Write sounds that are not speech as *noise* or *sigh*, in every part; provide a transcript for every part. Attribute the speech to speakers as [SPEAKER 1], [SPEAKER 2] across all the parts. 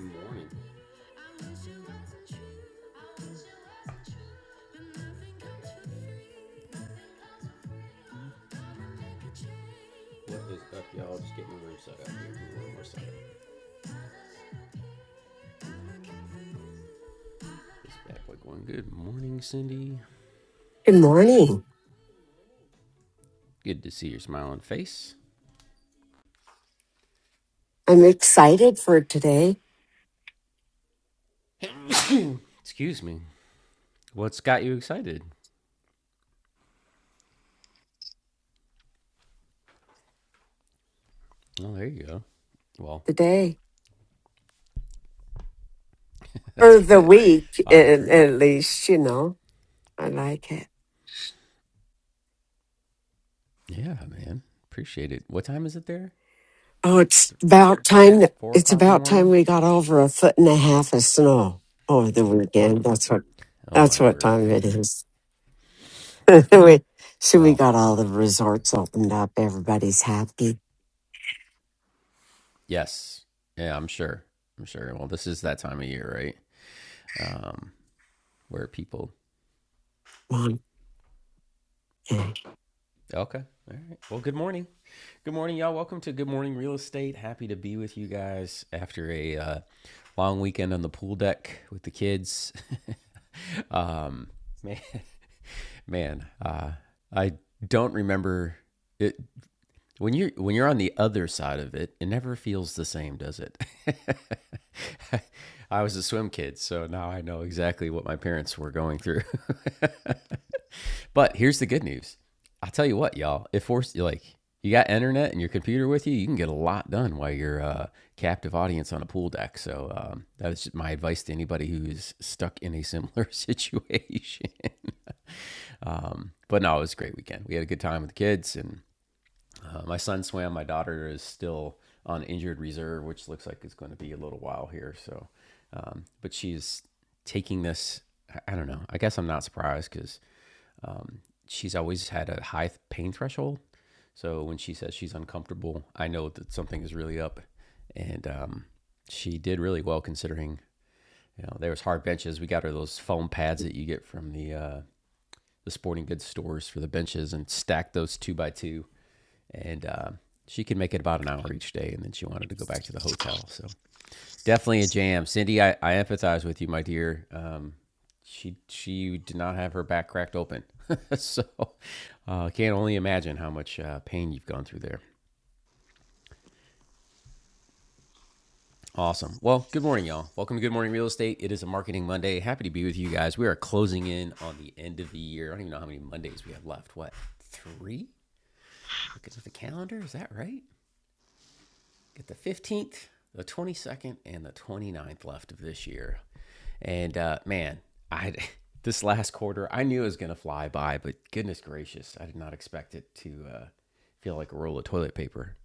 [SPEAKER 1] Good morning. What is up, y'all? Just getting the room set up here. Give One more second. This bad boy going. Good morning, Cindy.
[SPEAKER 2] Good morning.
[SPEAKER 1] Good to see your smiling face.
[SPEAKER 2] I'm excited for today,
[SPEAKER 1] Excuse me. What's got you excited? Oh, there you go. Well,
[SPEAKER 2] the day,
[SPEAKER 1] *laughs* that's
[SPEAKER 2] or the
[SPEAKER 1] good.
[SPEAKER 2] week, at,
[SPEAKER 1] I agree.
[SPEAKER 2] at least, you know. I like it.
[SPEAKER 1] Yeah, man. Appreciate it. What time is it there?
[SPEAKER 2] Oh, it's about time. that-
[SPEAKER 1] Four
[SPEAKER 2] It's
[SPEAKER 1] o'clock in the
[SPEAKER 2] about time
[SPEAKER 1] morning?
[SPEAKER 2] we got over a foot and a half of snow over the weekend. That's what,
[SPEAKER 1] Oh, my
[SPEAKER 2] that's what
[SPEAKER 1] word.
[SPEAKER 2] time it is. *laughs* we, so we
[SPEAKER 1] Well,
[SPEAKER 2] got all the resorts opened up. Everybody's happy.
[SPEAKER 1] yes. Yeah, I'm sure. I'm sure. Well, this is that time of year, right? Um, where people.
[SPEAKER 2] Juan, okay.
[SPEAKER 1] Okay. All right. Well, good morning. Good morning, y'all. Welcome to Good Morning Real Estate. Happy to be with you guys after a uh, long weekend on the pool deck with the kids. *laughs* um, man, man, uh, I don't remember it When you're when you're on the other side of it, it never feels the same, does it? *laughs* I was a swim kid, so now I know exactly what my parents were going through. *laughs* but here's the good news. I will tell you what, y'all, if we're like you got internet and your computer with you, you can get a lot done while you're a captive audience on a pool deck. So um, that is my advice to anybody who's stuck in a similar situation. *laughs* um, but no, it was a great weekend. We had a good time with the kids, and uh, my son swam. My daughter is still on injured reserve, which looks like it's going to be a little while here. So, um, but she's taking this. I don't know. I guess I'm not surprised because um, she's always had a high pain threshold. So when she says she's uncomfortable, I know that something is really up. And um, she did really well considering. You know, there was hard benches. We got her those foam pads that you get from the uh, the sporting goods stores for the benches, and stacked those two by two and uh, she could make it about an hour each day, and then she wanted to go back to the hotel. So definitely a jam, Cindy. I, I empathize with you, my dear. Um, she she did not have her back cracked open, *laughs* so I uh, can't only imagine how much uh, pain you've gone through there. Awesome. Well, good morning, y'all. Welcome to Good Morning Real Estate. It is a Marketing Monday. Happy to be with you guys. We are closing in on the end of the year. I don't even know how many Mondays we have left. What three? Looking at the calendar, is that right? get the 15th, the 22nd, and the 29th left of this year. And uh, man, I *laughs* this last quarter, I knew it was going to fly by, but goodness gracious, I did not expect it to uh, feel like a roll of toilet paper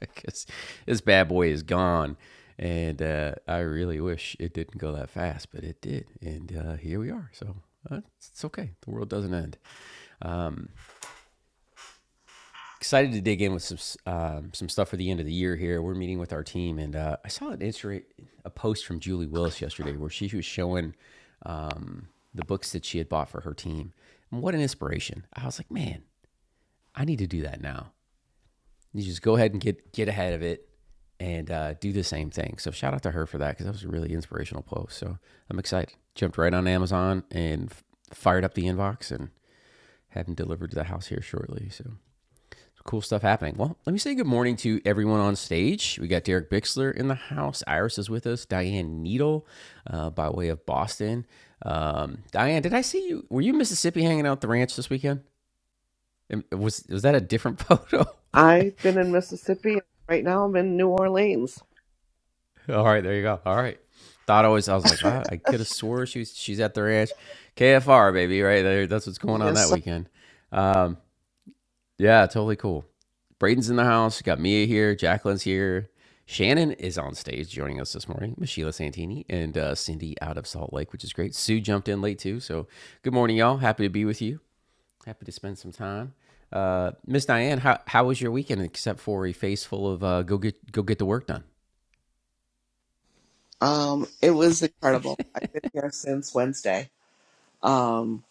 [SPEAKER 1] because *laughs* this bad boy is gone. And uh, I really wish it didn't go that fast, but it did. And uh, here we are. So uh, it's okay. The world doesn't end. excited to dig in with some s- um, some stuff for the end of the year here. We're meeting with our team, and uh, I saw an inter- a post from Julie Willis yesterday where she was showing um, the books that she had bought for her team. And what an inspiration! I was like, man, I need to do that now. You just go ahead and get get ahead of it and uh, do the same thing. So shout out to her for that because that was a really inspirational post. So I'm excited. Jumped right on Amazon and f- fired up the inbox and had them delivered to the house here shortly. So cool stuff happening. Well, let me say good morning to everyone on stage. We got Derek Bixler in the house. Iris is with us. Diane Needle, uh, by way of Boston. Um, Diane, did I see you? Were you in Mississippi hanging out at the ranch this weekend? Was was that a different photo?
[SPEAKER 3] I've been in Mississippi. and Right now, I'm in New Orleans.
[SPEAKER 1] *laughs* All right, there you go. All right. Thought always I was like, wow, I could have swore she's she's at the ranch. KFR, baby, right there. That's what's going on that
[SPEAKER 3] Yes,
[SPEAKER 1] weekend. Um, Yeah, totally cool. Braden's in the house. You got Mia here. Jacqueline's here. Shannon is on stage joining us this morning. Miss Sheila Santini and uh, Cindy out of Salt Lake, which is great. Sue jumped in late too. So good morning, y'all. Happy to be with you. Happy to spend some time. Uh, Miss Diane, how, how was your weekend except for a face full of uh, go get go get the work done?
[SPEAKER 3] um, it was incredible. I've been here since Wednesday. Um,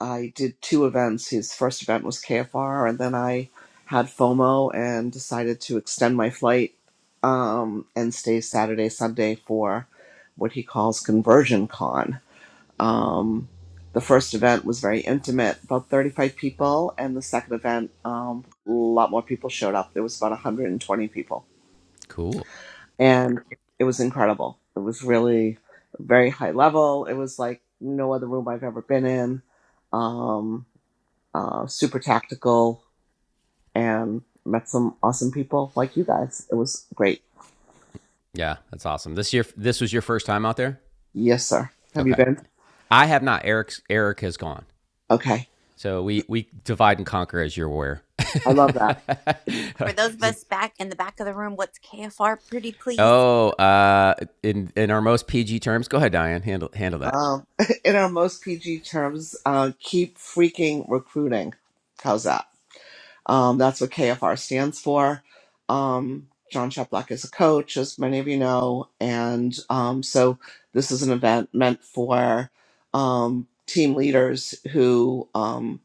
[SPEAKER 3] I did two events. His first event was KFR, and then I had FOMO and decided to extend my flight um, and stay Saturday, Sunday for what he calls Conversion Con. Um, the first event was very intimate, about 35 people, and the second event, um, a lot more people showed up. There was about 120 people,
[SPEAKER 1] Cool.
[SPEAKER 3] and it was incredible. It was really very high level. It was like no other room I've ever been in. Um, uh, super tactical, and met some awesome people like you guys. It was great.
[SPEAKER 1] Yeah, that's awesome. This year, this was your first time out there.
[SPEAKER 3] Yes, sir. Have you
[SPEAKER 1] Okay,
[SPEAKER 3] been?
[SPEAKER 1] I have not. Eric's Eric has gone.
[SPEAKER 3] Okay,
[SPEAKER 1] So we we divide and conquer as you're aware. *laughs*
[SPEAKER 3] I love that.
[SPEAKER 4] For those of us back in the back of the room, what's KFR? Pretty please.
[SPEAKER 1] oh, uh, in in our most PG terms, go ahead, Diane. Handle handle that.
[SPEAKER 3] Um, *laughs* in our most PG terms, uh, keep freaking recruiting. How's that? Um, that's what KFR stands for. Um, John Chaplock is a coach, as many of you know, and um, so this is an event meant for um, team leaders who um,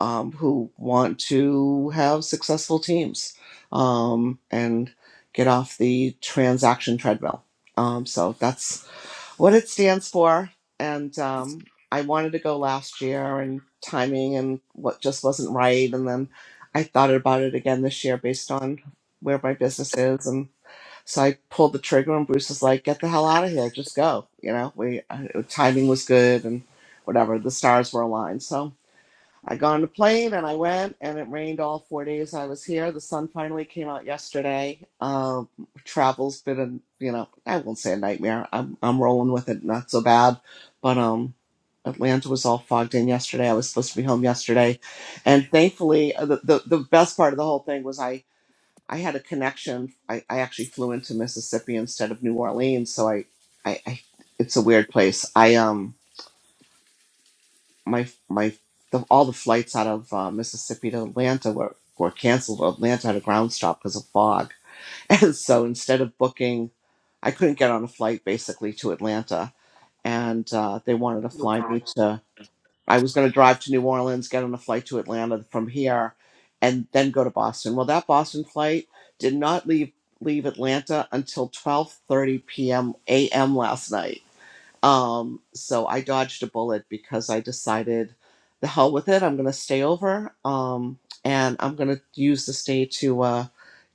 [SPEAKER 3] um, who want to have successful teams um, and get off the transaction treadmill. Um, so that's what it stands for. And um, I wanted to go last year, and timing and what just wasn't right. And then I thought about it again this year based on where my business is. And so I pulled the trigger, and Bruce was like, "Get the hell out of here! Just go." You know, we uh, timing was good, and whatever the stars were aligned. So I got on the plane and I went, and it rained all four days I was here. The sun finally came out yesterday. Um, travel's been a you know I won't say a nightmare. I'm I'm rolling with it, not so bad. But um, Atlanta was all fogged in yesterday. I was supposed to be home yesterday, and thankfully, uh, the the, the best part of the whole thing was I I had a connection. I, I actually flew into Mississippi instead of New Orleans, so I I, I it's a weird place. I um my my the, all the flights out of uh, Mississippi to Atlanta were were canceled. Atlanta had a ground stop because of fog, *laughs* and so instead of booking, I couldn't get on a flight basically to Atlanta, and uh, they wanted to
[SPEAKER 2] Oh,
[SPEAKER 3] fly
[SPEAKER 2] God.
[SPEAKER 3] me to. I was going to drive to New Orleans, get on a flight to Atlanta from here, and then go to Boston. Well, that Boston flight did not leave leave Atlanta until 12:30 p.m. a.m. last night um, so I dodged a bullet because I decided the hell with it. I'm going to stay over um, and I'm going to use this day to uh,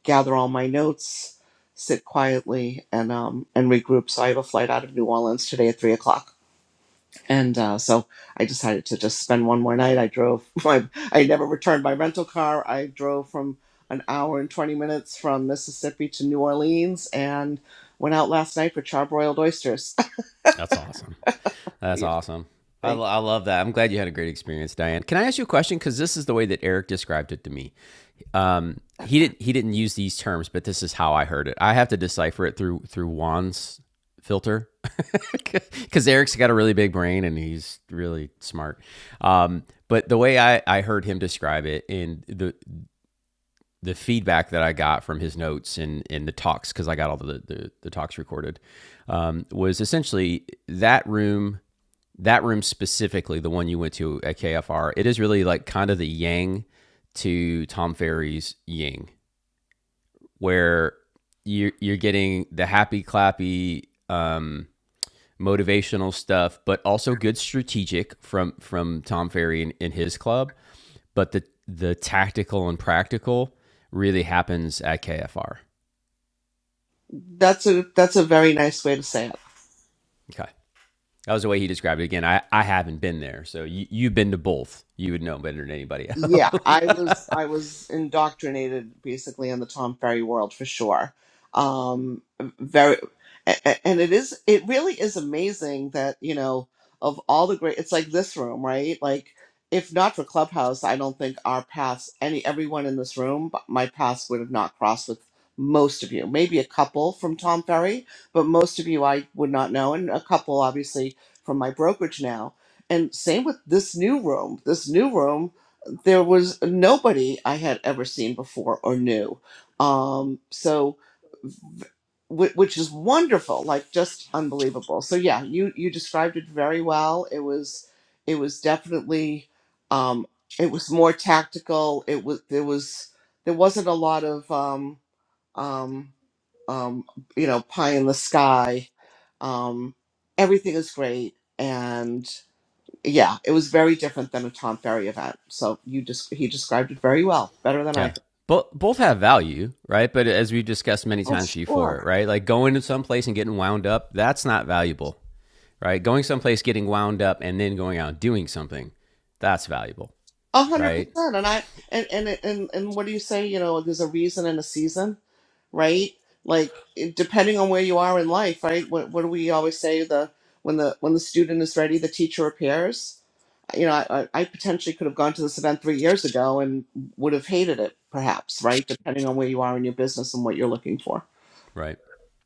[SPEAKER 3] gather all my notes, sit quietly, and, um, and regroup. So I have a flight out of New Orleans today at 3 o'clock. And uh, so I decided to just spend one more night. I drove *laughs* my, I never returned my rental car. I drove from an hour and 20 minutes from Mississippi to New Orleans and went out last night for charbroiled oysters.
[SPEAKER 1] That's awesome.
[SPEAKER 3] *laughs*
[SPEAKER 1] That's
[SPEAKER 3] yeah.
[SPEAKER 1] awesome. I,
[SPEAKER 3] thank
[SPEAKER 1] lo- I love that. I'm glad you had a great experience, Diane. Can I ask you a question? Because this is the way that Eric described it to me. Um, he didn't he didn't use these terms, but this is how I heard it. I have to decipher it through through Juan's filter because *laughs* Eric's got a really big brain and he's really smart. Um, but the way I, I heard him describe it and the the feedback that I got from his notes and, and the talks because I got all the, the the talks recorded um, was essentially that room that room specifically the one you went to at KFR it is really like kind of the yang to Tom Ferry's ying where you're you're getting the happy clappy um, motivational stuff, but also good strategic from from Tom Ferry and, and his club. But the the tactical and practical really happens at KFR.
[SPEAKER 3] That's a that's a very nice way to say it.
[SPEAKER 1] Okay. That was the way he described it. Again, I, I haven't been there. So you, you've been to both. You would know better than anybody
[SPEAKER 3] Yeah,
[SPEAKER 1] else.
[SPEAKER 3] I
[SPEAKER 1] *laughs*
[SPEAKER 3] was I was indoctrinated basically in the Tom Ferry world for sure. Um, very, a- a- and it is it really is amazing that you know of all the great. It's like this room, right? Like if not for Clubhouse, I don't think our paths any everyone in this room, but my paths would have not crossed with most of you. Maybe a couple from Tom Ferry, but most of you I would not know, and a couple obviously from my brokerage now. And same with this new room. This new room there was nobody I had ever seen before or knew. Um, so, wh- which is wonderful, like just unbelievable. So yeah, you you described it very well. It was it was definitely um, it was more tactical. It was there was there wasn't a lot of um, um, um, you know pie in the sky. Um, everything is great, yeah, it was very different than a Tom Ferry event. So you just he described it very well, better than I
[SPEAKER 1] Yeah.
[SPEAKER 3] could.
[SPEAKER 1] Both both have value, right? But as we've discussed many
[SPEAKER 3] Oh,
[SPEAKER 1] times before,
[SPEAKER 3] sure,
[SPEAKER 1] right? Like going to some place and getting wound up, that's not valuable. right? Going someplace, getting wound up, and then going out and doing something. That's valuable,
[SPEAKER 3] a hundred
[SPEAKER 1] right?
[SPEAKER 3] percent. And I and and and and what do you say? You know, there's a reason and a season, right? Like it- depending on where you are in life, right? What what do we always say? The when the when the student is ready, the teacher appears. You know, I, I I potentially could have gone to this event three years ago and would have hated it, perhaps, right? Depending on where you are in your business and what you're looking for.
[SPEAKER 1] Right.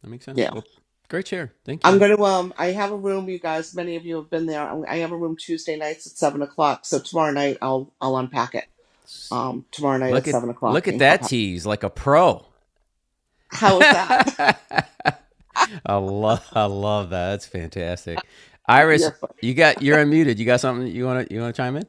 [SPEAKER 1] That makes
[SPEAKER 3] Yeah.
[SPEAKER 1] sense. Well, great share. Thank
[SPEAKER 3] I'm
[SPEAKER 1] you.
[SPEAKER 3] going to, um, I have a room, you guys, many of you have been there. I'm- I have a room Tuesday nights at seven o'clock. So tomorrow night I'll, I'll unpack it. Um, tomorrow night
[SPEAKER 1] Look
[SPEAKER 3] at
[SPEAKER 1] at
[SPEAKER 3] seven
[SPEAKER 1] look
[SPEAKER 3] o'clock
[SPEAKER 1] at
[SPEAKER 3] in
[SPEAKER 1] that
[SPEAKER 3] Clubhouse.
[SPEAKER 1] tease like a pro. *laughs*
[SPEAKER 3] How is that?
[SPEAKER 1] I love I love that. That's fantastic.
[SPEAKER 3] *laughs*
[SPEAKER 1] Iris,
[SPEAKER 3] You're fun.
[SPEAKER 1] you got you're unmuted. You got something you want to you want to chime in?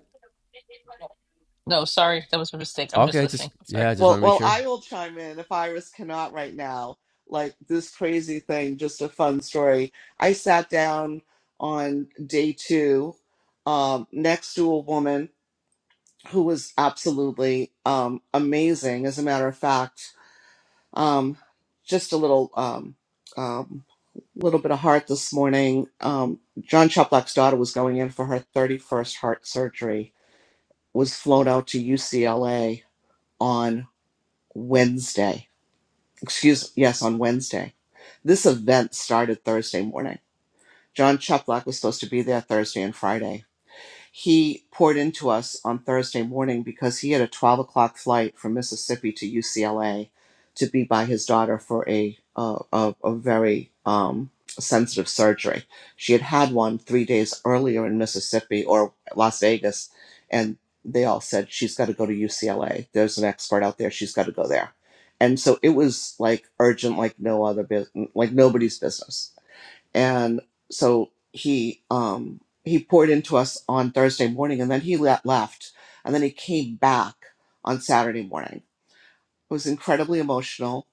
[SPEAKER 5] No, sorry, that was a mistake. I'm just
[SPEAKER 1] Okay,
[SPEAKER 5] listening.
[SPEAKER 1] just
[SPEAKER 5] Sorry.
[SPEAKER 1] yeah, I just want
[SPEAKER 3] Well,
[SPEAKER 1] to make
[SPEAKER 3] well,
[SPEAKER 1] sure.
[SPEAKER 3] I will chime in if Iris cannot right now. Like this crazy thing, just a fun story. I sat down on day two, um, next to a woman who was absolutely, um, amazing. As a matter of fact, Um, just a little um, um, little bit of heart this morning. Um, John Chuplock's daughter was going in for her 31st heart surgery, was flown out to UCLA on Wednesday. Excuse, yes, on Wednesday. This event started Thursday morning. John Chuplock was supposed to be there Thursday and Friday he poured into us on Thursday morning because he had a 12 o'clock flight from Mississippi to UCLA to be by his daughter for a, uh, a, a very um, sensitive surgery. She had had one three days earlier in Mississippi or Las Vegas, and they all said, She's got to go to UCLA. There's an expert out there. She's got to go there. And so it was like urgent, like no other business, like nobody's business and so he um he poured into us on Thursday morning, and then he le- left, and then he came back on Saturday morning. It was incredibly emotional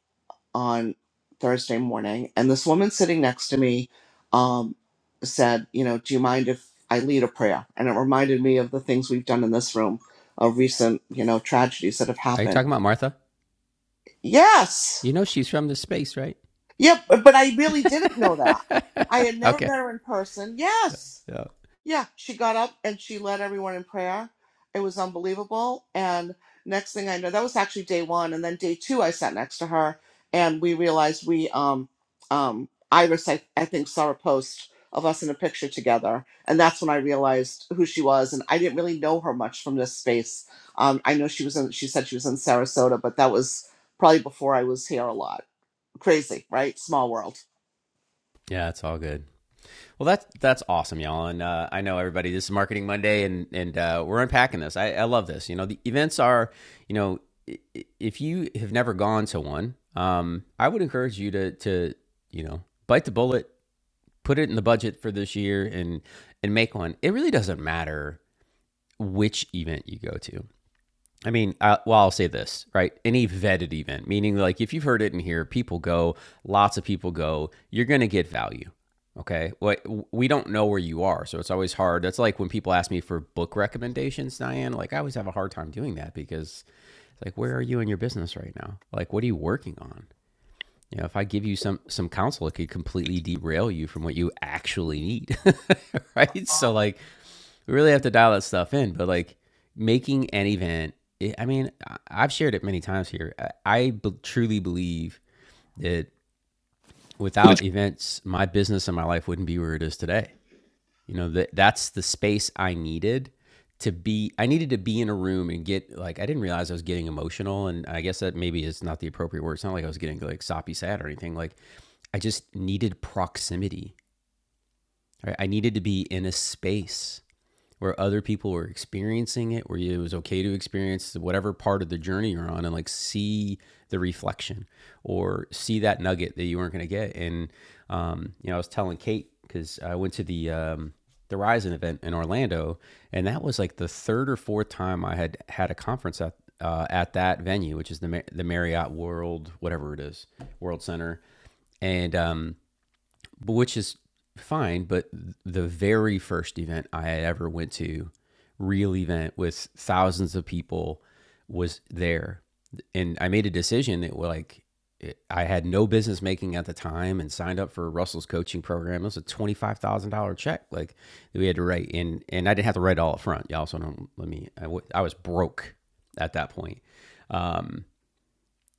[SPEAKER 3] on Thursday morning, and this woman sitting next to me um, said, "You know, do you mind if I lead a prayer?" And it reminded me of the things we've done in this room of recent, you know, tragedies that have
[SPEAKER 1] Are you
[SPEAKER 3] happened.
[SPEAKER 1] talking about Martha?
[SPEAKER 3] Yes,
[SPEAKER 1] You know she's from this space, right?
[SPEAKER 3] yep, but but I
[SPEAKER 1] *laughs*
[SPEAKER 3] really didn't know that. I had never
[SPEAKER 1] okay.
[SPEAKER 3] met her in person.
[SPEAKER 1] Yeah.
[SPEAKER 3] Yes
[SPEAKER 1] Yeah,
[SPEAKER 3] Yeah, she got up and she led everyone in prayer. It was unbelievable. And next thing I know, that was actually day one. And then day two, I sat next to her and we realized we, um, um, Iris, I, I think, saw a post of us in a picture together. And that's when I realized who she was. And I didn't really know her much from this space. Um, I know she was in, she said she was in Sarasota, but that was probably before I was here a lot. Crazy, right? Small world.
[SPEAKER 1] Yeah, it's all good. Well, that's that's awesome, y'all, and uh, I know everybody. This is Marketing Monday, and and uh, we're unpacking this. I, I love this. You know, the events are, you know, if you have never gone to one, um, I would encourage you to to you know bite the bullet, put it in the budget for this year, and and make one. It really doesn't matter which event you go to. I mean, uh, well, I'll say this, right? Any vetted event, meaning like if you've heard it in here, people go, lots of people go, you're going to get value. Okay. Well, we don't know where you are. So it's always hard. That's like when people ask me for book recommendations, Diane, like I always have a hard time doing that because it's like, where are you in your business right now? Like, what are you working on? You know, if I give you some some counsel, it could completely derail you from what you actually need. *laughs* right. So like we really have to dial that stuff in. But like making an event, it, I mean, I- have shared it many times here. I, I be- truly believe that without events, my business and my life wouldn't be where it is today. You know that that's the space I needed to be. I needed to be in a room and get like I didn't realize I was getting emotional, and I guess that maybe is not the appropriate word. It's not like I was getting like soppy sad or anything. Like I just needed proximity. Right? I needed to be in a space where other people were experiencing it, where it was okay to experience whatever part of the journey you're on and like see the reflection or see that nugget that you weren't going to get. And, um, you know, I was telling Kate, cause I went to the, um, the Ryzen event in Orlando, and that was like the third or fourth time I had had a conference at uh, at that venue, which is the the Marriott World, whatever it is, World Center. And um, but which is fine. But the very first event I ever went to, real event with thousands of people, was there, and I made a decision that well, like it, I had no business making at the time, and signed up for Russell's coaching program. It was a twenty five thousand dollar check, like that we had to write, and and I didn't have to write it all up front. Y'all also don't let me. I, w- I was broke at that point. Um,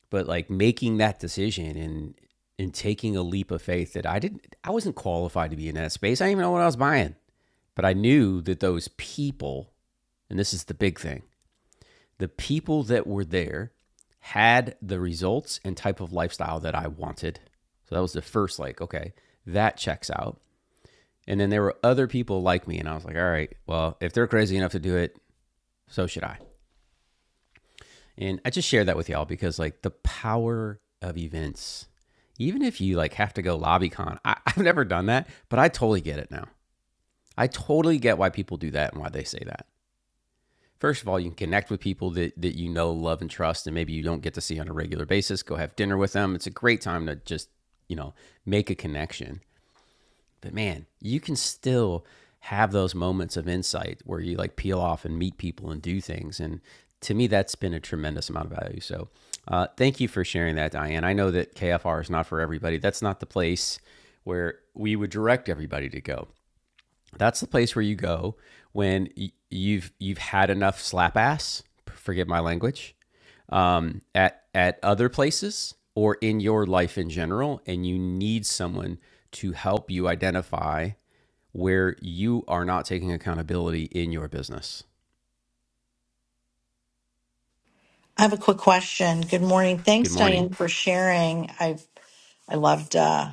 [SPEAKER 1] but like making that decision and and taking a leap of faith that I didn't I wasn't qualified to be in that space. I didn't even know what I was buying. But I knew that those people, and this is the big thing, the people that were there had the results and type of lifestyle that I wanted. So that was the first like, okay, that checks out. And then there were other people like me and I was like, all right, well, if they're crazy enough to do it, so should I. And I just share that with y'all because like the power of events, even if you like have to go lobbycon, I, *laughs* I've never done that, but I totally get it now. I totally get why people do that and why they say that. First of all, you can connect with people that, that you know, love, and trust, and maybe you don't get to see on a regular basis. Go have dinner with them. It's a great time to just, you know, make a connection. But man, you can still have those moments of insight where you like peel off and meet people and do things. And to me, that's been a tremendous amount of value. So uh, thank you for sharing that, Diane. I know that KFR is not for everybody. That's not the place where we would direct everybody to go. That's the place where you go when y- you've you've had enough slap ass. Forgive my language. Um, at at other places or in your life in general, and you need someone to help you identify where you are not taking accountability in your business.
[SPEAKER 6] I have a quick question. Good morning.
[SPEAKER 1] Good
[SPEAKER 6] Thanks,
[SPEAKER 1] morning.
[SPEAKER 6] Diane, for sharing. I I loved uh,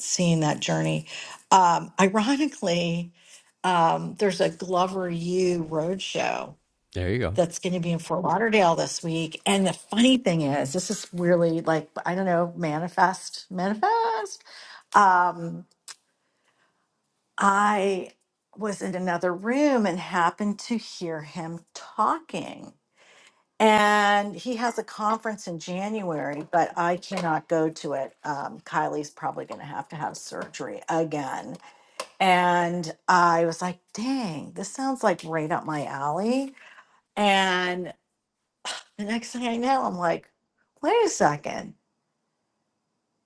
[SPEAKER 6] seeing that journey. Um, ironically, um, there's a Glover U roadshow
[SPEAKER 1] There you go.
[SPEAKER 6] that's going to be in Fort Lauderdale this week. And the funny thing is, this is really like I don't know, manifest, manifest. Um, I was in another room and happened to hear him talking. And he has a conference in January, but I cannot go to it. Um, Kylie's probably going to have to have surgery again. And I was like, dang, this sounds like right up my alley. And the next thing I know, I'm like, wait a second.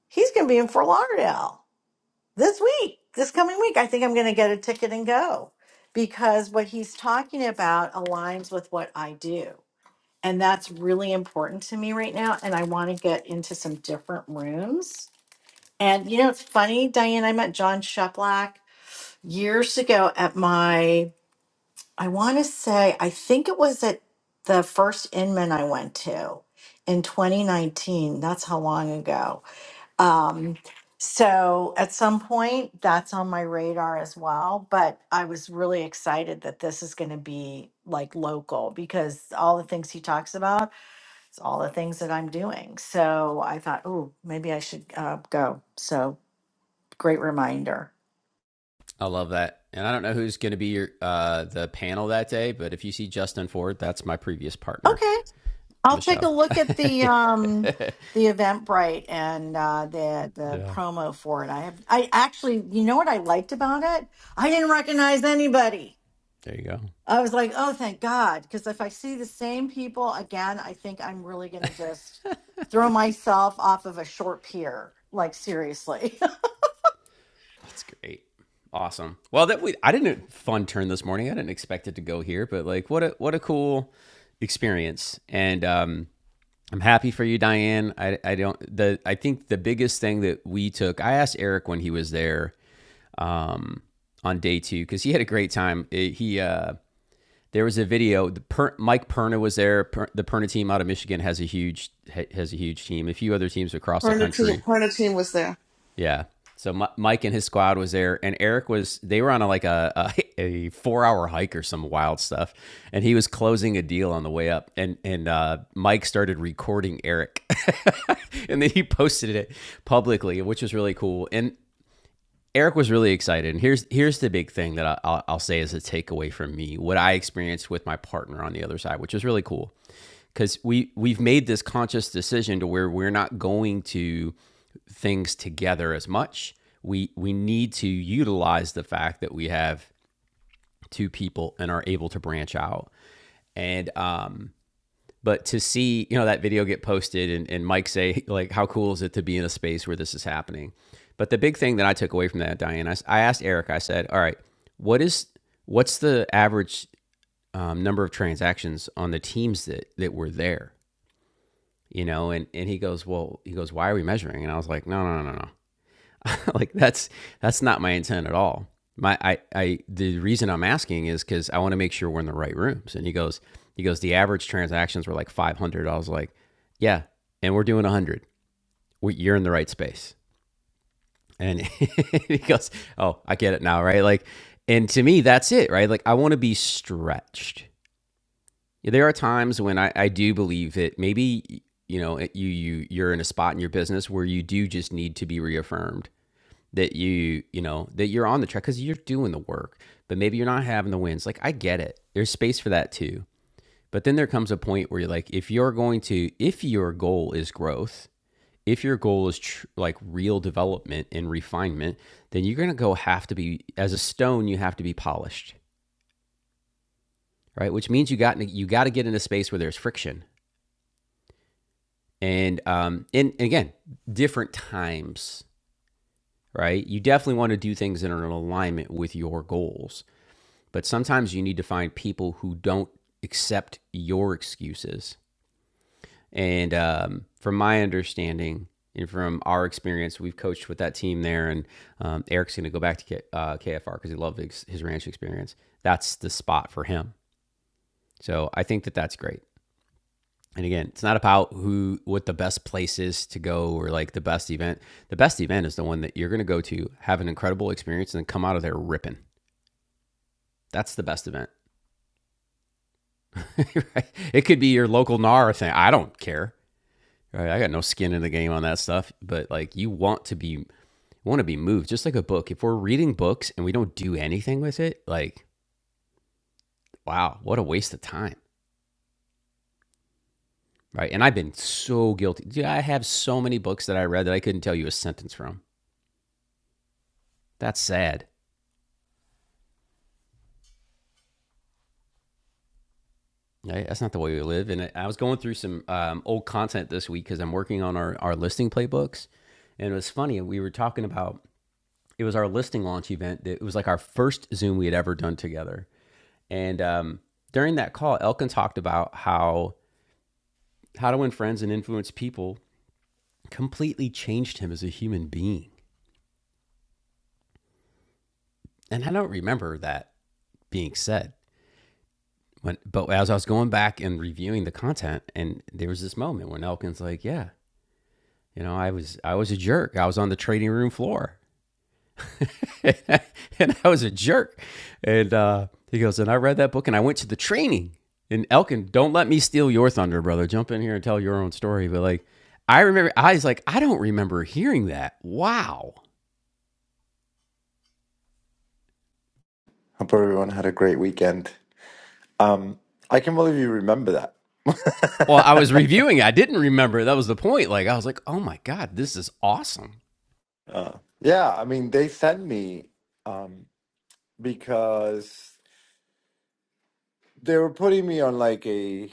[SPEAKER 6] He's going to be in Fort Lauderdale this week, this coming week. I think I'm going to get a ticket and go because what he's talking about aligns with what I do. and that's really important to me right now and i want to get into some different rooms and you know it's funny diane i met john sheplack years ago at my i want to say i think it was at the first inman i went to in 2019 that's how long ago um so at some point that's on my radar as well but i was really excited that this is going to be like local because all the things he talks about it's all the things that I'm doing. So I thought, oh, maybe I should uh, go. So great reminder.
[SPEAKER 1] I love that. And I don't know who's going to be your uh, the panel that day, but if you see Justin Ford, that's my previous partner,
[SPEAKER 6] Okay, I'll take a
[SPEAKER 1] Michelle.
[SPEAKER 6] look at the
[SPEAKER 1] *laughs*
[SPEAKER 6] um the Eventbrite and uh, the the
[SPEAKER 1] Yeah.
[SPEAKER 6] promo for it. I have I actually, you know what I liked about it? I didn't recognize anybody.
[SPEAKER 1] There you go.
[SPEAKER 6] I was like, oh, thank God, because if I see the same people again, I think I'm really gonna just throw myself off of a short pier. Like seriously. *laughs*
[SPEAKER 1] That's great. Awesome. Well, that we I didn't fun turn this morning. I didn't expect it to go here, but like what a what a cool experience. And um I'm happy for you, Diane. I I don't the I think the biggest thing that we took, I asked Eric when he was there on day two because he had a great time. It- he uh, there was a video. The per- Mike Perna was there. Per- the Perna team out of Michigan has a huge has a huge team. A few other teams across
[SPEAKER 3] Her
[SPEAKER 1] the
[SPEAKER 3] and her team,
[SPEAKER 1] country.
[SPEAKER 3] her and her team was there.
[SPEAKER 1] Yeah. So Mi- Mike and his squad was there, and Eric was. They were on a, like a, a a four hour hike or some wild stuff, and he was closing a deal on the way up, and and uh, Mike started recording Eric, *laughs* and then he posted it publicly, which was really cool. And Eric was really excited. And here's here's the big thing that I, will I'll say as a takeaway from me, what I experienced with my partner on the other side, which is really cool because we we've made this conscious decision to where we're not going to things together as much. We we need to utilize the fact that we have two people and are able to branch out. And um, but to see you know that video get posted and, and mike say like how cool is it to be in a space where this is happening but the big thing that i took away from that diane I I asked eric i said all right what is what's the average um, number of transactions on the teams that that were there you know and and he goes well he goes why are we measuring and i was like no no no no no *laughs* like that's that's not my intent at all. My I I the reason I'm asking is because I want to make sure we're in the right rooms. And he goes he goes the average transactions were like 500. I was like, yeah, and we're doing 100. We, you're in the right space. And *laughs* he goes, oh, I get it now, right? Like, and to me, that's it, right? Like I want to be stretched. There are times when I I do believe that maybe you know you you you're in a spot in your business where you do just need to be reaffirmed that you you know that you're on the track because you're doing the work but maybe you're not having the wins like i get it there's space for that too but then there comes a point where you're like if you're going to if your goal is growth if your goal is tr- like real development and refinement then you're going to go have to be as a stone you have to be polished right which means you got you got to get in a space where there's friction and um and, and again different times right you definitely want to do things that are in alignment with your goals But sometimes you need to find people who don't accept your excuses. And um, from my understanding and from our experience, we've coached with that team there. And um, Eric's going to go back to K- uh, KFR because he loved ex- his ranch experience. That's the spot for him. So I think that that's great. And again, it's not about who, what the best place is to go or like the best event. The best event is the one that you're going to go to, have an incredible experience, and then come out of there ripping. That's the best event. *laughs* right? It could be your local NAR thing. I don't care. Right? I got no skin in the game on that stuff. But like, you want to be want to be moved, just like a book. If we're reading books and we don't do anything with it, like, wow, what a waste of time, right? And I've been so guilty. Dude, I have so many books that I read that I couldn't tell you a sentence from. That's sad. Right? That's not the way we live. And I- was going through some um, old content this week because I'm working on our, our listing playbooks. And it was funny. We were talking about it was our listing launch event. It was like our first Zoom we had ever done together. And um, during that call, Elkin talked about how How to Win Friends and Influence People completely changed him as a human being. And I don't remember that being said. When, but as I was going back and reviewing the content, and there was this moment when Elkin's like, "Yeah, you know, I was I was a jerk. I was on the trading room floor. *laughs* and I was a jerk. And uh, he goes, and I read that book and I went to the training. And Elkin, don't let me steal your thunder, brother. Jump in here and tell your own story. But like, I remember, I was like, I don't remember hearing that. Wow.
[SPEAKER 7] Hope everyone had a great weekend. Um, I can believe you remember
[SPEAKER 1] Well, I was
[SPEAKER 7] that. *laughs*
[SPEAKER 1] reviewing. it. I didn't remember. That was the point. Like, I was like, oh my God, this is awesome.
[SPEAKER 7] Uh, yeah, I mean, they sent me um, because they were putting me on like a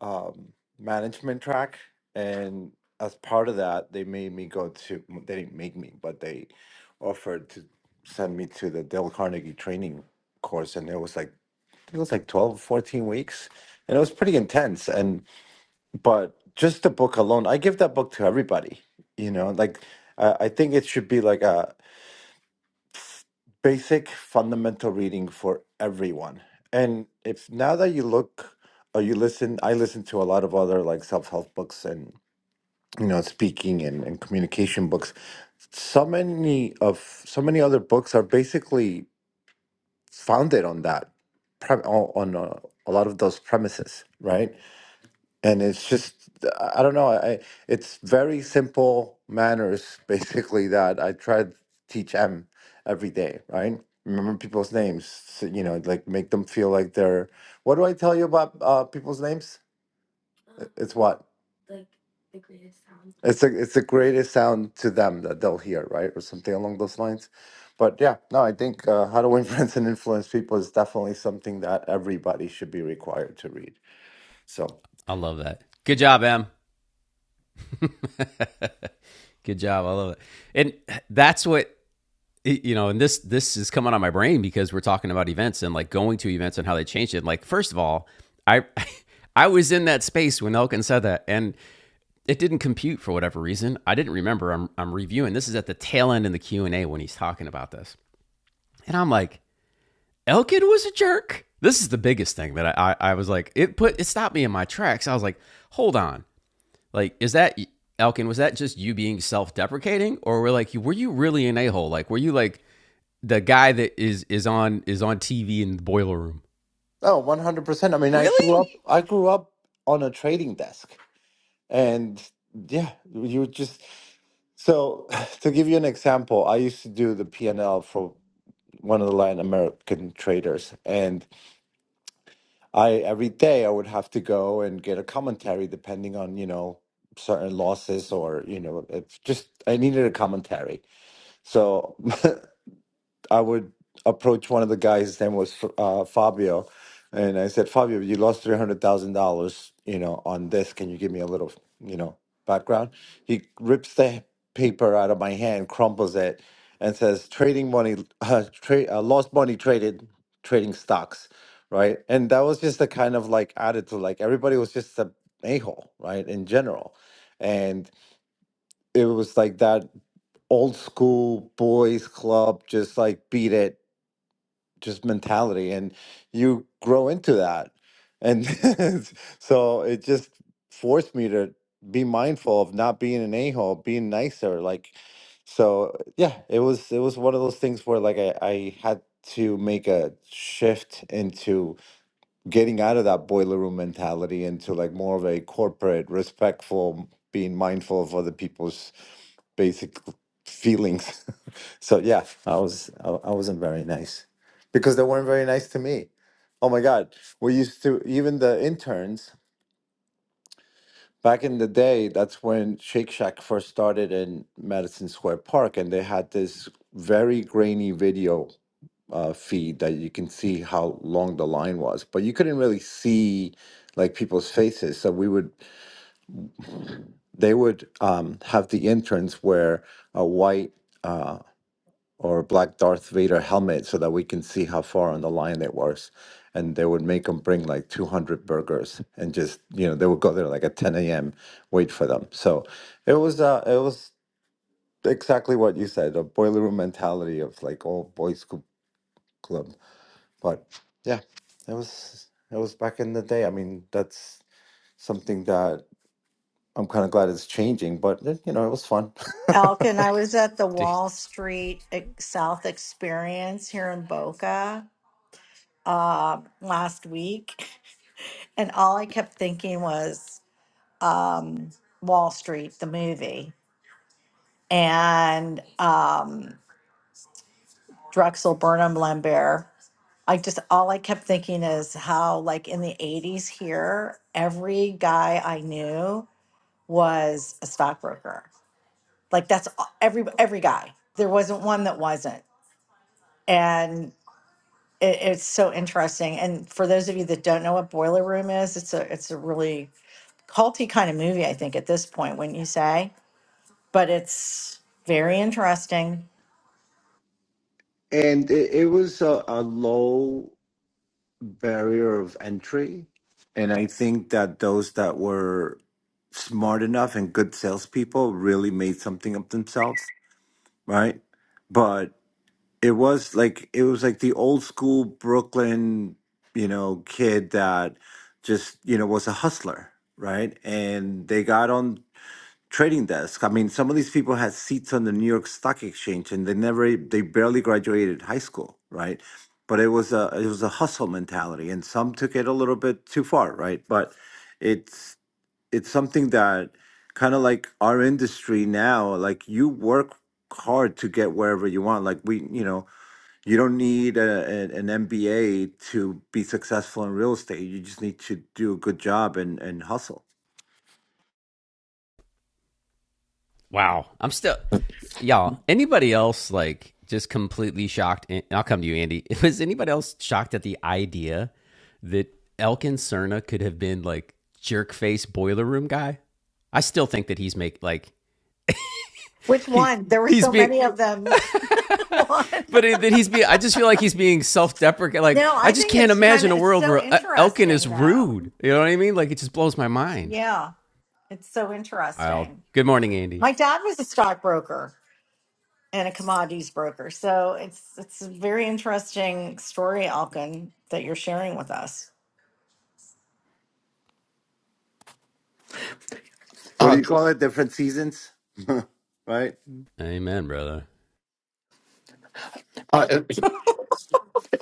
[SPEAKER 7] um, management track, and as part of that, they made me go to. They didn't make me, but they offered to send me to the Dale Carnegie training course, and it was like it was like 12, 14 weeks, and it was pretty intense. and. But just the book alone, I give that book to everybody. You know, like uh, I think it should be like a basic fundamental reading for everyone. And if now that you look or you listen, I listen to a lot of other like self help books and you know speaking and, and communication books. So many of so many other books are basically founded on that pre- on on, uh, a lot of those premises, right? and it's just i don't know i it's very simple manners *laughs* basically that i try to teach em every day right remember people's names so, you know like make them feel like they're what do i tell you about uh, people's names I- it's what it's a, it's the greatest sound to them that they'll hear right or something along those lines but yeah no i think uh, how to influence *laughs* and influence people is definitely something that everybody should be required to read so
[SPEAKER 1] I love that. Good job, Em. Good job. I love it. And that's what it- you know, and this this is coming on my brain because we're talking about events and like going to events and how they changed it. And Like, first of all, I *laughs* I was in that space when Elkin said that, and it didn't compute for whatever reason. I didn't remember. I'm I'm reviewing. This is at the tail end in the Q and A when he's talking about this, and I'm like, Elkin was a jerk. This is the biggest thing that I, I I was like, it put it stopped me in my tracks. I was like, hold on, like is that Elkin? Was that just you being self deprecating, or were like, were you really an a hole? Like, were you like the guy that is is on is on TV in the boiler room.
[SPEAKER 7] Oh, 100 percent. I mean, I grew up.
[SPEAKER 1] Really?
[SPEAKER 7] I grew up on a trading desk, and yeah, you just. So, *laughs* *sighs* to give you an example, I used to do the P and L for one of the Latin American traders, and I every day I would have to go and get a commentary depending on you know certain losses or you know if just I needed a commentary. So *laughs* I would approach one of the guys. His name was uh, Fabio, and I said, Fabio, you lost three hundred thousand dollars, you know, on this. Can you give me a little, you know, background? He rips the paper out of my hand, crumples it, and says, "Trading money, uh, trade uh, lost money traded, trading stocks." Right, and that was just the kind of like attitude. Like everybody was just a a hole, right, in general, and it was like that old school boys club, just like beat it just mentality and you grow into that and *laughs* so it just forced me to be mindful of not being an a-hole being nicer like so yeah it was it was one of those things where like i, I had to make a shift into getting out of that boiler room mentality into like more of a corporate respectful being mindful of other people's basic feelings. *laughs* so yeah, I was I, I wasn't very nice because they weren't very nice to me. Oh my God, we used to even the interns back in the day. That's when Shake Shack first started in Madison Square Park, and they had this very grainy video uh, feed that you can see how long the line was, but you couldn't really see like people's faces. So we would they would um, have the interns wear a white. uh, or black Darth Vader helmet so that we can see how far on the line it was. And they would make them bring like 200 burgers and just, you know, they would go there like at 10 a.m., wait for them. So it was, uh, it was exactly what you said, a boiler room mentality of like all boys cou- club. But yeah, it was, it was back in the day. I mean, that's something that I'm kind of glad it's changing, but eh, you know, it was fun. *laughs*
[SPEAKER 6] Elkin, I was at the Wall Street Ex- South Experience here in Boca uh, last week, and all I kept thinking was um, Wall Street, the movie, and um, Drexel Burnham Lambert. I just all I kept thinking is how, like in the '80s, here every guy I knew was a stockbroker. Like that's a- every every guy. There wasn't one that wasn't. And it, it's so interesting. And for those of you that don't know what Boiler Room is, it's a it's a really culty kind of movie, I think, at this point, wouldn't you say? But it's very interesting.
[SPEAKER 7] And it, it was a, a low. barrier of entry. And I think that those that were smart enough and good salespeople really made something of themselves, right? But it was like it was like the old school Brooklyn, you know, kid that just, you know, was a hustler, right? And they got on trading desk. I mean, some of these people had seats on the New York Stock Exchange, and they never, they barely graduated high school, right? But it was a, it was a hustle mentality, and some took it a little bit too far, right? But it's, it's something that kind of like our industry now, like you work hard to get wherever you want. Like we, you know, you don't need a, a- an MBA to be successful in real estate. You just need to do a good job and and hustle.
[SPEAKER 1] Wow. I'm still y'all. Anybody else like just completely shocked? And I'll come to you, Andy. *laughs* Was anybody else shocked at the idea that Elkin Cerna could have been like jerk face boiler room guy? I still think that he's make like
[SPEAKER 6] Which
[SPEAKER 1] he
[SPEAKER 6] one? There were
[SPEAKER 1] he's
[SPEAKER 6] so
[SPEAKER 1] being.
[SPEAKER 6] many of them. *laughs* one.
[SPEAKER 1] But that he's being, I just feel like he's being self-deprecating. Like
[SPEAKER 6] No,
[SPEAKER 1] I
[SPEAKER 6] I
[SPEAKER 1] just
[SPEAKER 6] think
[SPEAKER 1] can't
[SPEAKER 6] it's kind
[SPEAKER 1] imagine
[SPEAKER 6] of
[SPEAKER 1] a
[SPEAKER 6] it's
[SPEAKER 1] world
[SPEAKER 6] so
[SPEAKER 1] where uh, Elkin is
[SPEAKER 6] interesting though.
[SPEAKER 1] rude. You know what I mean? Like it just blows my mind.
[SPEAKER 6] Yeah, it's so
[SPEAKER 1] I'll.
[SPEAKER 6] interesting.
[SPEAKER 1] Good morning, Andy.
[SPEAKER 6] My dad was a stockbroker and a commodities broker, so it's it's a very interesting story, Alkin, that you're sharing with us.
[SPEAKER 7] What do
[SPEAKER 8] Uh,
[SPEAKER 7] you call it? Different seasons, *laughs* right?
[SPEAKER 1] Amen, brother.
[SPEAKER 8] uh, if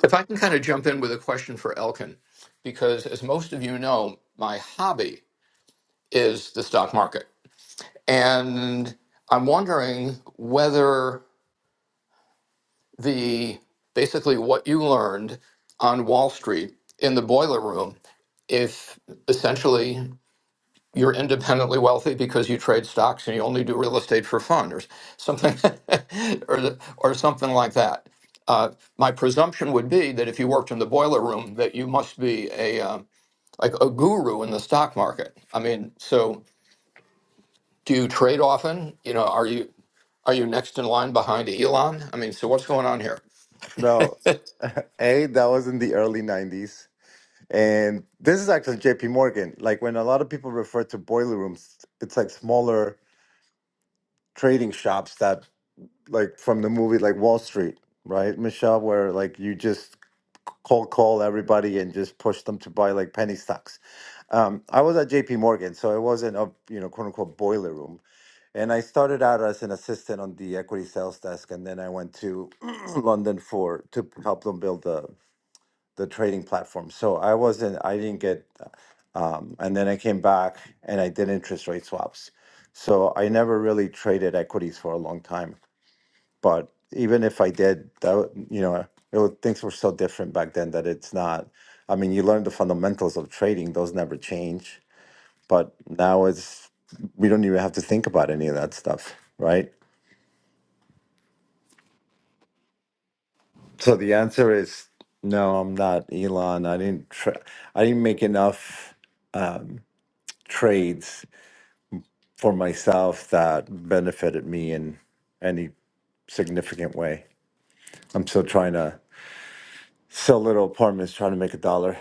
[SPEAKER 8] if I can kind of jump in with a question for Elkin, because as most of you know, my hobby is the stock market. And I'm wondering whether the basically what you learned on Wall Street in the boiler room, if essentially you're independently wealthy because you trade stocks and you only do real estate for fun or something *laughs* or, the- or something like that uh, my presumption would be that if you worked in the boiler room that you must be a um like a guru in the stock market i mean so do you trade often you know are you are you next in line behind elon i mean so what's going on here
[SPEAKER 7] No, *laughs* A, that was in the early 90s. And this is actually JP Morgan. Like when a lot of people refer to boiler rooms, it's like smaller trading shops that, like from the movie, like Wall Street, right, Michelle, where like you just cold call everybody and just push them to buy like penny stocks. Um, I was at JP Morgan, so it wasn't a, you know, quote unquote boiler room. And I started out as an assistant on the equity sales desk, and then I went to *clears throat* London for to help them build the the trading platform. So I wasn't, I didn't get, um, and then I came back and I did interest rate swaps. So I never really traded equities for a long time. But even if I did, that would- you know, it would, things were so different back then that it's not. I mean, you learn the fundamentals of trading; those never change. But now it's we don't even have to think about any of that stuff, right? So the answer is no, I'm not Elon. I didn't tra- I didn't make enough um, trades for myself that benefited me in any significant way. I'm still trying to sell little apartments, trying to make a dollar.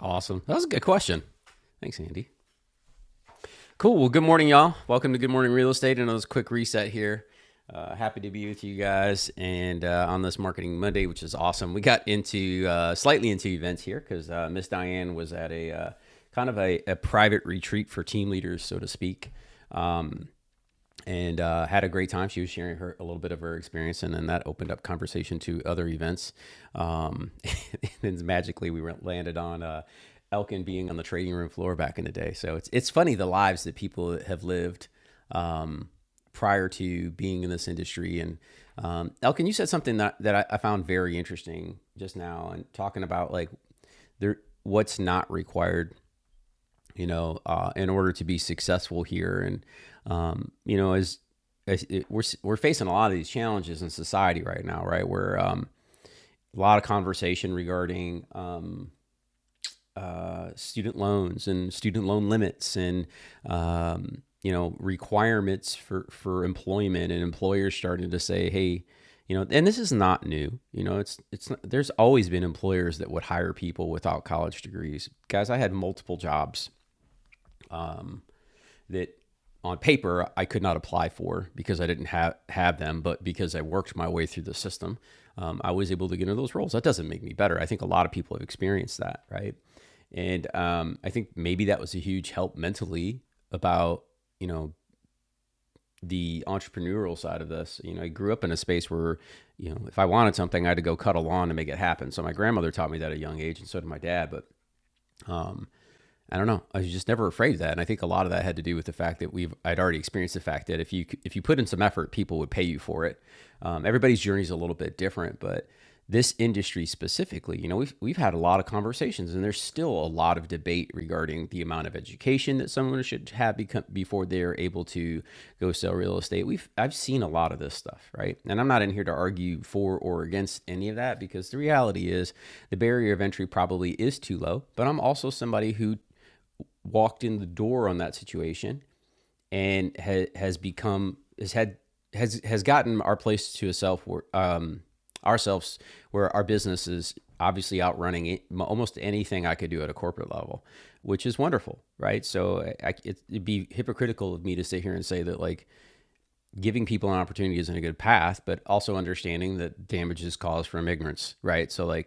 [SPEAKER 1] Awesome. That was a good question. Thanks, Andy. Cool. Well, good morning, y'all. Welcome to Good Morning Real Estate. I know it's a quick reset here. Uh, happy to be with you guys and uh, on this Marketing Monday, which is awesome. We got into uh, slightly into events here because uh, Miss Diane was at a uh, kind of a, a private retreat for team leaders, so to speak. and uh, had a great time. She was sharing her a little bit of her experience, and then that opened up conversation to other events. Um, *laughs* and then magically, we landed on uh, Elkin being on the trading room floor back in the day. So it's it's funny the lives that people have lived um, prior to being in this industry. And um, Elkin, you said something that that I, I found very interesting just now, and talking about like there what's not required you know, uh, in order to be successful here. And um, you know, as, as it, we're we're facing a lot of these challenges in society right now, right? Where um, a lot of conversation regarding um, uh, student loans and student loan limits and um, you know requirements for for employment and employers starting to say, hey, you know, and this is not new. You know, it's it's not, there's always been employers that would hire people without college degrees. Guys, I had multiple jobs um, that on paper I could not apply for because I didn't have have them, but because I worked my way through the system, um, I was able to get into those roles. That doesn't make me better. I think a lot of people have experienced that, right? And um, I think maybe that was a huge help mentally about you know the entrepreneurial side of this. You know, I grew up in a space where you know if I wanted something, I had to go cut a lawn to make it happen. So my grandmother taught me that at a young age, and so did my dad. But I don't know. I was just never afraid of that, and I think a lot of that had to do with the fact that we've I'd already experienced the fact that if you if you put in some effort, people would pay you for it. Um, everybody's journey is a little bit different, but this industry specifically, you know, we've we've had a lot of conversations, and there's still a lot of debate regarding the amount of education that someone should have become before they're able to go sell real estate. We've I've seen a lot of this stuff, right? And I'm not in here to argue for or against any of that because the reality is the barrier of entry probably is too low. But I'm also somebody who walked in the door on that situation and ha- has become has had has has gotten our place to itself where um ourselves where our business is obviously outrunning almost anything I could do at a corporate level, which is wonderful, right? So I- it, it'd be hypocritical of me to sit here and say that like giving people an opportunity isn't a good path, but also understanding that damage is caused from ignorance, right? So like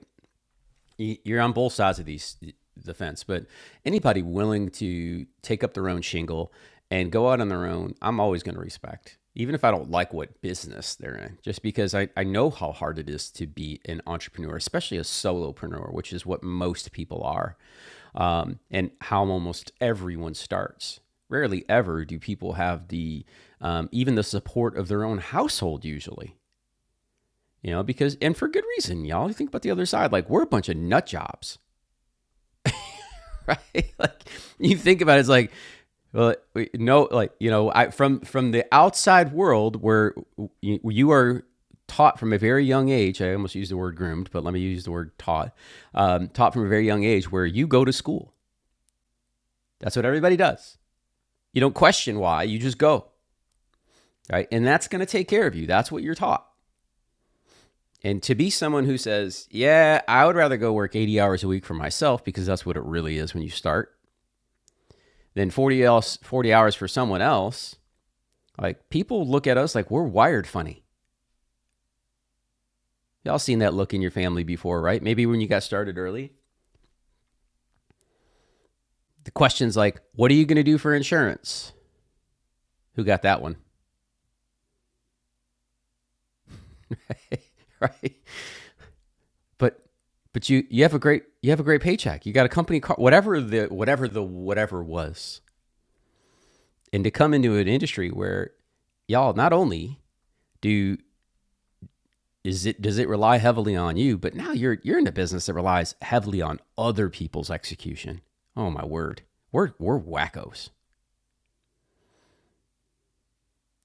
[SPEAKER 1] you're on both sides of these the fence, but anybody willing to take up their own shingle and go out on their own, I'm always going to respect, even if I don't like what business they're in, just because I, I know how hard it is to be an entrepreneur, especially a solopreneur, which is what most people are, um, and how almost everyone starts. Rarely ever do people have the um, even the support of their own household usually you know because and for good reason y'all think about the other side like we're a bunch of nut jobs right? *laughs* Like you think about it, it's like well, no, like you know, I from from the outside world where you, you are taught from a very young age. I almost used the word groomed, but let me use the word taught. Um, taught from a very young age where you go to school. That's what everybody does. You don't question why. You just go, right? And that's going to take care of you. That's what you're taught. And to be someone who says, "Yeah, I would rather go work 80 hours a week for myself because that's what it really is when you start." than 40 else 40 hours for someone else Like people look at us like we're wired funny. Y'all seen that look in your family before, right? Maybe when you got started early. The question's like, what are you going to do for insurance? Who got that one? *laughs* Right? But but you you have a great you have a great paycheck. You got a company car, whatever the whatever the whatever was. And to come into an industry where y'all not only do is it does it rely heavily on you, but now you're you're in a business that relies heavily on other people's execution. Oh my word. We're we're wackos.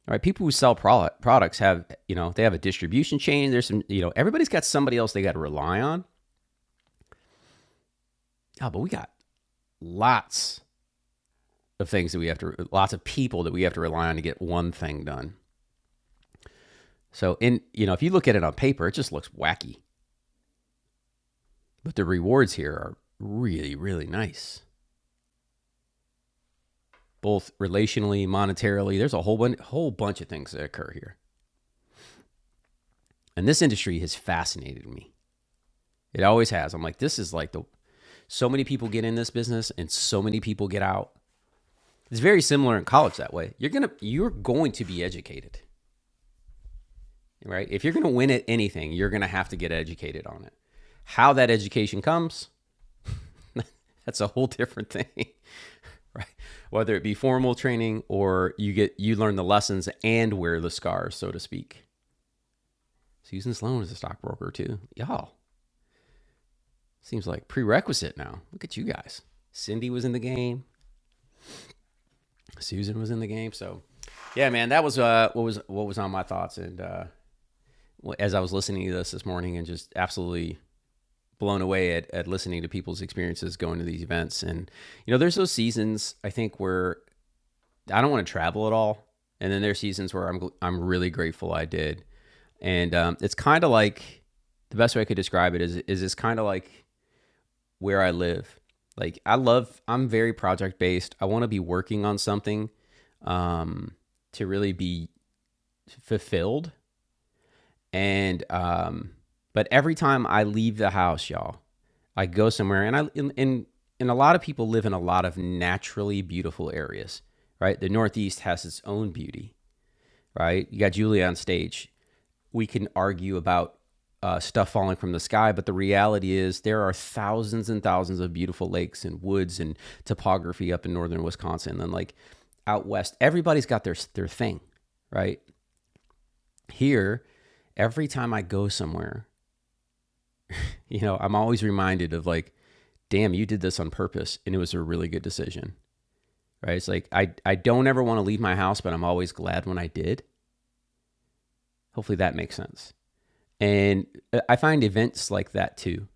[SPEAKER 1] All right, people who sell pro- products have, you know, they have a distribution chain. There's some, you know, everybody's got somebody else they got to rely on. Oh, but we got lots of things that we have to, lots of people that we have to rely on to get one thing done. So, in, you know, if you look at it on paper, it just looks wacky, but the rewards here are really, really nice, both relationally, monetarily. There's a whole, bun- whole bunch of things that occur here. And this industry has fascinated me. It always has. I'm like, this is like the, so many people get in this business and so many people get out It's very similar in college that way. You're gonna you're going to be educated, right? If you're gonna win at anything, you're gonna have to get educated on it. How that education comes, *laughs* that's a whole different *laughs* thing, right? Whether it be formal training or you get you learn the lessons and wear the scars, so to speak. Susan Sloan is a stockbroker too. Y'all seems like prerequisite now. Look at you guys. Cindy was in the game. Susan was in the game. So, yeah, man, that was uh, what was what was on my thoughts, and uh, as I was listening to this this morning and just absolutely blown away at, at listening to people's experiences going to these events. And, you know, there's those seasons I think where I don't want to travel at all. And then there's seasons where I'm, I'm really grateful I did. And um, it's kind of like the best way I could describe it is, is it's kind of like where I live. Like I love, I'm very project based. I want to be working on something um, to really be fulfilled and um, but every time I leave the house, y'all, I go somewhere, and I and, and and a lot of people live in a lot of naturally beautiful areas, right? The Northeast has its own beauty, right? You got Julia on stage. We can argue about uh, stuff falling from the sky, but the reality is there are thousands and thousands of beautiful lakes and woods and topography up in northern Wisconsin. And then, like out west, everybody's got their their thing, right? Here, every time I go somewhere, you know, I'm always reminded of like, damn, you did this on purpose and it was a really good decision, right? It's like, I, I don't ever want to leave my house, but I'm always glad when I did. Hopefully that makes sense. And uh, I find events like that too,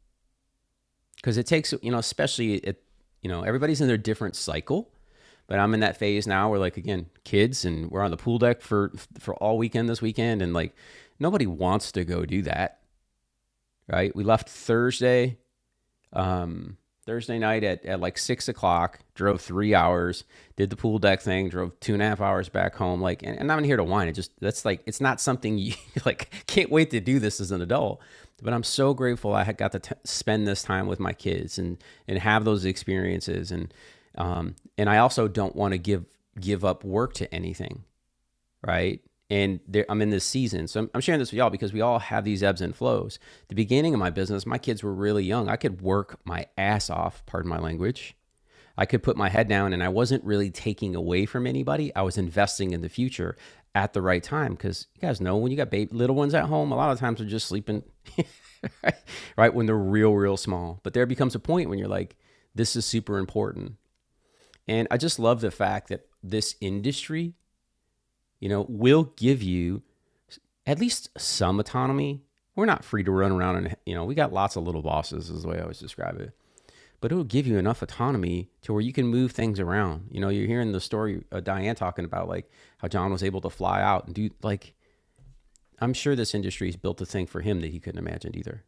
[SPEAKER 1] because it takes, you know, especially at, you know, everybody's in their different cycle. But I'm in that phase now where like again, kids and we're on the pool deck for for all weekend this weekend and like nobody wants to go do that, right? We left Thursday um, Thursday night at, at like six o'clock, drove three hours, did the pool deck thing, drove two and a half hours back home. Like, and, and I'm not here to whine. It just, that's like, it's not something you *laughs* like, can't wait to do this as an adult. But I'm so grateful I had got to t- spend this time with my kids and, and have those experiences. And, um, and I also don't want to give, give up work to anything right? And there, I'm in this season. So I'm, I'm sharing this with y'all because we all have these ebbs and flows. The beginning of my business, my kids were really young. I could work my ass off, pardon my language. I could put my head down and I wasn't really taking away from anybody. I was investing in the future at the right time because you guys know when you got baby, little ones at home, a lot of times they're just sleeping, *laughs* right? right? When they're real, real small. But there becomes a point when you're like, this is super important. And I just love the fact that this industry, you know, will give you at least some autonomy. We're not free to run around and, you know, we got lots of little bosses, is the way I always describe it. But it'll give you enough autonomy to where you can move things around. You know, you're hearing the story of Diane talking about like how John was able to fly out and do, like, I'm sure this industry industry's built a thing for him that he couldn't imagine either.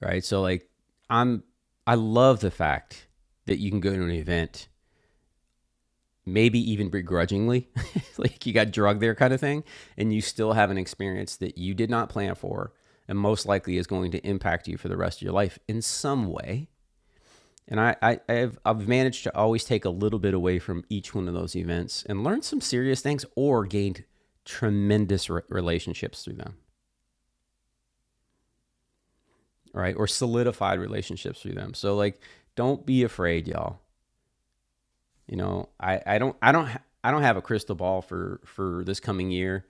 [SPEAKER 1] Right. So, like, I'm, I love the fact that you can go to an event maybe even begrudgingly, *laughs* like you got drugged there kind of thing, and you still have an experience that you did not plan for and most likely is going to impact you for the rest of your life in some way. And I, I, I've, I've managed to always take a little bit away from each one of those events and learn some serious things or gained tremendous re- relationships through them, right? Or solidified relationships through them. So like, don't be afraid, y'all. You know, I, I don't, I don't, ha- I don't have a crystal ball for, for this coming year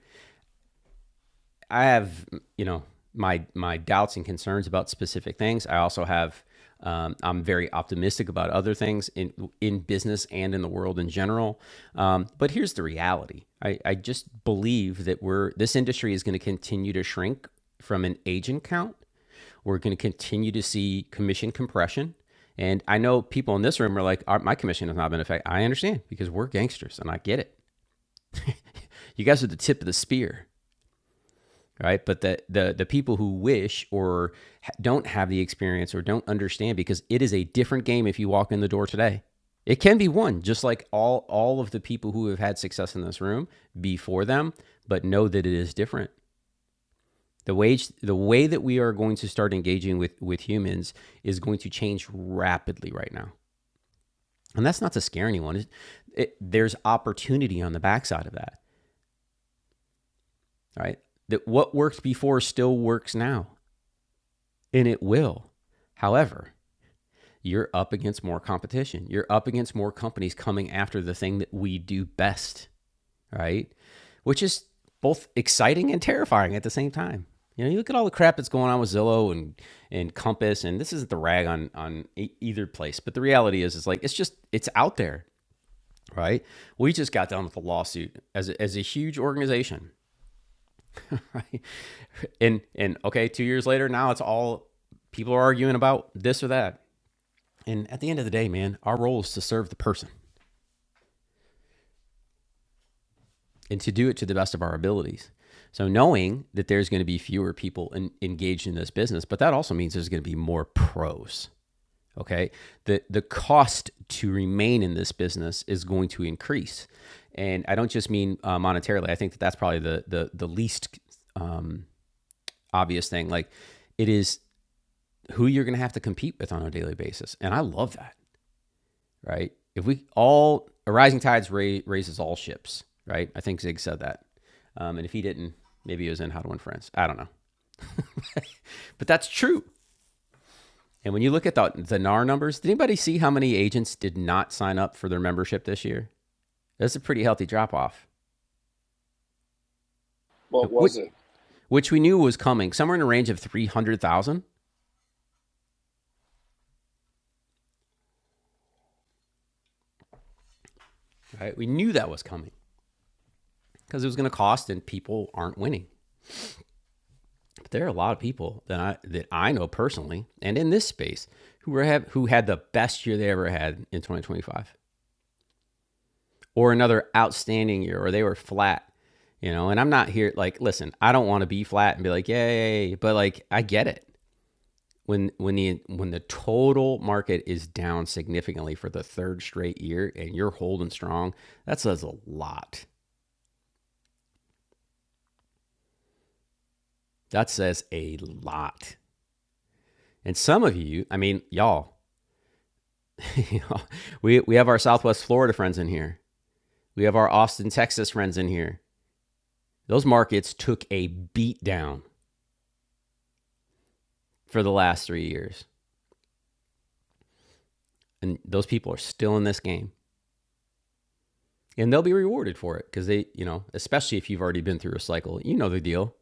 [SPEAKER 1] I have you know my my doubts and concerns about specific things. I also have um, I'm very optimistic about other things in in business and in the world in general. Um, but here's the reality: I, I just believe that we're this industry is going to continue to shrink from an agent count. We're going to continue to see commission compression. And I know people in this room are like, "Uh, my commission has not been affected. I understand because we're gangsters and I get it. You guys are the tip of the spear right but the the the people who wish or don't have the experience or don't understand because it is a different game if you walk in the door today it can be won just like all all of the people who have had success in this room before them but know that it is different the wage the way that we are going to start engaging with with humans is going to change rapidly right now and that's not to scare anyone it, it, there's opportunity on the backside of that right that what worked before still works now and it will. However, you're up against more competition. You're up against more companies coming after the thing that we do best, right? Which is both exciting and terrifying at the same time. You know, you look at all the crap that's going on with Zillow and and Compass, and this isn't the rag on on e- either place, but the reality is, it's like it's just it's out there, right? We just got done with a lawsuit as a, as a huge organization, *laughs* right? And and okay, two years later, now it's all people are arguing about this or that. And at the end of the day, man, our role is to serve the person and to do it to the best of our abilities. So knowing that there's going to be fewer people in, engaged in this business, but that also means there's going to be more pros. Okay, the the cost to remain in this business is going to increase, and I don't just mean uh, monetarily. I think that that's probably the the the least um, obvious thing. Like, it is who you're going to have to compete with on a daily basis, and I love that. right? If we all a rising tides ra- raises all ships, right? I think Zig said that, um, and if he didn't, maybe it was in How to Win Friends. I don't know, *laughs* but that's true. And when you look at the the NAR numbers, did anybody see how many agents did not sign up for their membership this year? That's a pretty healthy drop off.
[SPEAKER 9] what
[SPEAKER 1] What
[SPEAKER 9] was it?
[SPEAKER 1] which we knew was coming, somewhere in the range of three hundred thousand. Right, we knew that was coming because it was going to cost, and people aren't winning. But there are a lot of people that I that I know personally and in this space who were have who had the best year they ever had in 2025 or another outstanding year or they were flat, you know. And I'm not here like listen, I don't want to be flat and be like yay, but like I get it. When when the when the total market is down significantly for the third straight year and you're holding strong, that says a lot. That says a lot. And some of you, I mean, y'all, *laughs* you know, we we have our Southwest Florida friends in here. We have our Austin, Texas friends in here. Those markets took a beat down for the last three years, and those people are still in this game, and they'll be rewarded for it because they, you know, especially if you've already been through a cycle, you know the deal.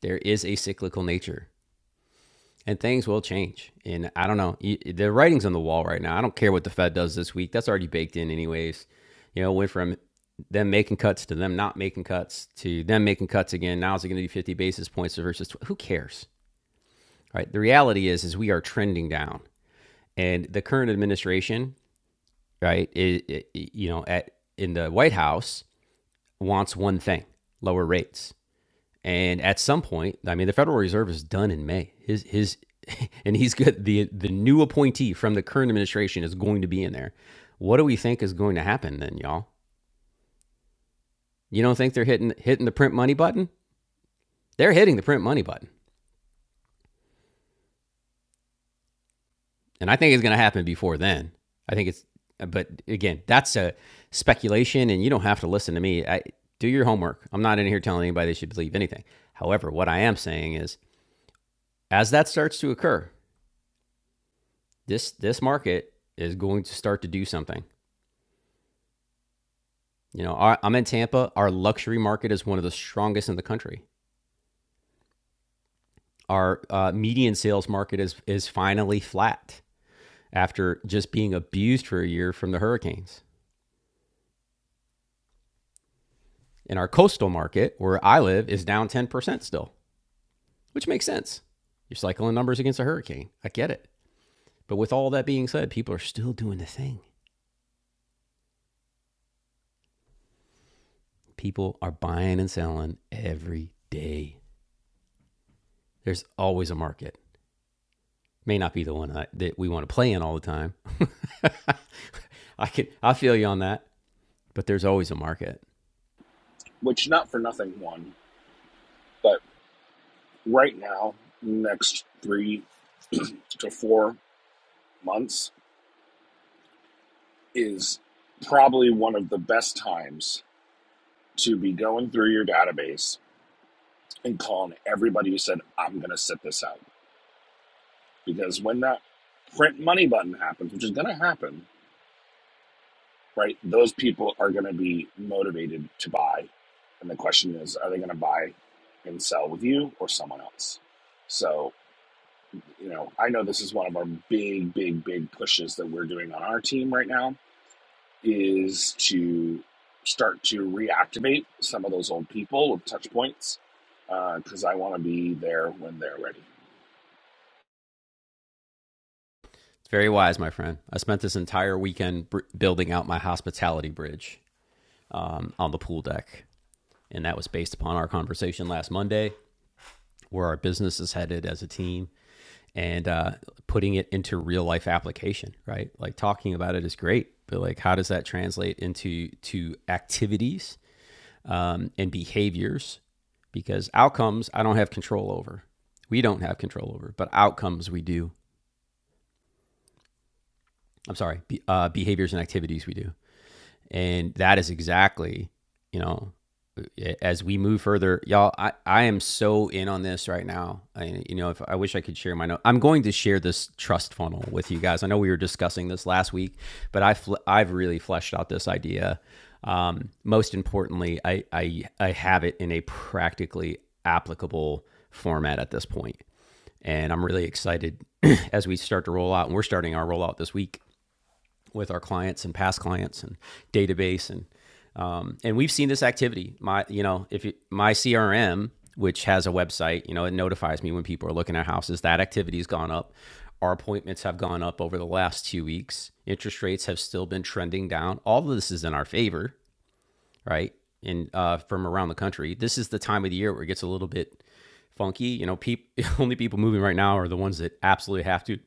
[SPEAKER 1] There is a cyclical nature and things will change. And I don't know. The writing's on the wall right now. I don't care what the Fed does this week. That's already baked in, anyways. You know, went from them making cuts to them not making cuts to them making cuts again. Now is it going to be 50 basis points versus tw- who cares? Right. The reality is, is we are trending down, and the current administration, right, i i you know, at in the White House wants one thing: lower rates. And at some point, I mean, the Federal Reserve is done in May. His his *laughs* and he's good. The the new appointee from the current administration is going to be in there. What do we think is going to happen then, y'all? You don't think they're hitting hitting the print money button? They're hitting the print money button, and I think it's going to happen before then. I think it's, but again, that's a speculation, and you don't have to listen to me. I do your homework. I'm not in here telling anybody they should believe anything. However, what I am saying is, as that starts to occur, this this market is going to start to do something. You know, I, I'm in Tampa. Our luxury market is one of the strongest in the country. Our uh, median sales market is is finally flat after just being abused for a year from the hurricanes. And our coastal market, where I live, is down 10% still, which makes sense. You're cycling numbers against a hurricane. I get it. But with all that being said, people are still doing the thing. People are buying and selling every day. There's always a market. may not be the one I, that we want to play in all the time. *laughs* I can I feel you on that, but there's always a market.
[SPEAKER 9] Which not for nothing won, but right now, next three to four months is probably one of the best times to be going through your database and calling everybody who said, I'm going to sit this out. Because when that print money button happens, which is going to happen, right, those people are going to be motivated to buy. And the question is, are they going to buy and sell with you or someone else? So. you know, I know this is one of our big, big, big pushes that we're doing on our team right now is to start to reactivate some of those old people with touch points because uh, I want to be there when they're ready.
[SPEAKER 1] It's very wise, my friend. I spent this entire weekend br- building out my hospitality bridge um, on the pool deck, and that was based upon our conversation last Monday, where our business is headed as a team and uh, putting it into real life application. Right, like talking about it is great, but like how does that translate into to activities? um, and behaviors because outcomes I don't have control over. We don't have control over, but outcomes we do. I'm sorry, be, uh, behaviors and activities we do. And that is exactly, you know, eh, as we move further, y'all, I, I am so in on this right now. I, you know, if I wish I could share my note, I'm going to share this trust funnel with you guys. I know we were discussing this last week, but I fl- I've really fleshed out this idea. Um, most importantly, I, I I have it in a practically applicable format at this point, and I'm really excited *clears throat* as we start to roll out. And we're starting our rollout this week with our clients and past clients and database and um, and we've seen this activity. My, you know, if you, my CRM, which has a website, you know, it notifies me when people are looking at houses. That activity's gone up. Our appointments have gone up over the last two weeks. Interest rates have still been trending down. All of this is in our favor, right? And uh, from around the country, this is the time of the year where it gets a little bit funky. You know, peop- *laughs* only people moving right now are the ones that absolutely have to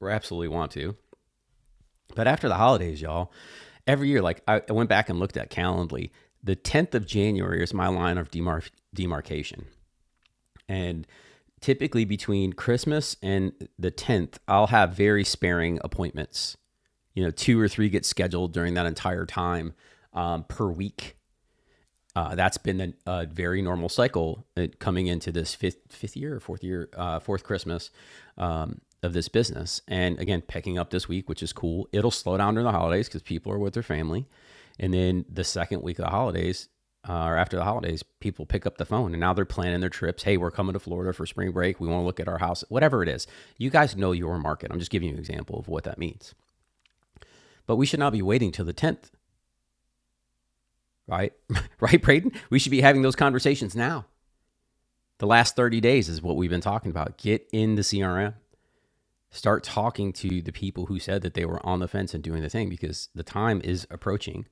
[SPEAKER 1] or absolutely want to. But after the holidays, y'all, every year, like I, I went back and looked at Calendly. The 10th of January is my line of demar- demarcation. And typically between Christmas and the 10th, I'll have very sparing appointments. You know, two or three get scheduled during that entire time um, per week uh, that's been a, a very normal cycle uh, coming into this fifth fifth year, fourth year, uh, fourth Christmas um, of this business. And again, picking up this week, which is cool. It'll slow down during the holidays because people are with their family, and then the second week of the holidays. Uh, or after the holidays, people pick up the phone and now they're planning their trips. Hey, we're coming to Florida for spring break. We want to look at our house, whatever it is. You guys know your market. I'm just giving you an example of what that means. But we should not be waiting till the 10th, right? *laughs* right, Braden? We should be having those conversations now The last 30 days is what we've been talking about. Get in the CRM. Start talking to the people who said that they were on the fence and doing the thing because the time is approaching,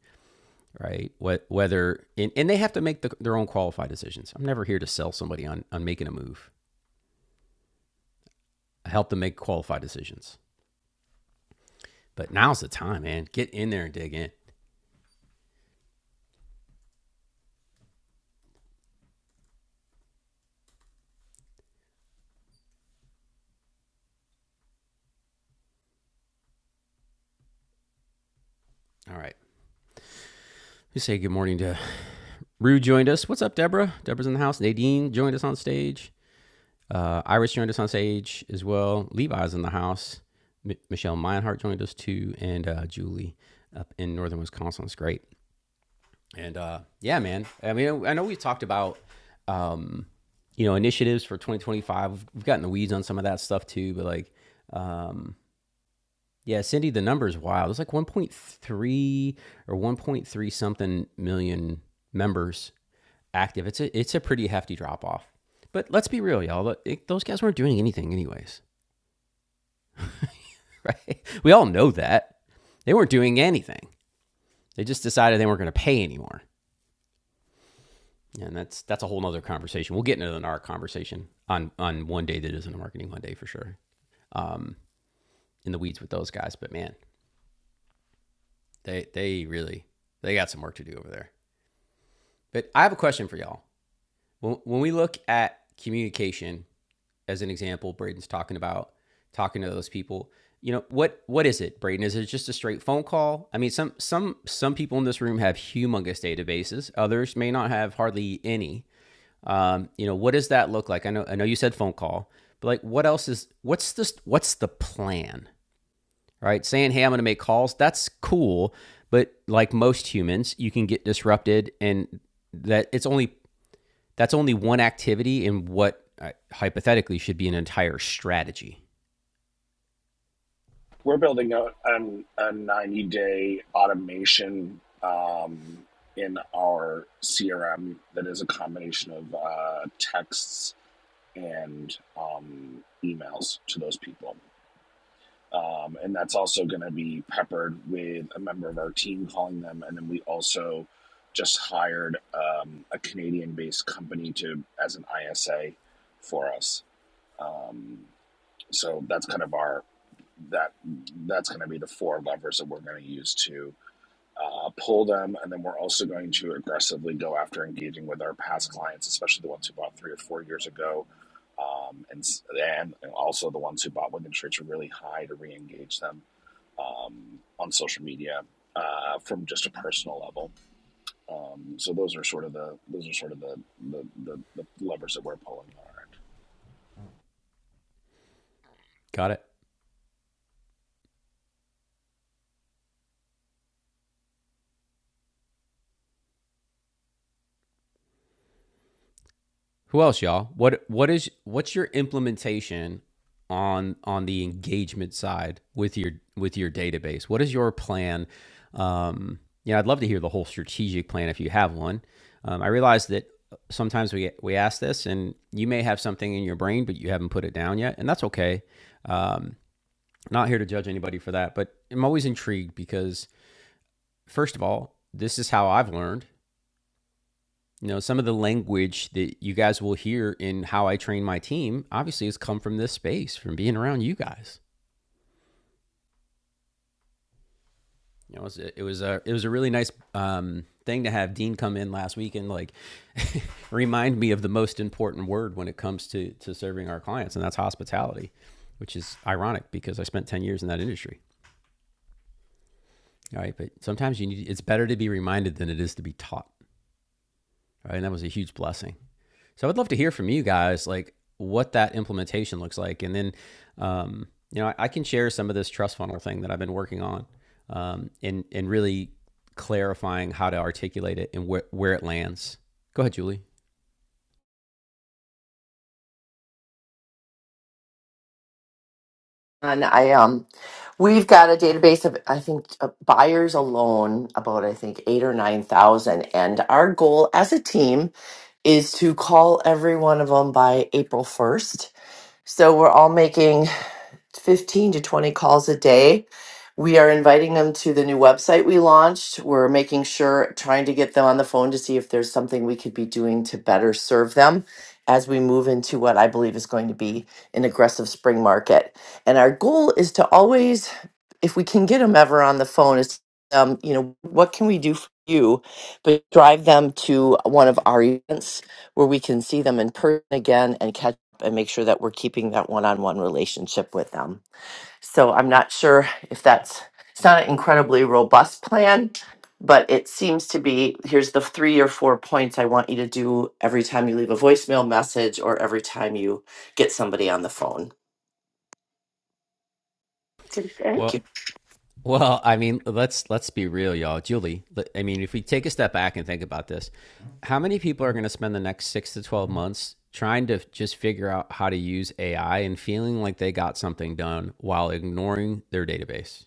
[SPEAKER 1] right? What whether and, and they have to make the, their own qualified decisions. I'm never here to sell somebody on on making a move. I help them make qualified decisions. But now's the time, man. Get in there and dig in. All right. We say good morning to Rue joined us. What's up, Deborah? Deborah's in the house. Nadine joined us on stage. Uh, Iris joined us on stage as well. Levi's in the house. M- Michelle Meinhardt joined us too, and uh, Julie up in northern Wisconsin. It's great. And uh, yeah, man. I mean, I know we've talked about um, you know initiatives for 2025. We've gotten the weeds on some of that stuff too, but like um, yeah, Cindy, the number is wild. It's like 1.3 or 1.3 something million members active. It's a it's a pretty hefty drop off. But let's be real, y'all. it- those guys weren't doing anything, anyways. *laughs* Right? We all know that they weren't doing anything. They just decided they weren't going to pay anymore, and that's that's a whole nother conversation. We'll get into the NAR conversation on on one day that isn't a marketing one day for sure. In the weeds with those guys, but man, they they really they got some work to do over there. But I have a question for y'all. When, we look at communication as an example, Braden's talking about talking to those people. You know what? What is it, Braden? Is it just a straight phone call? I mean, some some some people in this room have humongous databases. Others may not have hardly any. Um, you know, what does that look like? I know I know you said phone call, but like, what else is? What's this? What's the plan? Right? Saying, hey, I'm going to make calls. That's cool, but like most humans, you can get disrupted, and that it's only that's only one activity in what uh, hypothetically should be an entire strategy.
[SPEAKER 9] We're building a, a 90 day automation um, in our CRM that is a combination of uh, texts and um, emails to those people. Um, and that's also going to be peppered with a member of our team calling them. And then we also just hired um, a Canadian based company to as an ISA for us. Um, so that's kind of our that that's going to be the four levers that we're going to use to uh, pull them, and then we're also going to aggressively go after engaging with our past clients, especially the ones who bought three or four years ago, um, and s- and and also the ones who bought when interest rates are really high to re-engage them um, on social media uh, from just a personal level. Um, so those are sort of the those are sort of the the, the, the levers that we're pulling on our end.
[SPEAKER 1] Got it. Who else, y'all? What what is what's your implementation on on the engagement side with your with your database? What is your plan? Um, you know, I'd love to hear the whole strategic plan if you have one. Um, I realize that sometimes we we ask this, and you may have something in your brain, but you haven't put it down yet, and that's okay. Um, not here to judge anybody for that, but I'm always intrigued because first of all, this is how I've learned. You know, some of the language that you guys will hear in how I train my team obviously has come from this space, from being around you guys. You know, it was a, it was a, it was a really nice um, thing to have Dean come in last week and like *laughs* remind me of the most important word when it comes to to serving our clients, and that's hospitality, which is ironic because I spent ten years in that industry. All right, but sometimes you need it's better to be reminded than it is to be taught. right? And that was a huge blessing. So I'd love to hear from you guys, like what that implementation looks like, and then um, you know I, I can share some of this trust funnel thing that I've been working on, um, and and really clarifying how to articulate it and where where it lands. Go ahead, Julie.
[SPEAKER 10] And I um, we've got a database of I think uh, buyers alone about I think eight or nine thousand, and our goal as a team is to call every one of them by April first. So we're all making 15 to 20 calls a day. We are inviting them to the new website we launched. We're making sure, trying to get them on the phone to see if there's something we could be doing to better serve them as we move into what I believe is going to be an aggressive spring market. And our goal is to always, if we can get them ever on the phone, is um, you know, what can we do for you, but drive them to one of our events where we can see them in person again and catch and make sure that we're keeping that one-on-one relationship with them. So I'm not sure if that's it's not an incredibly robust plan, but it seems to be here's the three or four points I want you to do every time you leave a voicemail message or every time you get somebody on the phone. Thank
[SPEAKER 1] Well,
[SPEAKER 10] you.
[SPEAKER 1] Well, I mean, let's let's be real, y'all. Julie, I mean, if we take a step back and think about this, how many people are going to spend the next six to twelve months trying to just figure out how to use AI and feeling like they got something done while ignoring their database?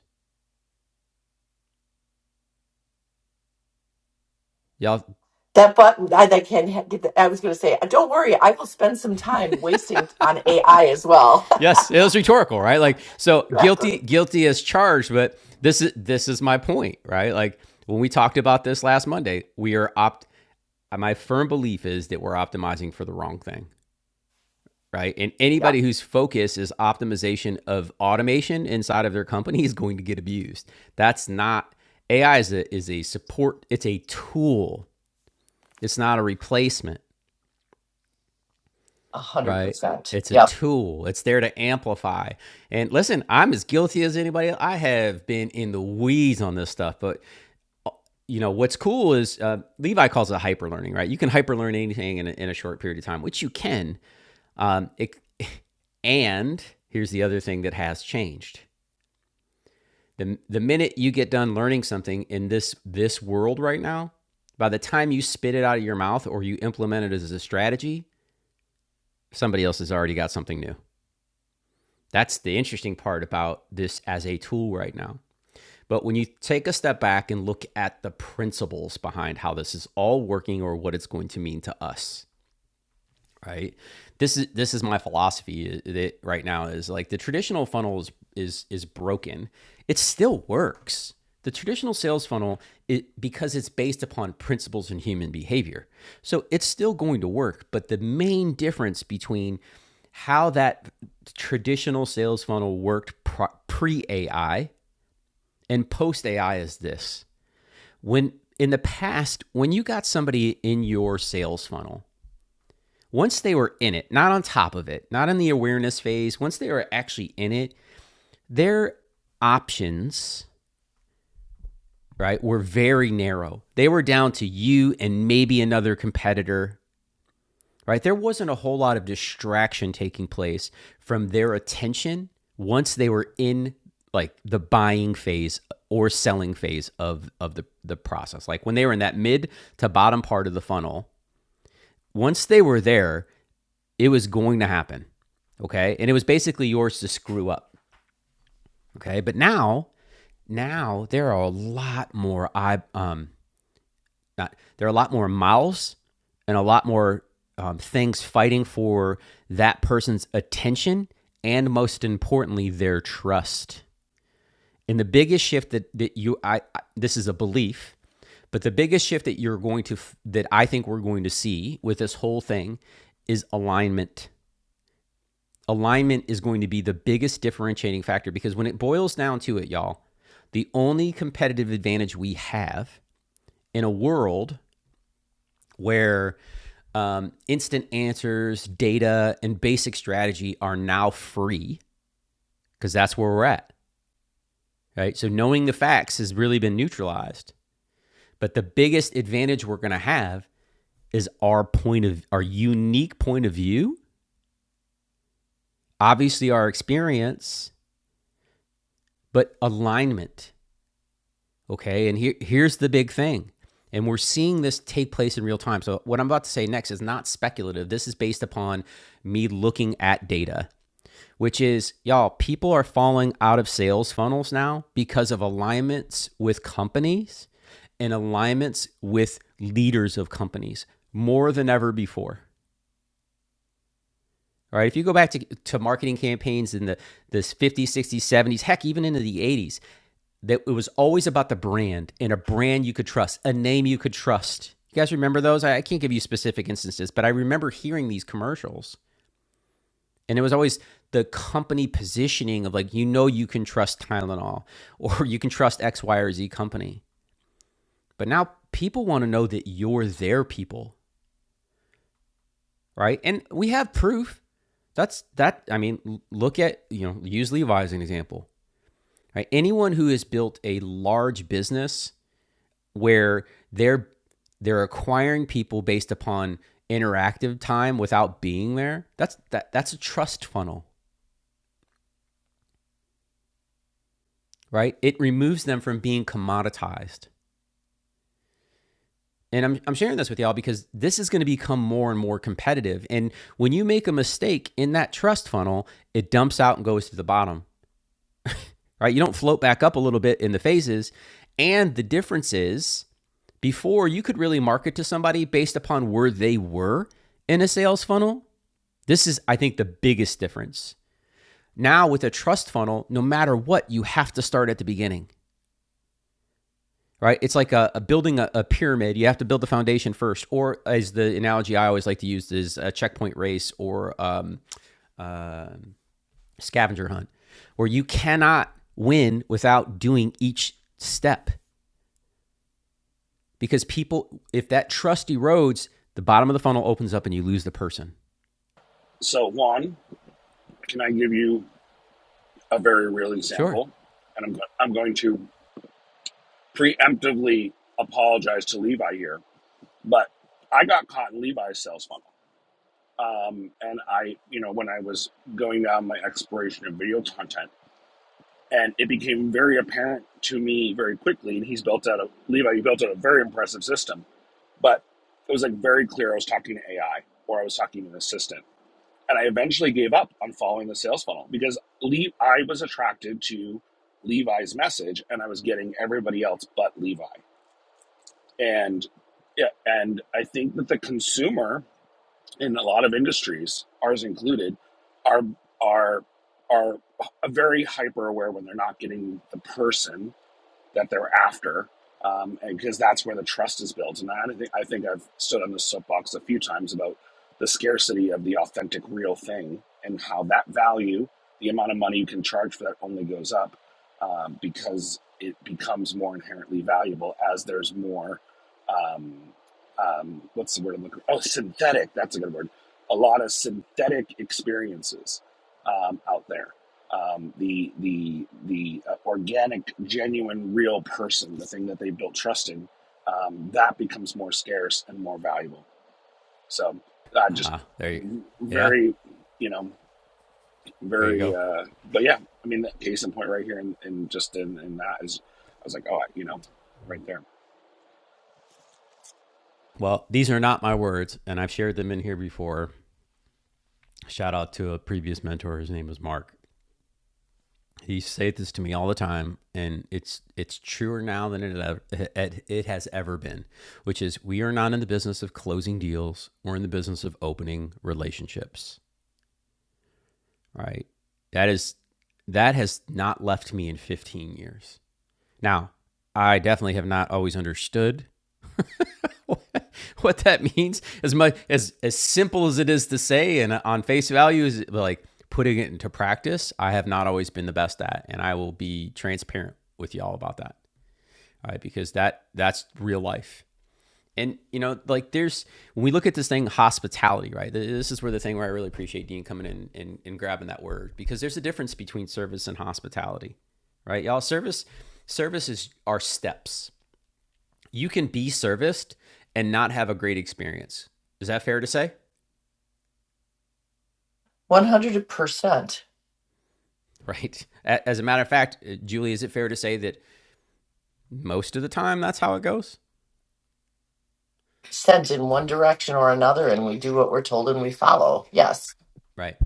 [SPEAKER 1] Y'all,
[SPEAKER 10] That button, I, I can ha- get. The, I was going to say, uh, don't worry, I will spend some time wasting on AI as well.
[SPEAKER 1] yes, it was rhetorical, right? Like,
[SPEAKER 10] *laughs*
[SPEAKER 1] so
[SPEAKER 10] exactly.
[SPEAKER 1] guilty, guilty as charged, but this is this is my point, right? Like when we talked about this last Monday, we are opt. My firm belief is that we're optimizing for the wrong thing. right? And
[SPEAKER 10] Yeah,
[SPEAKER 1] anybody whose focus is optimization of automation inside of their company is going to get abused. That's not AI is a is a support. It's a tool. It's not a replacement,
[SPEAKER 10] a hundred
[SPEAKER 1] right?
[SPEAKER 10] percent.
[SPEAKER 1] It's a
[SPEAKER 10] Yeah,
[SPEAKER 1] tool. It's there to amplify. And listen, I'm as guilty as anybody. else. I have been in the weeds on this stuff, but you know what's cool is uh, Levi calls it hyper learning, right? You can hyper learn anything in a, in a short period of time, which you can. Um, it, *laughs* and here's the other thing that has changed the the minute you get done learning something in this this world right now, by the time you spit it out of your mouth or you implement it as a strategy, somebody else has already got something new. That's the interesting part about this as a tool right now. But when you take a step back and look at the principles behind how this is all working or what it's going to mean to us, right this is this is my philosophy uh, that right now is like the traditional funnel is is is broken it still works the traditional sales funnel it, because it's based upon principles and human behavior so it's still going to work but the main difference between how that traditional sales funnel worked pre AI and post AI is this. When in the past, when you got somebody in your sales funnel, once they were in it, not on top of it, not in the awareness phase, once they were actually in it, their options, right, were very narrow. They were down to you and maybe another competitor, right? There wasn't a whole lot of distraction taking place from their attention once they were in like the buying phase or selling phase of of the the process. Like when they were in that mid to bottom part of the funnel, once they were there, It was going to happen. Okay. And it was basically yours to screw up. Okay. But now, now there are a lot more I um not there are a lot more mouths and a lot more um, things fighting for that person's attention and most importantly their trust. And the biggest shift that, that you I, I this is a belief but the biggest shift that you're going to, that I think we're going to see with this whole thing is alignment. alignment is going to be the biggest differentiating factor because when it boils down to it, y'all, the only competitive advantage we have in a world where um, instant answers, data, and basic strategy are now free because that's where we're at, right? So knowing the facts has really been neutralized. But the biggest advantage we're going to have is our point of our unique point of view, obviously our experience, but alignment Okay. And here, here's the big thing. And we're seeing this take place in real time. So, what I'm about to say next is not speculative. This is based upon me looking at data, which is, y'all, people are falling out of sales funnels now because of alignments with companies and alignments with leaders of companies more than ever before. All right. If you go back to, to marketing campaigns in the this 50s, 60s, 70s, heck, even into the 80s, that it was always about the brand and a brand you could trust, a name you could trust. You guys remember those? I I can't give you specific instances, but I remember hearing these commercials. And it was always the company positioning of like, you know, you can trust Tylenol *laughs* or you can trust X, Y, or Z company. But now people want to know that you're their people, right? And we have proof. That's that. I mean, look at, you know, use Levi's as an example, right? Anyone who has built a large business where they're they're acquiring people based upon interactive time without being there. That's that that's a trust funnel, right? It removes them from being commoditized. And I'm, I'm sharing this with y'all because this is going to become more and more competitive. And when you make a mistake in that trust funnel, it dumps out and goes to the bottom, right? You don't float back up a little bit in the phases. And the difference is before you could really market to somebody based upon where they were in a sales funnel This is, I think, the biggest difference. Now, with a trust funnel, no matter what, you have to start at the beginning, right? It's like a, a building a, a pyramid. You have to build the foundation first, or as the analogy I always like to use is a checkpoint race or um, uh, scavenger hunt, where you cannot win without doing each step because people, if that trust erodes, the bottom of the funnel opens up and you lose the person.
[SPEAKER 9] So Juan, can I give you a very real
[SPEAKER 1] Sure.
[SPEAKER 9] example? And I'm go- I'm going to preemptively apologize to Levi here But I got caught in Levi's sales funnel. Um, and I, you know, when I was going down my exploration of video content, and it became very apparent to me very quickly. And he's built out a Levi, he built out a very impressive system, but it was like very clear I was talking to AI or I was talking to an assistant. And I eventually gave up on following the sales funnel because Le- I was attracted to Levi's message and I was getting everybody else but Levi. And yeah, and I think that the consumer in a lot of industries, ours included, are are are very hyper aware when they're not getting the person that they're after, um, and because that's where the trust is built. And I think I think I've stood on this soapbox a few times about the scarcity of the authentic, real thing, and how that value, the amount of money you can charge for that, only goes up um, because it becomes more inherently valuable as there's more. Um, um, what's the word I'm looking? for? Oh, synthetic. That's a good word. A lot of synthetic experiences um, out there um, the the the uh, organic, genuine, real person, the thing that they built trust in, um, that becomes more scarce and more valuable. So uh, just
[SPEAKER 1] Ah, uh, there you. Yeah,
[SPEAKER 9] very, you know,
[SPEAKER 1] there you
[SPEAKER 9] very.
[SPEAKER 1] go.
[SPEAKER 9] Uh, but yeah, I mean, that case in point right here, and, and just in, in that is, I was like, oh, I- you know, right there.
[SPEAKER 1] Well, these are not my words, and I've shared them in here before. Shout out to a previous mentor. His name was Mark. He said this to me all the time, and it's it's truer now than it it has ever been, which is we are not in the business of closing deals. We're in the business of opening relationships. Right? That is that has not left me in 15 years. Now, I definitely have not always understood *laughs* what that means as much as as simple as it is to say and on face value is like putting it into practice i have not always been the best at and i will be transparent with y'all about that all right because that that's real life and you know like there's when we look at this thing hospitality right this is where the thing where i really appreciate dean coming in and, and grabbing that word because there's a difference between service and hospitality right y'all service services are steps you can be serviced and not have a great experience. Is that fair to say? *laughs*
[SPEAKER 10] one hundred percent.
[SPEAKER 1] Right. As a matter of fact, uh, Julie, is it fair to say that most of the time that's how it goes?
[SPEAKER 10] sent in one direction or another and we do what we're told and we follow. Yes.
[SPEAKER 1] Right.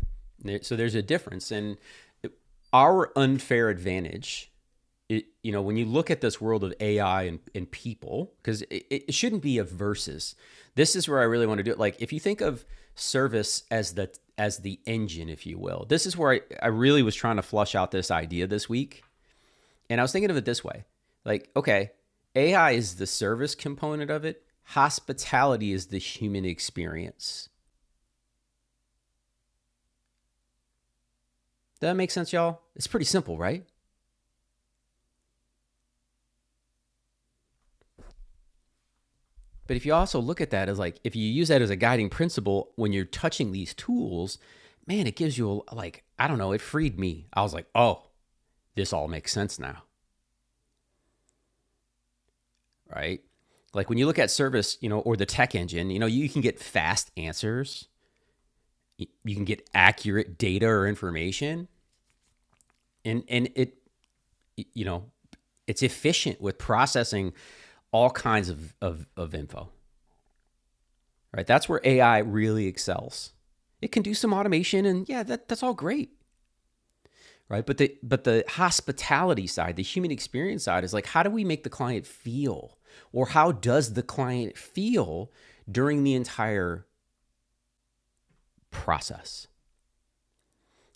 [SPEAKER 1] So there's a difference. And our unfair advantage, it, you know, when you look at this world of AI and, and people, because it, it shouldn't be a versus. This is where I really want to do it. Like if you think of service as the as the engine, if you will, this is where I, I really was trying to flush out this idea this week And I was thinking of it this way like, okay, AI is the service component of it, hospitality is the human experience. Does that make sense, y'all? It's pretty simple, right? But if you also look at that as like, if you use that as a guiding principle when you're touching these tools, man, it gives you a, like, I don't know, it freed me. I was like, oh, this all makes sense now, right? Like when you look at service, you know, or the tech engine, you know, you can get fast answers, you can get accurate data or information, and and it you know, it's efficient with processing all kinds of, of, of info, right? That's where AI really excels. It can do some automation and yeah, that, that's all great, right? But the, but the hospitality side, the human experience side is like, how do we make the client feel? Or how does the client feel during the entire process,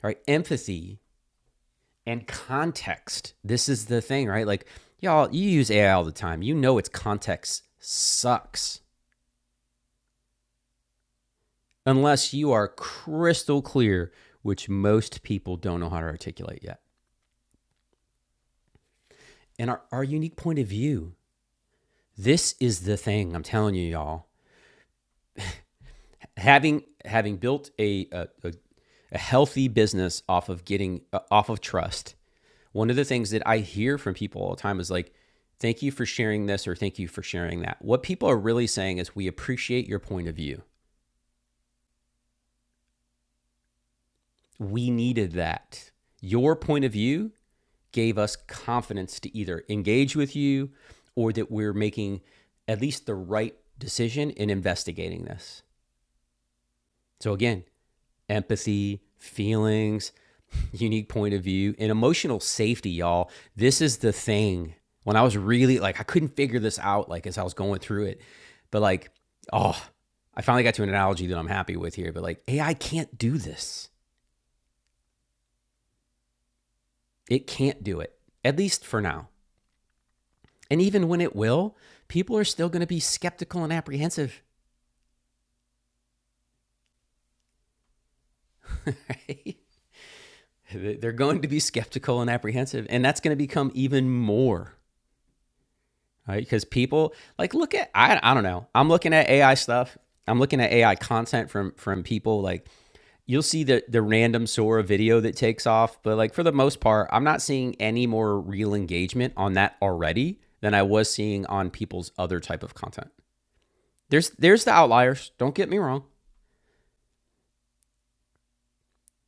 [SPEAKER 1] right? Empathy and context. This is the thing, right? Like, y'all, you use AI all the time. You know, its context sucks unless you are crystal clear, which most people don't know how to articulate yet. And our, our unique point of view. This is the thing I'm telling you, y'all. Having having built a a, a, a healthy business off of getting uh, off of trust, one of the things that I hear from people all the time is like, "Thank you for sharing this," or "Thank you for sharing that." What people are really saying is, "We appreciate your point of view. We needed that. Your point of view gave us confidence to either engage with you or that we're making at least the right decision in investigating this. So, again, empathy, feelings, *laughs* unique point of view, and emotional safety, y'all. This is the thing. When I was really like, I couldn't figure this out, like as I was going through it, but like, oh, I finally got to an analogy that I'm happy with here, but like, AI can't do this. It can't do it, at least for now. And even when it will, people are still going to be skeptical and apprehensive, right? *laughs* They're going to be skeptical and apprehensive. And that's going to become even more, right? Because people, like, look at, I, I don't know. I'm looking at AI stuff. I'm looking at AI content from from people like you'll see the the random Sora video that takes off, but like for the most part, I'm not seeing any more real engagement on that already than I was seeing on people's other type of content. There's there's the outliers, don't get me wrong.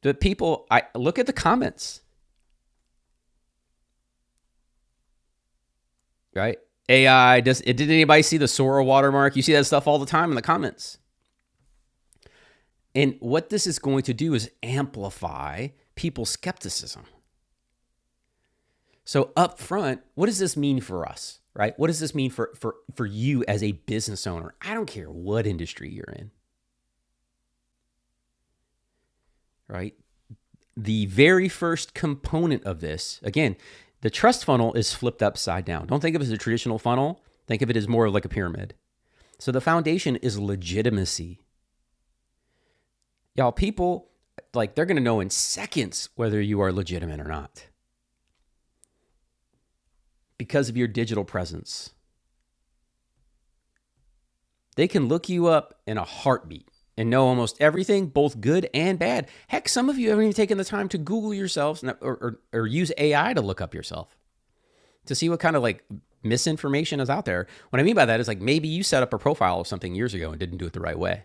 [SPEAKER 1] the people I look at the comments, right? AI does it did anybody see the Sora watermark? You see that stuff all the time in the comments. And what this is going to do is amplify people's skepticism. So up front, what does this mean for us? Right? What does this mean for for for you as a business owner? I don't care what industry you're in, right? The very first component of this, again, the trust funnel is flipped upside down. Don't think of it as a traditional funnel. Think of it as more of like a pyramid. So the foundation is legitimacy. Y'all, people, like, they're going to know in seconds whether you are legitimate or not because of your digital presence. They can look you up in a heartbeat and know almost everything, both good and bad. Heck, some of you haven't even taken the time to Google yourselves or, or, or use AI to look up yourself to see what kind of like misinformation is out there. What I mean by that is like maybe you set up a profile of something years ago and didn't do it the right way,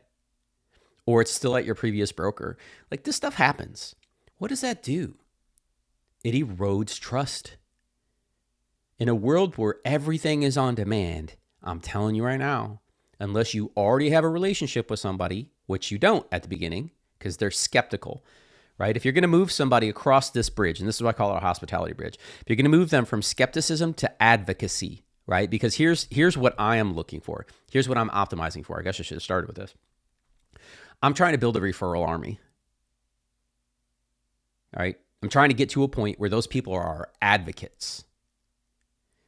[SPEAKER 1] or it's still at your previous broker. Like this stuff happens. What does that do? it erodes trust. In a world where everything is on demand, I'm telling you right now, unless you already have a relationship with somebody, which you don't at the beginning, because they're skeptical, right? If you're going to move somebody across this bridge, and this is what I call our hospitality bridge, if you're going to move them from skepticism to advocacy, right? Because here's here's what I am looking for. Here's what I'm optimizing for. I guess I should have started with this. I'm trying to build a referral army, all right? I'm trying to get to a point where those people are our advocates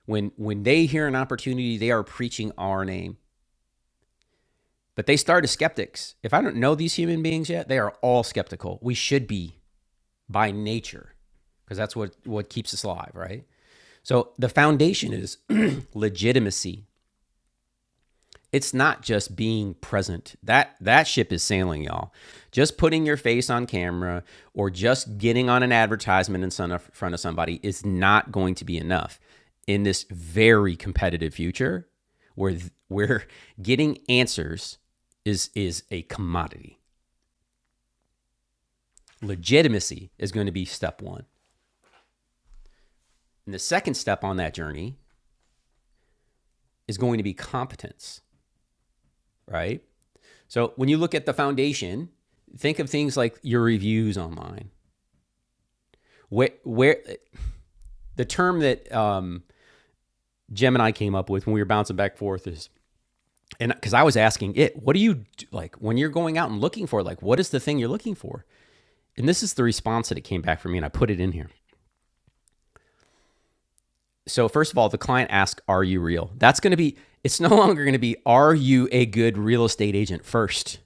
[SPEAKER 1] When when they hear an opportunity, they are preaching our name. But they start as skeptics. If I don't know these human beings yet, they are all skeptical. We should be by nature, because that's what what keeps us alive, right? So the foundation is *clears throat* legitimacy. it's not just being present that that ship is sailing y'all just putting your face on camera or just getting on an advertisement in front of somebody is not going to be enough in this very competitive future where where getting answers is is a commodity legitimacy is going to be step 1 and the second step on that journey is going to be competence right so when you look at the foundation think of things like your reviews online where where the term that um, Gem and I came up with when we were bouncing back and forth is and because I was asking it, what do you do, like when you're going out and looking for? Like, what is the thing you're looking for? And this is the response that it came back for me, and I put it in here. So first of all, the client asks, "Are you real?" That's going to be. It's no *laughs* longer going to be, "Are you a good real estate agent?" First,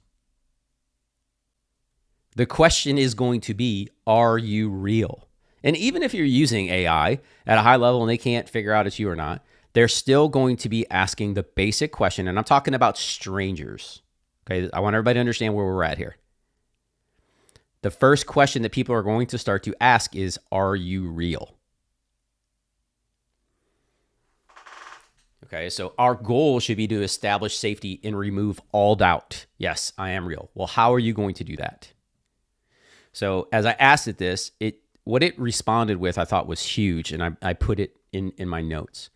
[SPEAKER 1] The question is going to be are you real? And even if you're using AI at a high level and they can't figure out it's you or not, they're still going to be asking the basic question. And I'm talking about strangers. Okay. I want everybody to understand where we're at here. The first question that people are going to start to ask is Are you real? Okay. So our goal should be to establish safety and remove all doubt. Yes, I am real. Well, how are you going to do that? So as I asked it this, it what it responded with I thought was huge, and I, I put it in, in my notes.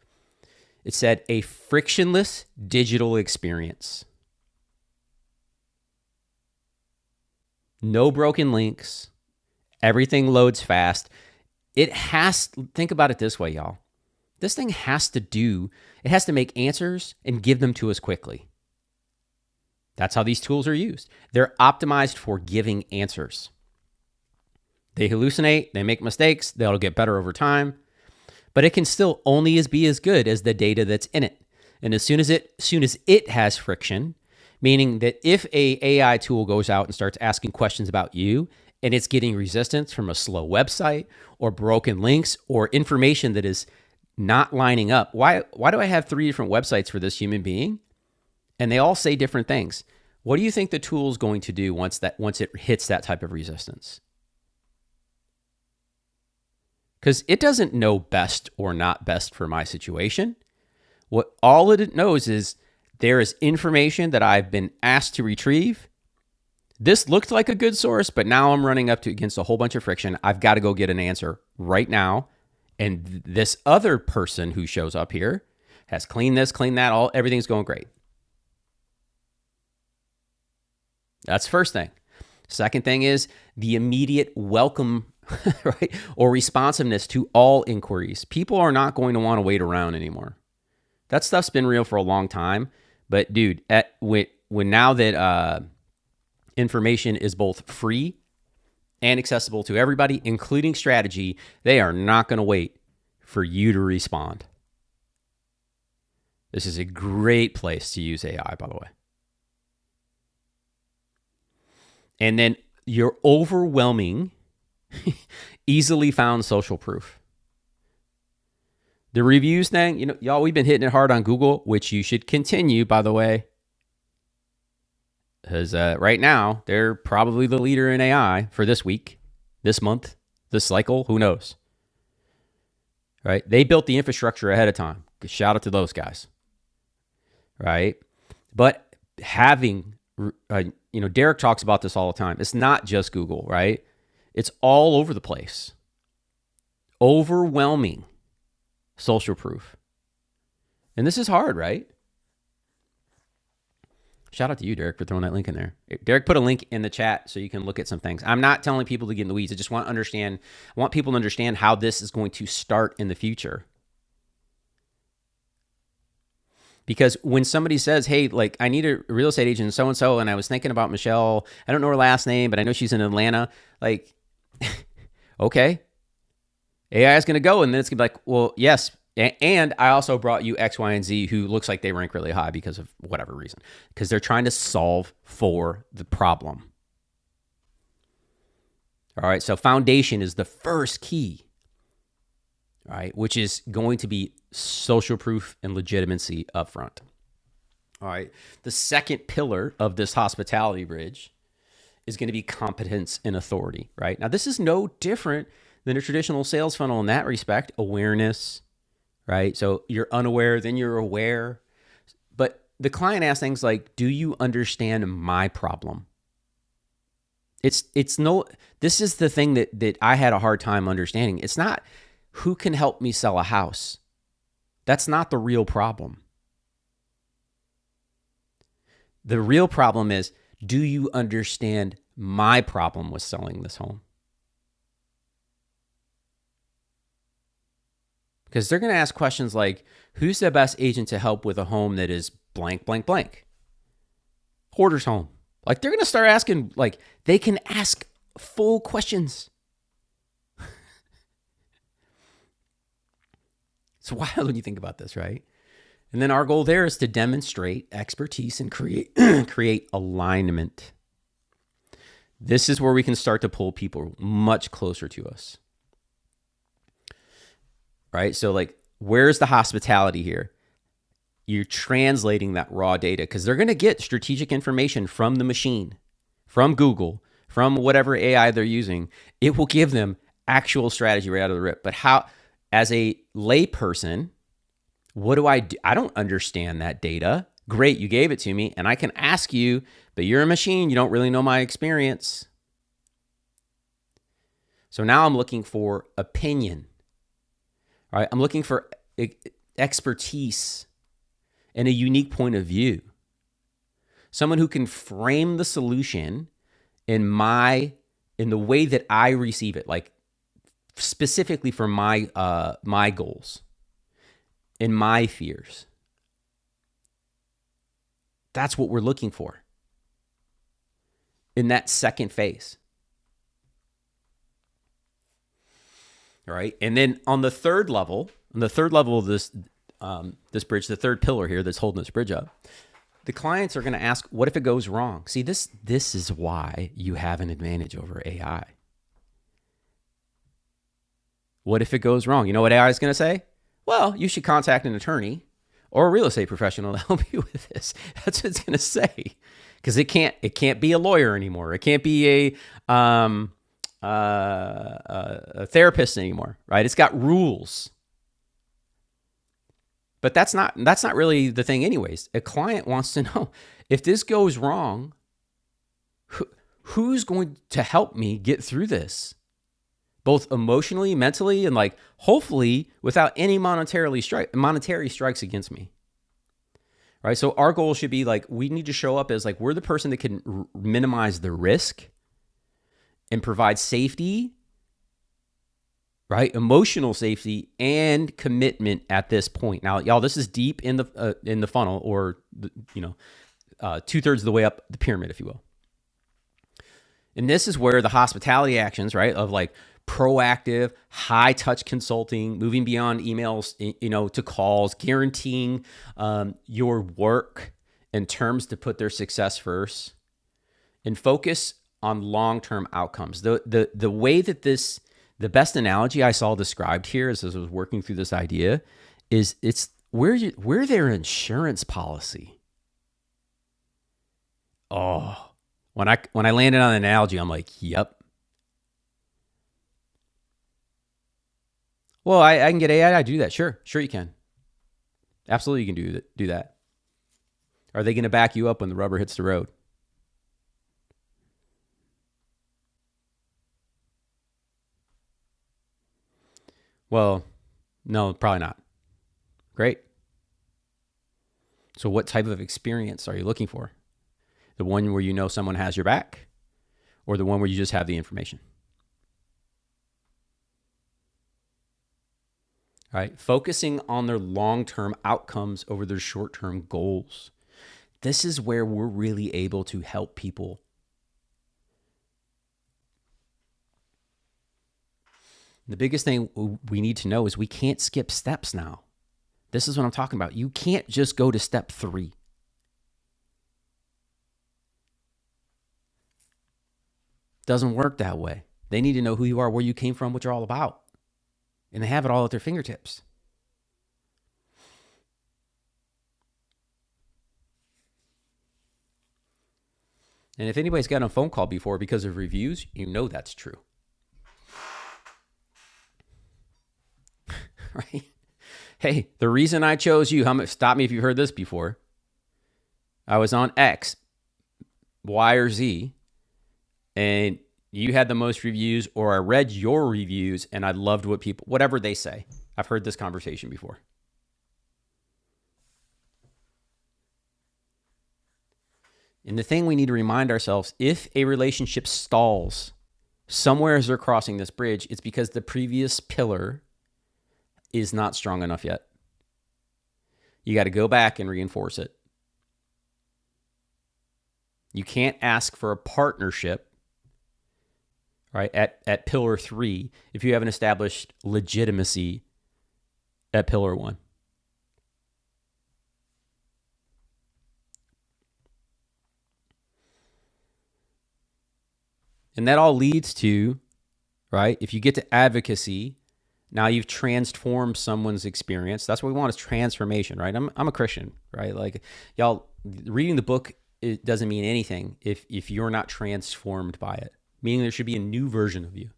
[SPEAKER 1] It said a frictionless digital experience. No broken links. Everything loads fast. It has think about it this way, y'all. This thing has to do, it has to make answers and give them to us quickly. That's how these tools are used. They're optimized for giving answers. They hallucinate, they make mistakes, they'll get better over time. but it can still only as be as good as the data that's in it. And as soon as it soon as it has friction, meaning that if a AI tool goes out and starts asking questions about you and it's getting resistance from a slow website or broken links or information that is not lining up. Why why do I have three different websites for this human being and they all say different things? What do you think the tool's going to do once that once it hits that type of resistance? Cuz it doesn't know best or not best for my situation. What all it knows is there is information that I've been asked to retrieve. This looked like a good source, but now I'm running up to against a whole bunch of friction. I've got to go get an answer right now. And this other person who shows up here has cleaned this, cleaned that, all everything's going great. That's first thing. Second thing is the immediate welcome, *laughs* right? Or responsiveness to all inquiries. People are not going to want to wait around anymore. That stuff's been real for a long time. But dude, at when when now that uh, information is both free and accessible to everybody, including strategy, they are not going to wait for you to respond. This is a great place to use AI, by the way. And then your overwhelming, easily found social proof. The reviews thing, you know, y'all, we've been hitting it hard on Google, which you should continue, by the way. Because uh, right now, they're probably the leader in AI for this week, this month, this cycle. Who knows? Right? They built the infrastructure ahead of time. Shout out to those guys. Right? But having, uh, you know, Derek talks about this all the time. It's not just Google, right? It's all over the place, overwhelming social proof. And this is hard, right? Shout out to you, Derek, for throwing that link in there. Derek put a link in the chat so you can look at some things. I'm not telling people to get in the weeds. I just want to understand. I want people to understand how this is going to start in the future. Because when somebody says, "Hey, like I need a real estate agent, so and so," and I was thinking about Michelle. I don't know her last name, but I know she's in Atlanta. Like, okay, AI is going to go, and then it's going to be like, well, yes. And I also brought you X, Y, and Z, who looks like they rank really high because of whatever reason, because they're trying to solve for the problem. All right. So foundation is the first key, right? Which is going to be social proof and legitimacy up front. All right. The second pillar of this hospitality bridge is going to be competence and authority, right? Now, this is no different than a traditional sales funnel in that respect awareness, right? So you're unaware, then you're aware. But the client asks things like, Do you understand my problem? It's it's no this is the thing that that I had a hard time understanding. It's not who can help me sell a house. That's not the real problem. The real problem is do you understand my problem with selling this home? Because they're going to ask questions like who's the best agent to help with a home that is blank blank blank? Hoarder's home. Like they're going to start asking like they can ask full questions. It's *laughs* wild when you think about this, right? And then our goal there is to demonstrate expertise and create *clears throat* create alignment. This is where we can start to pull people much closer to us, right? So like where's the hospitality here? You're translating that raw data cuz they're going to get strategic information from the machine, from Google, from whatever AI they're using. It will give them actual strategy right out of the rip. But how as a layperson, What do I do? I don't understand that data. Great, you gave it to me, and I can ask you, but you're a machine. You don't really know my experience. So now I'm looking for opinion, right? I'm looking for e- expertise and a unique point of view. Someone who can frame the solution in my in the way that I receive it, like specifically for my uh, my goals and my fears. That's what we're looking for in that second phase. All right. And then on the third level, on the third level of this um, this bridge, the third pillar here that's holding this bridge up, the clients are going to ask, "What if it goes wrong?" See, this this is why you have an advantage over AI. What if it goes wrong? You know what AI is going to say? Well, you should contact an attorney or a real estate professional to *laughs* help you with this. That's what it's going to say, because it can't it can't be a lawyer anymore. It can't be a um, uh, a a therapist anymore, right? It's got rules But that's not that's not really the thing anyways. A client wants to *laughs* know if this goes wrong, who, who's going to help me get through this? Both emotionally, mentally, and like hopefully without any monetarily strike monetary strikes against me. Right? So our goal should be like we need to show up as like we're the person that can r- minimize the risk and provide safety, right? Emotional safety and commitment at this point. Now, y'all, this is deep in the uh, in the funnel or the, you know, uh, two thirds of the way up the pyramid, if you will. And this is where the hospitality actions, right, of like proactive, high touch consulting, moving beyond emails, you know, to calls, guaranteeing um, your work and terms to put their success first, and focus on long term outcomes. The the the way that this the best analogy I saw described here as I was working through this idea is it's where you, we're their insurance policy Oh, when I when I landed on an analogy, I'm like, yep. Well, I, I can get AI to do that. Sure, sure you can. Absolutely, you can do that. Do that. Are they going to back you up when the rubber hits the road? Well, no, probably not. Great. So, what type of experience are you looking for? The one where you know someone has your back, or the one where you just have the information? All right. Focusing on their long term outcomes over their short term goals. This is where we're really able to help people. The biggest thing we need to know is we can't skip steps now. This is what I'm talking about. You can't just go to step three. Doesn't work that way. They need to know who you are, where you came from, what you're all about, and they have it all at their fingertips. And if anybody's gotten a phone call before because of reviews, you know that's true, *laughs* right? Hey, the reason I chose you, how much, stop me if you've heard this before. I was on X, Y, or Z, and you had the most reviews, or I read your reviews and I loved what people, whatever they say. I've heard this conversation before. And the thing we need to remind ourselves if a relationship stalls somewhere as they're crossing this bridge, it's because the previous pillar is not strong enough yet. You got to go back and reinforce it. You can't ask for a partnership, right, at, at pillar three if you haven't established legitimacy at pillar one. And that all leads to, right, if you get to advocacy Now you've transformed someone's experience. That's what we want is transformation, right? I'm, I'm a Christian, right? Like y'all reading the book it doesn't mean anything if if you're not transformed by it. Meaning there should be a new version of you.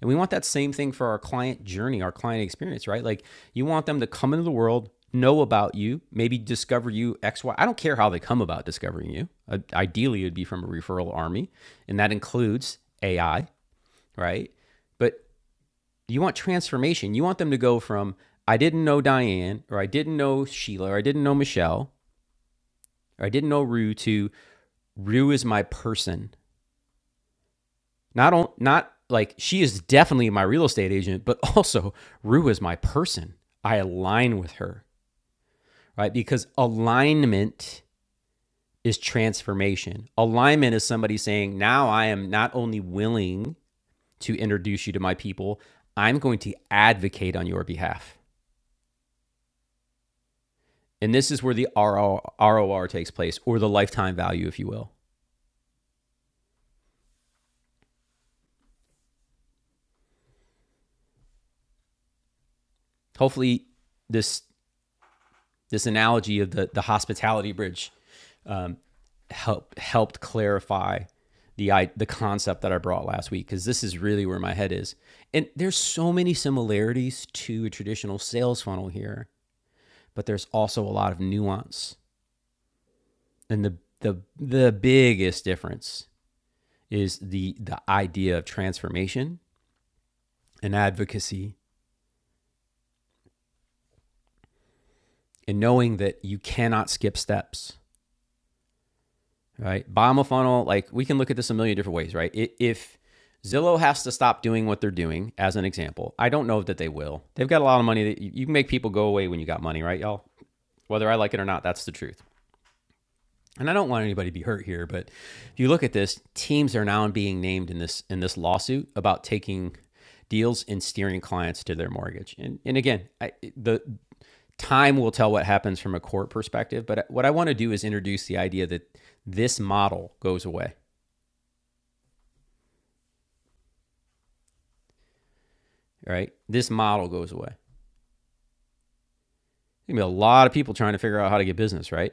[SPEAKER 1] And we want that same thing for our client journey, our client experience, right? Like you want them to come into the world, know about you, maybe discover you X, Y. I don't care how they come about discovering you. Uh, ideally, it would be from a referral army, and that includes AI, right? But you want transformation. You want them to go from I didn't know Diane or I didn't know Sheila or I didn't know Michelle or I didn't know Rue to Rue is my person. Not on, not like she is definitely my real estate agent, but *laughs* also Rue is my person. I align with her, right? Because alignment is transformation. Alignment is somebody saying, now I am not only willing to introduce you to my people, I'm going to advocate on your behalf. And this is where the ROR, takes place, or the lifetime value, if you will. Hopefully, this this analogy of the the hospitality bridge um, helped helped clarify the I, the concept that I brought last week because this is really where my head is. And there's so many similarities to a traditional sales funnel here, but there's also a lot of nuance. And the the the biggest difference is the the idea of transformation and advocacy and knowing that you cannot skip steps, right? Bottom of funnel, like we can look at this a million different ways, right? If Zillow has to stop doing what they're doing, as an example, I don't know that they will. They've got a lot of money that you you can make people go away when you got money, right, y'all? Whether I like it or not, that's the truth. And I don't want anybody to be hurt here, but if you look at this, teams are now being named in this in this lawsuit about taking deals and steering clients to their mortgage. And and again, I, the time will tell what happens from a court perspective. But what I want to do is introduce the idea that this model goes away, right? This model goes away. There's going to be a lot of people trying to figure out how to get business, right?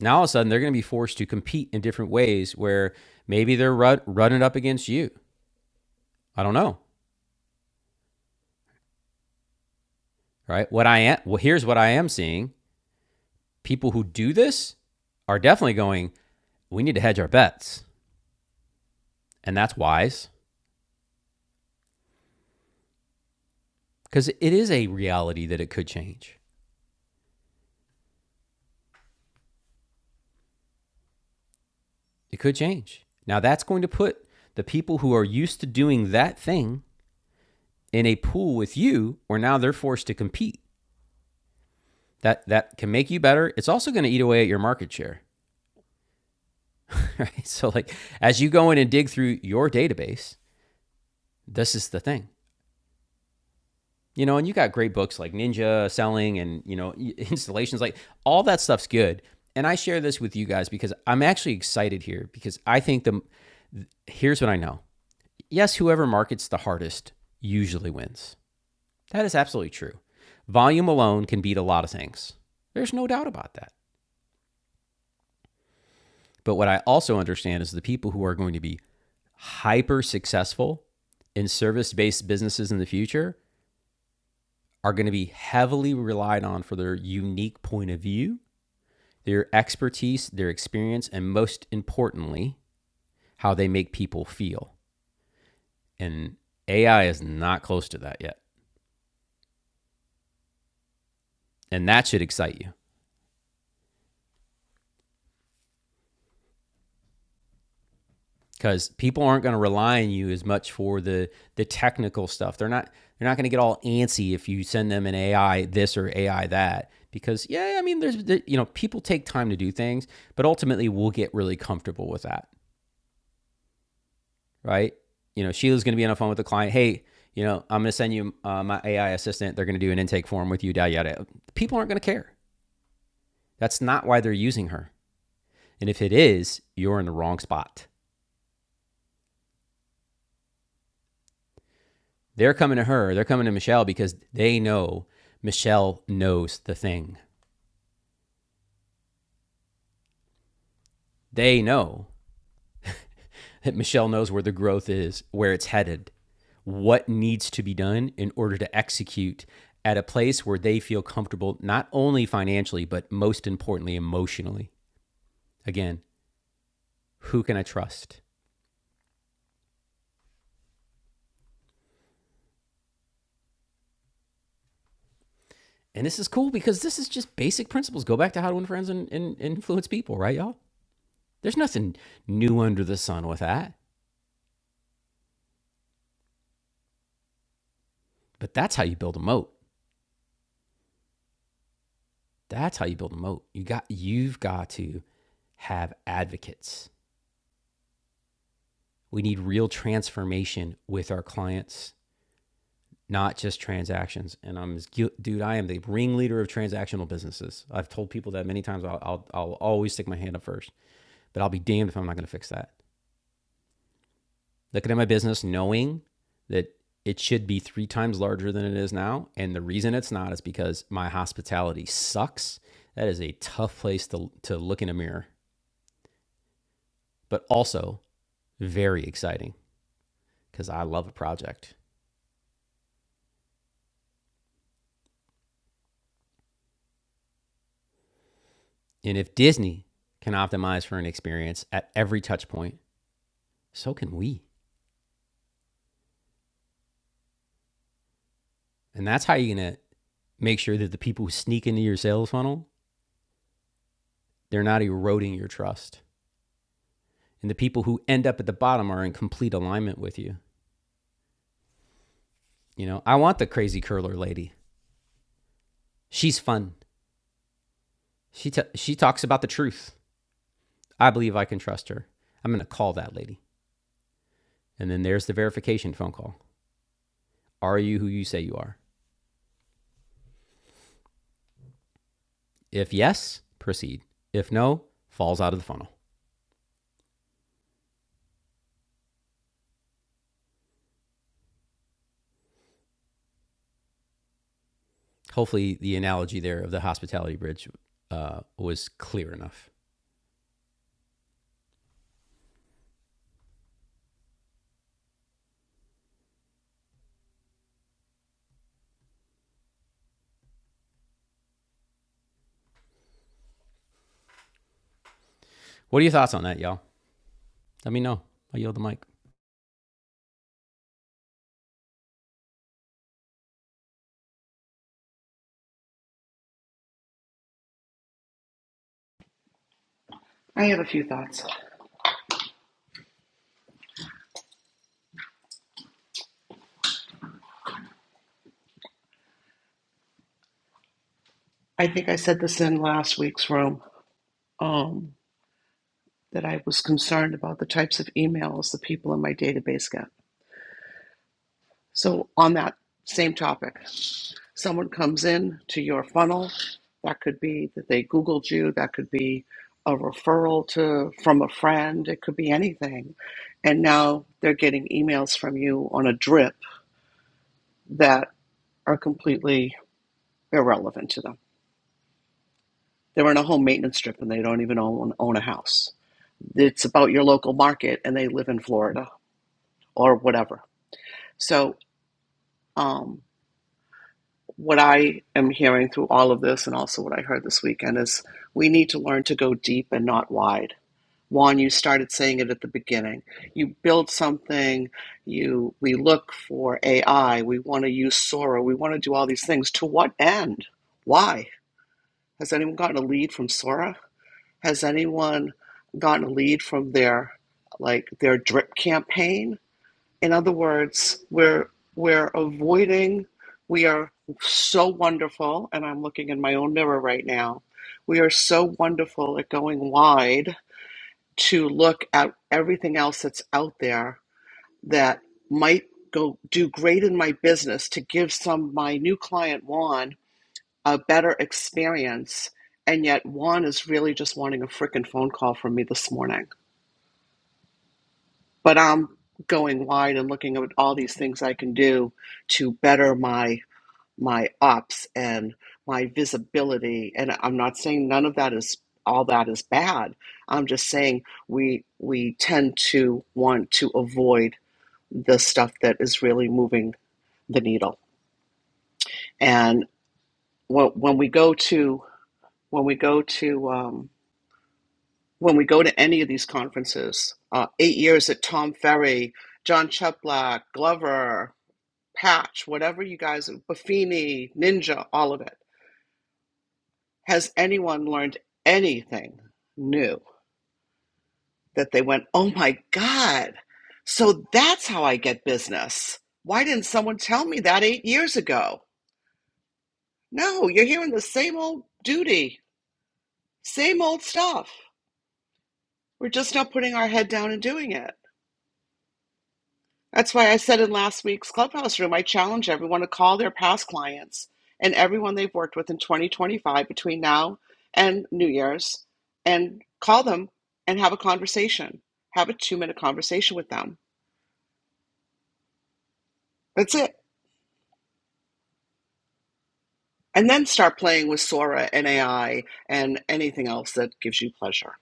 [SPEAKER 1] Now all of a sudden they're going to be forced to compete in different ways where maybe they're run, running up against you. I don't know, right? What I am well, here's what I am seeing: people who do this are definitely going. We need to hedge our bets, and that's wise because it is a reality that it could change. It could change. Now, that's going to put the people who are used to doing that thing in a pool with you, where now they're forced to compete. That, that can make you better. It's also going to eat away at your market share. *laughs* Right? So, like, as you go in and dig through your database, this is the thing you know and you got great books like ninja selling and you know *laughs* installations like all that stuff's good and i share this with you guys because i'm actually excited here because i think the here's what i know yes whoever markets the hardest usually wins That is absolutely true. Volume alone can beat a lot of things. There's no doubt about that. But what I also understand is the people who are going to be hyper successful in service based businesses in the future are going to be heavily relied on for their unique point of view, their expertise, their experience, and most importantly, how they make people feel. And AI is not close to that yet. And that should excite you. because people aren't going to rely on you as much for the the technical stuff. They're not they're not going to get all antsy if you send them an AI this or AI that because yeah, I mean there's you know people take time to do things, but ultimately we'll get really comfortable with that, right? You know, Sheila's going to be on the phone with the client. Hey, you know, I'm going to send you uh, my AI assistant. They're going to do an intake form with you. Yada yada. People aren't going to care. That's not why they're using her. And if it is, you're in the wrong spot. They're coming to her, they're coming to Michelle because they know Michelle knows the thing. They know that Michelle knows where the growth is, where it's headed, what needs to be done in order to execute at a place where they feel comfortable, not only financially, but most importantly, emotionally. Again, who can I trust? And this is cool because this is just basic principles. Go back to how to win friends and, and influence people, right, y'all? There's nothing new under the sun with that, but that's how you build a moat. That's how you build a moat. You got you've got to have advocates. We need real transformation with our clients, not just transactions. And I'm dude, I am the ringleader of transactional businesses. I've told people that many times. I'll, I'll I'll always stick my hand up first, but I'll be damned if I'm not going to fix that. Looking at my business, knowing that it should be three times larger than it is now, and the reason it's not is because my hospitality sucks. That is a tough place to to look in a mirror. But also, very exciting because I love a project. And if Disney can optimize for an experience at every touch point, so can we. And that's how you're going to make sure that the people who sneak into your sales funnel, they're not eroding your trust. And the people who end up at the bottom are in complete alignment with you. You know, I want the crazy curler lady. She's fun. She t- she talks about the truth. I believe I can trust her. I'm going to call that lady. And then there's the verification phone call. Are you who you say you are? If yes, proceed. If no, falls out of the funnel. Hopefully, the analogy there of the hospitality bridge uh, was clear enough. What are your thoughts on that, y'all? Let me know. I yield the mic.
[SPEAKER 3] I have a few thoughts. I think I said this in last week's room um, that I was concerned about the types of emails the people in my database get. So, on that same topic, someone comes in to your funnel. That could be that they Googled you. That could be a referral to from a friend. It could be anything. And now they're getting emails from you on a drip that are completely irrelevant to them They're in a home maintenance strip and they don't even own, own a house. It's about your local market and they live in Florida or whatever. So, um, what I am hearing through all of this and also what I heard this weekend is we need to learn to go deep and not wide. Juan, you started saying it at the beginning. You build something, you we look for AI, we want to use Sora, we want to do all these things. To what end? Why? Has anyone gotten a lead from Sora? Has anyone gotten a lead from their like their drip campaign? In other words, we're we're avoiding we are so wonderful and I'm looking in my own mirror right now. We are so wonderful at going wide to look at everything else that's out there that might go do great in my business to give some my new client Juan a better experience. And yet, Juan is really just wanting a freaking phone call from me this morning. But I'm going wide and looking at all these things I can do to better my my ops and my visibility. And I'm not saying none of that is all that is bad. I'm just saying we we tend to want to avoid the stuff that is really moving the needle. And when, when we go to when we go to um, when we go to any of these conferences, uh, eight years at Tom Ferry, John Cheplack, Glover, Patch, whatever you guys, Buffini, Ninja, all of it. Has anyone learned any new that, my God, so why did that go? No, duty, stuff. We're just not putting our head down and doing it. That's why I said in last week, my challenge. one clients and everyone they've worked with in 2025 between now and New Year's and call them and have a conversation. Have a two minute conversation with them. That's it. And then start playing with Sora and AI and anything else that gives you pleasure.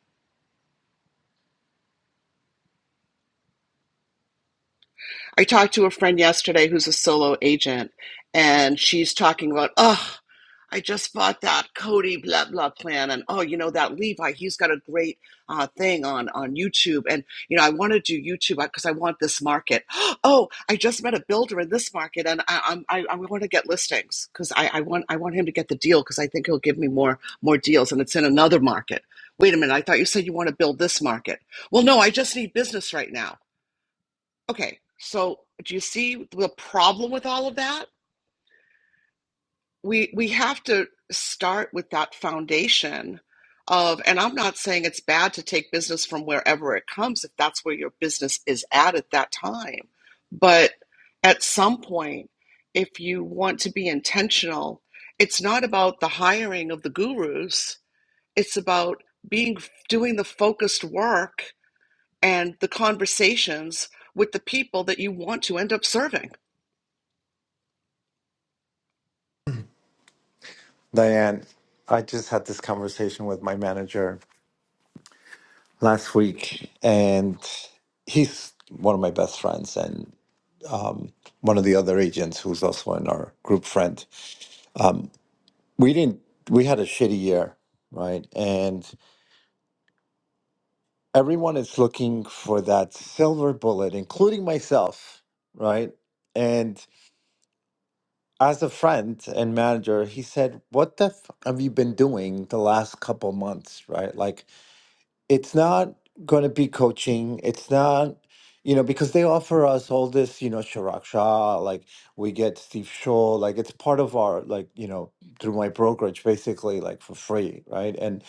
[SPEAKER 3] I talked to a friend yesterday who's a solo agent and she's talking about, oh, I just bought that Cody blah blah plan, and oh, you know that Levi, he's got a great uh, thing on on YouTube, and you know I want to do YouTube because I want this market. *gasps* Oh, I just met a builder in this market, and I I'm, I, I want to get listings because I, I want I want him to get the deal because I think he'll give me more more deals, and it's in another market. Wait a minute, I thought you said you want to build this market. Well, no, I just need business right now. Okay, so do you see the problem with all of that? we we have to start with that foundation of and i'm not saying it's bad to take business from wherever it comes if that's where your business is at at that time but at some point if you want to be intentional it's not about the hiring of the gurus it's about being doing the focused work and the conversations with the people that you want to end up serving
[SPEAKER 7] Diane, I just had this conversation with my manager last week, and he's one of my best friends and one of the other agents who's also in our group friend. We didn't. We had a shitty year, right? And everyone is looking for that silver bullet, including myself, right? And as a friend and manager, he said, What the f- have you been doing the last couple months, right? Like, it's not going to be coaching. It's not, you know, because they offer us all this, you know, Sharak Shah, like we get Steve Shaw, like it's part of our, like, you know, through my brokerage, basically, like for free, right? And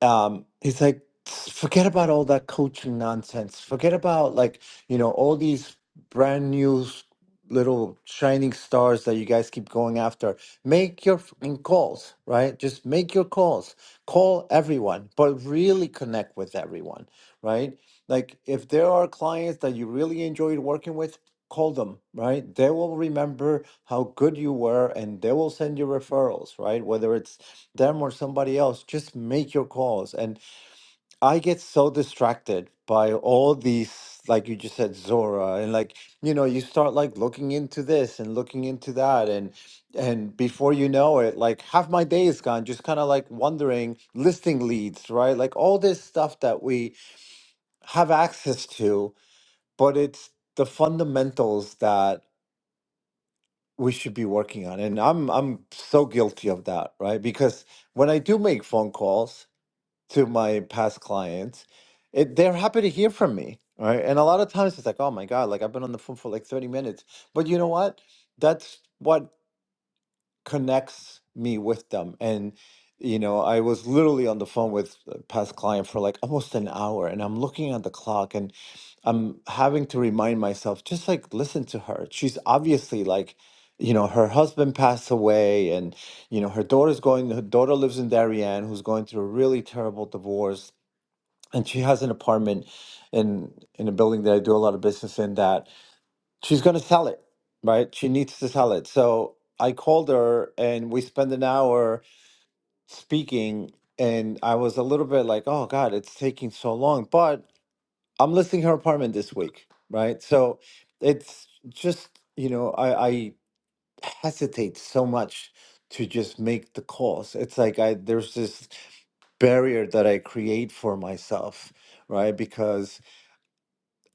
[SPEAKER 7] um, he's like, forget about all that coaching nonsense. Forget about like, you know, all these brand new s- little shining stars that you guys keep going after. Make your fucking calls, right? Just make your calls. Call everyone, but really connect with everyone, right? Like if there are clients that you really enjoyed working with, call them, right? They will remember how good you were and they will send you referrals, right? Whether it's them or somebody else just make your calls and i get so distracted by all these like you just said zora and like you know you start like looking into this and looking into that and and before you know it like half my day is gone just kind of like wondering listing leads right like all this stuff that we have access to but it's the fundamentals that we should be working on and i'm i'm so guilty of that right because when i do make phone calls to my past clients, it, they're happy to hear from me, right? And a lot of times it's like, oh my God, like I've been on the phone for like 30 minutes. But you know what? That's what connects me with them. And, you know, I was literally on the phone with a past client for like almost an hour, and I'm looking at the clock and I'm having to remind myself, just like listen to her. She's obviously like, you know, her husband passed away, and you know, her daughter's going. Her daughter lives in Darien, who's going through a really terrible divorce and she has an apartment in in a building that I do a lot of business in that she's going to sell it, right? She needs to sell it. So I called her and we spent an hour speaking and I was a little bit like, "Oh god, it's taking so long." But I'm listing her apartment this week, right? So it's just, you know, I I hesitate so much to just make the calls. It's like I there's this barrier that I create for myself, right? Because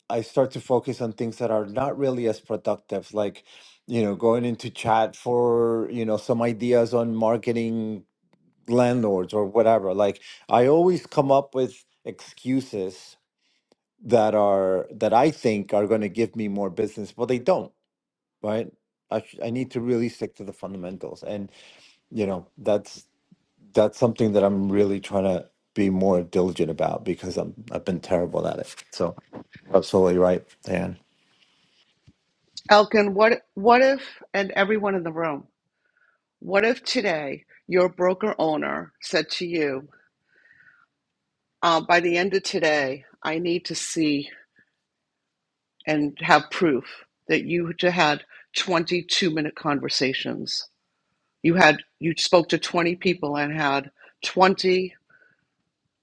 [SPEAKER 7] I start to focus on things that are not really as productive, like, you know, going into chat for, you know, some ideas on marketing landlords or whatever. Like, I always come up with excuses that are, that I think are going to give me more business, but they don't, right? I, sh- I need to really stick to the fundamentals. And, you know, that's, that's something that I'm really trying to be more diligent about because I'm, I've been terrible at it. So, absolutely right, Dan.
[SPEAKER 3] elkin what what if and everyone in the room What if today your broker owner said to you, uh, by the end of today, I need to see and have proof that you had had 22 minute conversations. You had, you spoke to 20 people and had 20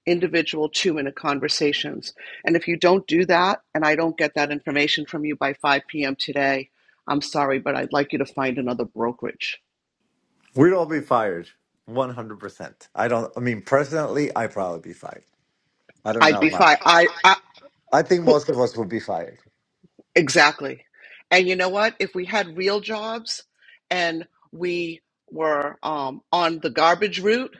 [SPEAKER 3] individual two minute conversations. And if you don't do that, and I don't get that information from you by 5 p.m. today, I'm sorry, but I'd like you to find another brokerage.
[SPEAKER 7] We'd all be fired, one hundred percent. I don't. I mean, personally, I probably be fired. I don't
[SPEAKER 3] I'd
[SPEAKER 7] know. I'd
[SPEAKER 3] be
[SPEAKER 7] about- be
[SPEAKER 3] fine.
[SPEAKER 7] fired.
[SPEAKER 3] I, I
[SPEAKER 7] I I think most of us would be fired.
[SPEAKER 3] Exactly. And you know what? If we had real jobs and we were um, on the garbage route,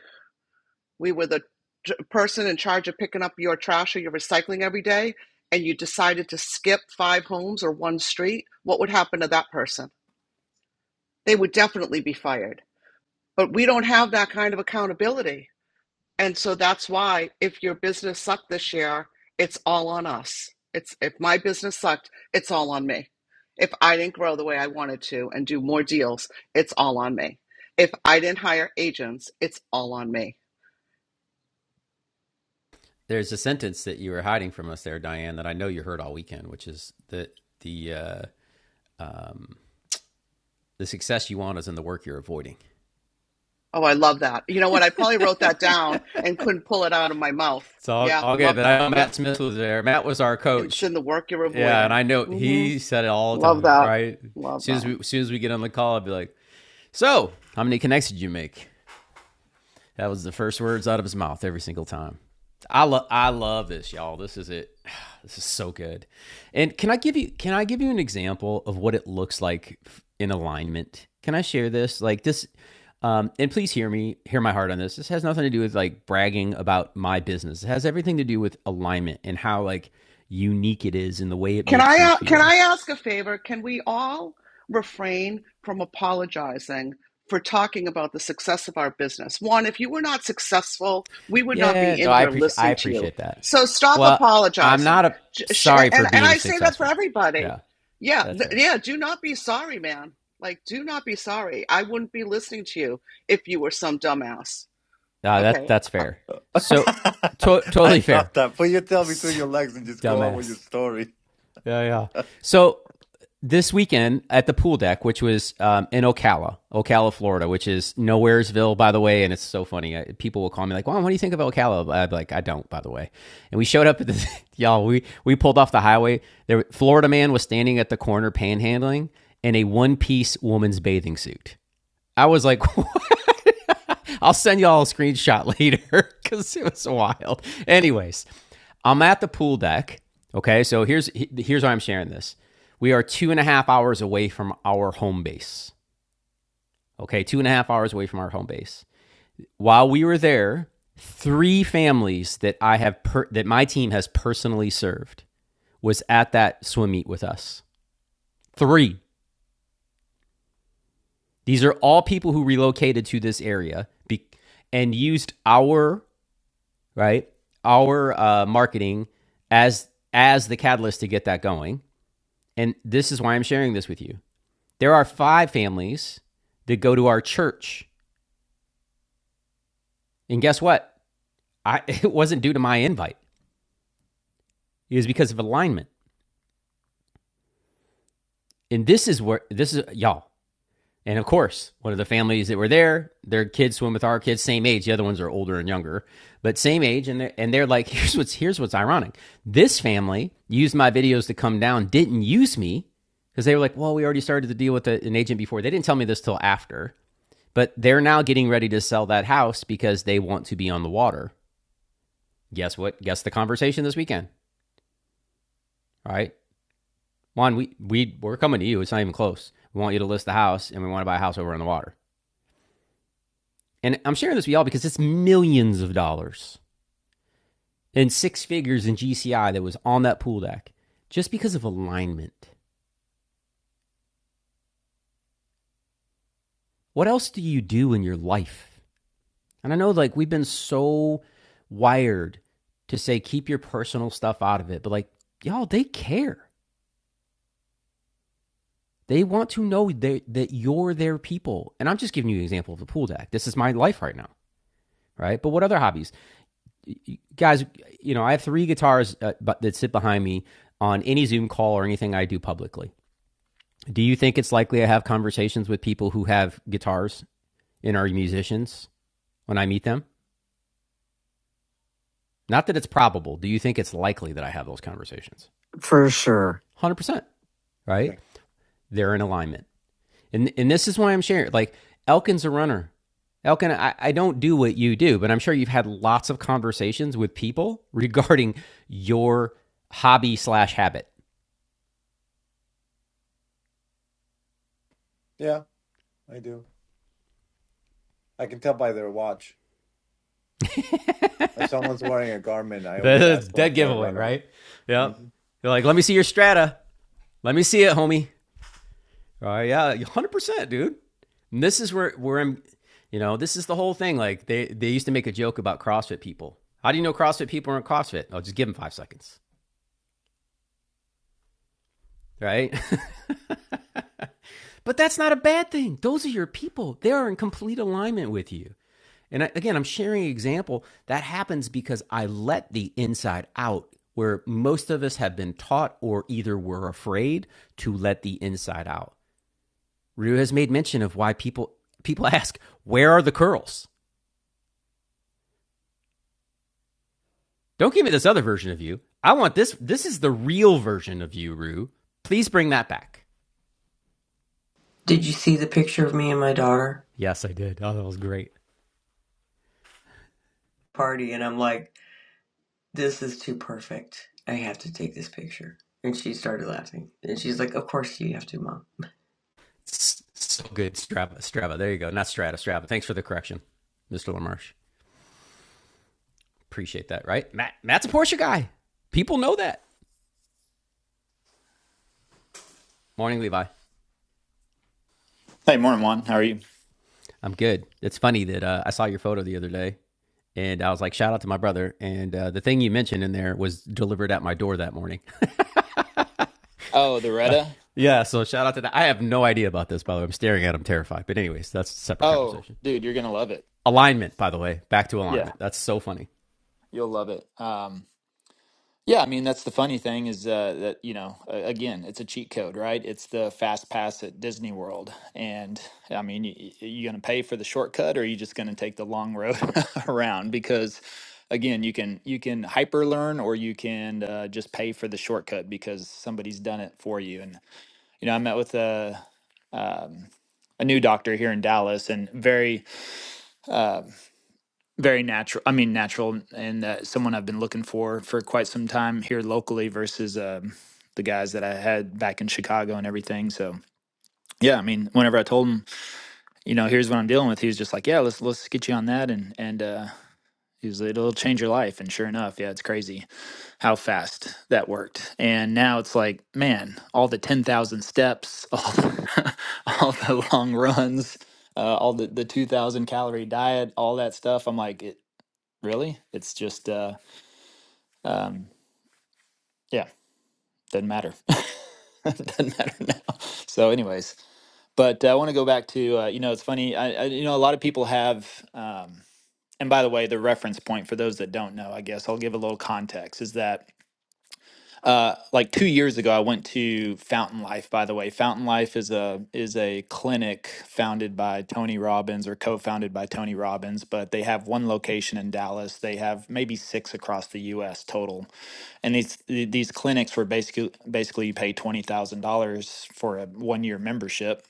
[SPEAKER 3] we were the j- person in charge of picking up your trash or your recycling every day, and you decided to skip five homes or one street, what would happen to that person? They would definitely be fired. But we don't have that kind of accountability. And so that's why if your business sucked this year, it's all on us. It's if my business sucked, it's all on me. If I didn't grow the way I wanted to and do more deals, it's all on me. If I didn't hire agents, it's all on me.
[SPEAKER 1] There's a sentence that you were hiding from us there, Diane, that I know you heard all weekend, which is the the uh, um, the success you want is in the work you're avoiding.
[SPEAKER 3] Oh, I love that. You know what? I probably wrote that down and couldn't pull it out of my mouth.
[SPEAKER 1] It's all
[SPEAKER 3] Yeah,
[SPEAKER 1] all good.
[SPEAKER 3] love
[SPEAKER 1] But I
[SPEAKER 3] that.
[SPEAKER 1] know
[SPEAKER 3] Yep.
[SPEAKER 1] Matt Smith was there. Matt was our
[SPEAKER 3] And it's
[SPEAKER 1] coach,
[SPEAKER 3] in the work you're
[SPEAKER 1] yeah, and
[SPEAKER 3] avoiding.
[SPEAKER 1] I know
[SPEAKER 3] mm hmm
[SPEAKER 1] he said it all the
[SPEAKER 3] Love
[SPEAKER 1] time,
[SPEAKER 3] that.
[SPEAKER 1] right? As
[SPEAKER 3] Love
[SPEAKER 1] soon
[SPEAKER 3] that.
[SPEAKER 1] as we, as soon as we get on the call, I'd be like, So, how many connects did you make? That was the first words out of his mouth every single time. I love I love this, y'all. This is it. *sighs* This is so good. And can I give you can I give you an example of what it looks like in alignment? Can I share this? Like this um, and please hear me, hear my heart on this. This has nothing to do with like bragging about my business. It has everything to do with alignment and how like unique it is and the way it
[SPEAKER 3] Can
[SPEAKER 1] makes you
[SPEAKER 3] I uh, can
[SPEAKER 1] feel.
[SPEAKER 3] I ask a favor? Can we all refrain from apologizing for talking about the success of our business? One, if you were not successful, we would not
[SPEAKER 1] Yeah,
[SPEAKER 3] be
[SPEAKER 1] no,
[SPEAKER 3] in
[SPEAKER 1] I
[SPEAKER 3] here
[SPEAKER 1] appreciate I
[SPEAKER 3] listening to you.
[SPEAKER 1] appreciate that.
[SPEAKER 3] So stop
[SPEAKER 1] Well, I'm
[SPEAKER 3] apologizing.
[SPEAKER 1] not a
[SPEAKER 3] J- sh-
[SPEAKER 1] sorry for
[SPEAKER 3] And and
[SPEAKER 1] being
[SPEAKER 3] I say that for
[SPEAKER 1] successful.
[SPEAKER 3] everybody.
[SPEAKER 1] Yeah,
[SPEAKER 3] Yeah,
[SPEAKER 1] that's
[SPEAKER 3] th-
[SPEAKER 1] fair.
[SPEAKER 3] yeah, do not be sorry, man. Like do not be sorry. I wouldn't be listening to you if you were some dumbass.
[SPEAKER 1] Uh, that
[SPEAKER 3] Okay,
[SPEAKER 1] that's fair. So to-
[SPEAKER 7] *laughs* I
[SPEAKER 1] totally fair.
[SPEAKER 7] thought that. Put your tail
[SPEAKER 1] *laughs*
[SPEAKER 7] between your legs and just go on with your
[SPEAKER 1] Dumbass.
[SPEAKER 7] story.
[SPEAKER 1] Yeah, yeah. So this weekend at the pool deck, which was um, in Ocala, Ocala, Florida, which is Nowheresville, by the way. And it's so funny. I, people will call me like, "Well, what do you think of Ocala?" I'd be like, "I don't," by the way. And we showed up at this, *laughs* y'all. We we pulled off the highway. There, Florida man was standing at the corner panhandling in a one piece woman's bathing suit. I was like, what? *laughs* I'll send y'all a screenshot later because *laughs* it was wild. Anyways, I'm at the pool deck. Okay, so here's here's why I'm sharing this. We are two and a half hours away from our home base. Okay, two and a half hours away from our home base. While we were there, three families that I have per- that my team has personally served was at that swim meet with us. Three. These are all people who relocated to this area be- and used our right? Our uh, marketing as as the catalyst to get that going. And this is why I'm sharing this with you. There are five families that go to our church, and guess what? I *laughs* it wasn't due to my invite. It was because of alignment. And this is where this is y'all. And of course, one of the families that were there, their kids swim with our kids, same age. The other ones are older and younger, but same age. And they're, and they're like, *laughs* here's what's here's what's ironic. This family used my videos to come down, didn't use me because they were like, well, we already started to deal with a- an agent before. They didn't tell me this till after, but they're now getting ready to sell that house because they want to be on the water. Guess what? Guess the conversation this weekend. All right, Juan, we we we're coming to you. It's not even close. We want you to list the house, and we want to buy a house over on the water. and I'm sharing this with y'all because it's millions of dollars and six figures in GCI that was on that pool deck just because of alignment. What else do you do in your life? And I know like we've been so wired to say keep your personal stuff out of it, but like y'all, they care. They want to know that you're their people. And I'm just giving you an example of the pool deck. This is my life right now, right? But what other hobbies? Guys, you know, I have three guitars uh, that sit behind me on any Zoom call or anything I do publicly. Do you think it's likely I have conversations with people who have guitars and are musicians when I meet them? Not that it's probable. Do you think it's likely that I have those conversations?
[SPEAKER 2] For sure.
[SPEAKER 1] 100%,
[SPEAKER 7] Yeah,
[SPEAKER 1] right? They're in alignment. And, and this is why I'm sharing. Like, Elkin's a runner. Elkin, I, I don't do what you do, but I'm sure you've had lots of conversations with people *laughs* regarding your hobby slash habit.
[SPEAKER 7] yeah, I do. I can tell by their watch. If someone's wearing a garment,
[SPEAKER 1] *laughs*
[SPEAKER 7] I always ask them if
[SPEAKER 1] Dead
[SPEAKER 7] they're a
[SPEAKER 1] giveaway,
[SPEAKER 7] runner.
[SPEAKER 1] right? Yep. They're like, let me see your strata. Let me see it, homie. Uh, yeah, 100%, dude. And this is where, where I'm, you know, this is the whole thing. Like, they, they used to make a joke about CrossFit people. How do you know CrossFit people aren't CrossFit? Oh, just give them five seconds, right? *laughs* but that's not a bad thing. Those are your people. They are in complete alignment with you. And again, I'm sharing an example that happens because I let the inside out, where most of us have been taught or either were afraid to let the inside out. Ryu has made mention of why people people *laughs* ask, "Where are the curls?" Don't give me this other version of you. I want this. This is the real version of you, Rue. Please bring that back.
[SPEAKER 11] Did you see the picture of me and my daughter?
[SPEAKER 1] Yes, I did. Oh, that was great.
[SPEAKER 11] Party. And I'm like, this is too perfect. I have to take this picture. And she started laughing. And she's like, of course you have to, Mom.
[SPEAKER 1] So good, Strava. Strava. There you go. Not Strata. Strava. Thanks for the correction, Mr. Lamarche. Appreciate that. Right, Matt. Matt's a Porsche guy. People know that. Morning, Levi.
[SPEAKER 12] Hey, morning, Juan. How are you?
[SPEAKER 1] I'm good. It's funny that uh, I saw your photo the other day, and I was like, shout out to my brother. And uh, the thing you mentioned in there was delivered at my door that morning.
[SPEAKER 12] Oh, the Retta?
[SPEAKER 1] *laughs* yeah. So shout out to that. I have no idea about this, by the way. I'm staring at him, terrified. But anyways, that's a separate
[SPEAKER 12] Oh,
[SPEAKER 1] conversation.
[SPEAKER 12] dude, you're gonna love it.
[SPEAKER 1] Alignment, by the way, back to
[SPEAKER 12] Yeah,
[SPEAKER 1] alignment. That's so funny.
[SPEAKER 12] you'll love it. Um, yeah, I mean, that's the funny thing is uh, that you know, a- again, it's a cheat code, right? It's the fast pass at Disney World, and I mean, you, you gonna pay for the shortcut, or are you just gonna take the long road *laughs* around? Because again, you can you can hyper learn, or you can uh, just pay for the shortcut because somebody's done it for you. And you know, I met with a um, a new doctor here in Dallas, and very uh, very natural. I mean, natural, and uh, someone I've been looking for for quite some time here locally versus um, the guys that I had back in Chicago and everything. So yeah, I mean, whenever I told him, you know, here's what I'm dealing with, he was just like, yeah, let's let's get you on that, and and uh, he was like, it'll change your life. And sure enough, yeah, it's crazy how fast that worked. And now it's like, man, all the ten thousand steps, *laughs* all the, all the long runs. Uh, all the, the 2000 calorie diet all that stuff i'm like really. It's just uh, um, yeah, doesn't matter. *laughs* doesn't matter now. So, anyways, but uh, I want to go back to uh, you know it's funny. I, I you know a lot of people have. Um, and by the way, the reference point for those that don't know, I guess I'll give a little context is that uh, like two years ago, I went to Fountain Life. By the way, Fountain Life is a is a clinic founded by Tony Robbins or co-founded by Tony Robbins, but they have one location in Dallas. They have maybe six across the U.S. total And these these clinics were basically basically you pay twenty thousand dollars for a one year membership,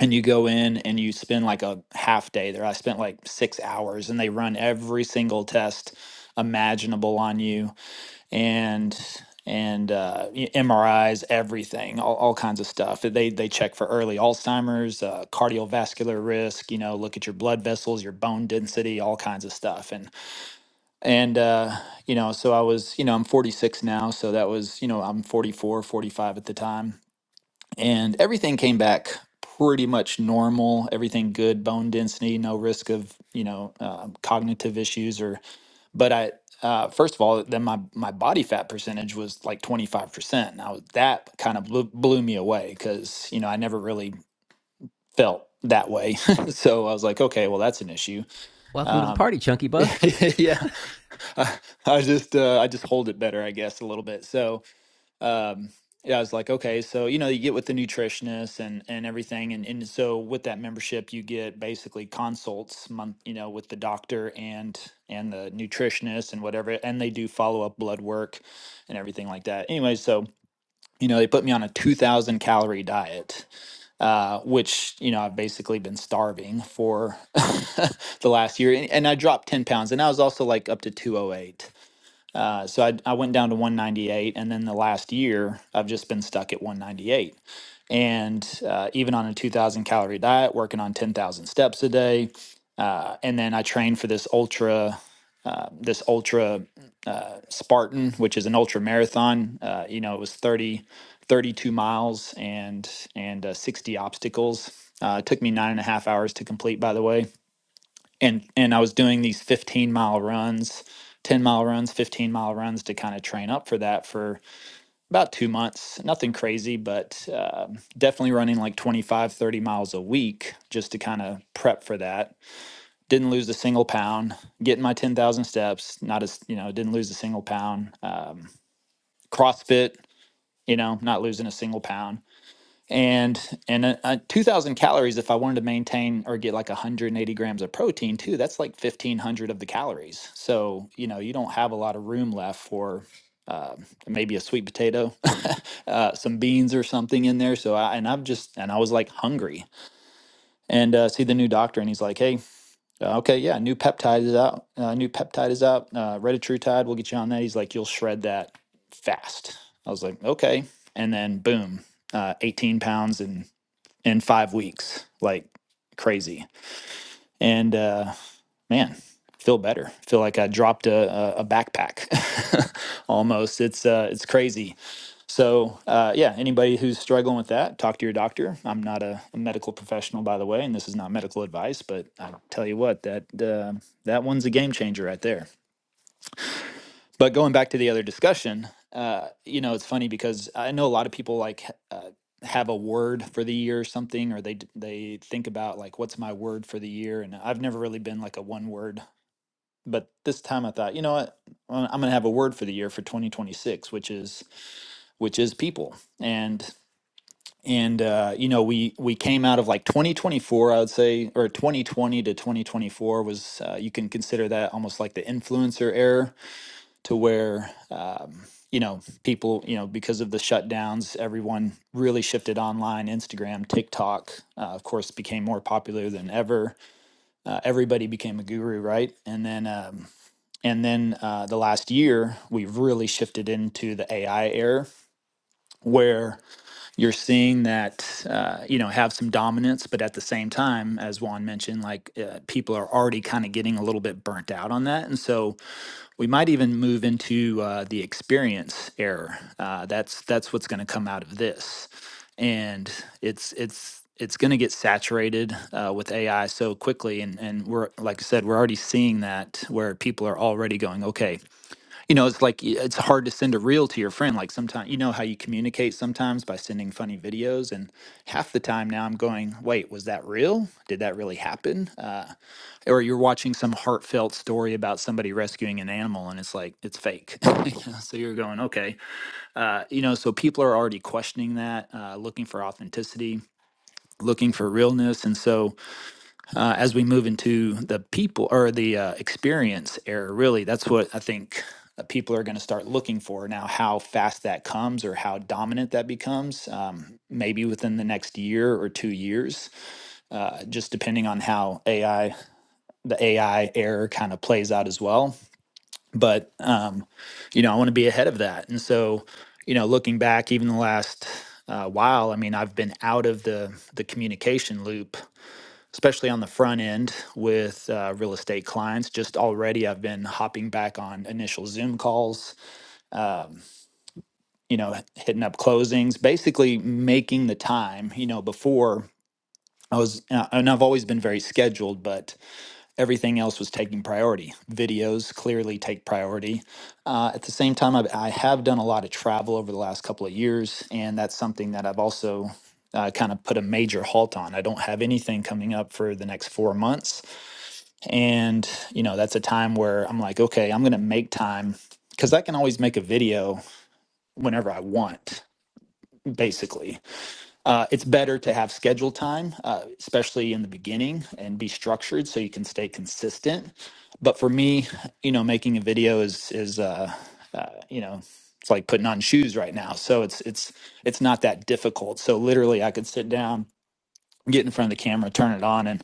[SPEAKER 12] and you go in and you spend like a half day there. I spent like six hours, and they run every single test imaginable on you, and and uh, y- MRIs, everything, all, all kinds of stuff. They they check for early Alzheimer's, uh, cardiovascular risk. You know, look at your blood vessels, your bone density, all kinds of stuff, and and uh you know so i was you know i'm 46 now so that was you know i'm 44 45 at the time and everything came back pretty much normal everything good bone density no risk of you know uh, cognitive issues or but i uh, first of all then my my body fat percentage was like 25% now that kind of blew, blew me away because you know i never really felt that way *laughs* so i was like okay well that's an issue
[SPEAKER 1] Welcome to the
[SPEAKER 12] um,
[SPEAKER 1] party, Chunky Buff.
[SPEAKER 12] *laughs* yeah *laughs* I, I just uh, I just hold it better, I guess, a little bit. So um, yeah, I was like, okay, so you know, you get with the nutritionist and and everything, and and so with that membership, you get basically consults month, you know, with the doctor and and the nutritionist and whatever, and they do follow up blood work and everything like that. Anyway, so you know, they put me on a two thousand calorie diet, uh, which you know I've basically been starving for *laughs* the last year, and, and I dropped ten pounds, and I was also like up to two oh eight. Uh, so I, I went down to 198, and then the last year I've just been stuck at 198. And uh, even on a 2,000 calorie diet, working on 10,000 steps a day, uh, and then I trained for this ultra, uh, this ultra uh, Spartan, which is an ultra marathon. Uh, you know, it was 30, 32 miles and and uh, 60 obstacles. Uh, it took me nine and a half hours to complete, by the way and and I was doing these 15 mile runs, 10 mile runs, 15 mile runs to kind of train up for that for about two months. Nothing crazy, but um definitely running like 25, 30 miles a week just to kind of prep for that. Didn't lose a single pound. Getting my 10,000 steps. Not as you know, didn't lose a single pound. Um, CrossFit. You know, not losing a single pound and and uh, uh, 2000 calories if i wanted to maintain or get like 180 grams of protein too that's like 1500 of the calories so you know you don't have a lot of room left for uh, maybe a sweet potato *laughs* uh, some beans or something in there so I, and i've just and i was like hungry and uh, see the new doctor and he's like hey uh, okay yeah new peptide is out uh, new peptide is out uh, retatrutide we'll get you on that he's like you'll shred that fast i was like okay and then boom uh, 18 pounds in in five weeks, like crazy. And uh, man, feel better. Feel like I dropped a, a, backpack *laughs* almost. It's uh, it's crazy. So uh, yeah, anybody who's struggling with that, talk to your doctor. I'm not a, a medical professional, by the way, and this is not medical advice, but I tell you what, that uh, that one's a game changer right there. But going back to the other discussion, uh, you know, it's funny because I know a lot of people like h- uh, have a word for the year or something, or they d- they think about like what's my word for the year, and I've never really been like a one word. But this time I thought, you know what, I'm I'm gonna have a word for the year for 2026, which is which is people, and and uh, you know we we came out of like 2024, I would say, or 2020 to 2024 was uh, you can consider that almost like the influencer era to where um, you know people you know because of the shutdowns everyone really shifted online instagram tiktok uh, of course became more popular than ever uh, everybody became a guru right and then um, and then uh, the last year we've really shifted into the ai era where you're seeing that uh, you know have some dominance but at the same time as juan mentioned like uh, people are already kind of getting a little bit burnt out on that and so we might even move into uh, the experience error. Uh, that's that's what's going to come out of this, and it's it's it's going to get saturated uh, with AI so quickly, and and we're like I said, we're already seeing that where people are already going, okay, you know it's like it's hard to send a reel to your friend like sometimes you know how you communicate sometimes by sending funny videos and half the time now i'm going wait was that real did that really happen uh, or you're watching some heartfelt story about somebody rescuing an animal and it's like it's fake *laughs* You know, so you're going okay uh, you know so people are already questioning that uh, looking for authenticity looking for realness and so uh, as we move into the people or the uh, experience era. Really, that's what I think uh, people are going to start looking for now. How fast that comes, or how dominant that becomes, um, maybe within the next year or two years, uh, just depending on how AI, the AI era, kind of plays out as well. But um, you know, I want to be ahead of that, and so you know, looking back, even the last. Uh, while I mean, I've been out of the the communication loop especially on the front end with uh, real estate clients. Just already, I've been hopping back on initial Zoom calls, um, you know, hitting up closings, basically making the time. You know, before I was, uh, and I've always been very scheduled, but everything else was taking priority. Videos clearly take priority. Uh, at the same time, I've, I have done a lot of travel over the last couple of years, and that's something that I've also uh, kind of put a major halt on. I don't have anything coming up for the next four months. And, you know, that's a time where I'm like, okay, I'm going to make time because I can always make a video whenever I want, basically. Uh, it's better to have scheduled time, uh, especially in the beginning, and be structured so you can stay consistent. But for me, you know, making a video is, is, uh, uh, you know, it's like putting on shoes right now. So it's, it's, it's not that difficult. So literally, I could sit down, get in front of the camera, turn it on, and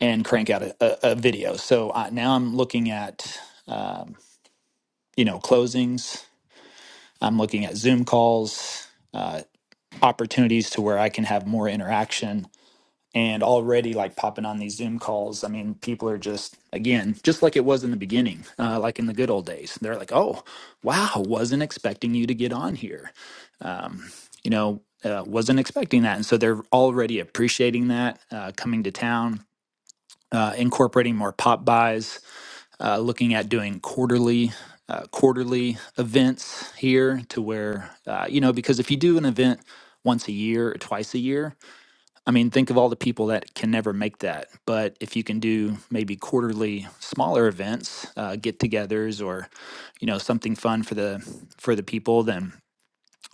[SPEAKER 12] and crank out a, a, a video. So I, now I'm looking at, um, you know, closings. I'm looking at Zoom calls, uh, opportunities to where I can have more interaction. And already, like popping on these Zoom calls, I mean, people are just, again, just like it was in the beginning, uh, like in the good old days. They're like, oh, wow, wasn't expecting you to get on here. You know, uh, wasn't expecting that. And so they're already appreciating that, uh, coming to town, uh, incorporating more pop buys uh, looking at doing quarterly uh, quarterly events here to where uh, you know because if you do an event once a year or twice a year i mean think of all the people that can never make that but if you can do maybe quarterly smaller events uh, get-togethers or you know something fun for the for the people then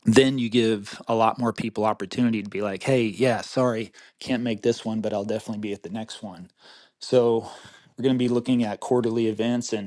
[SPEAKER 12] then you give a lot more people opportunity to be like hey yeah sorry can't make this one but i'll definitely be at the next one so we're going to be looking at quarterly events and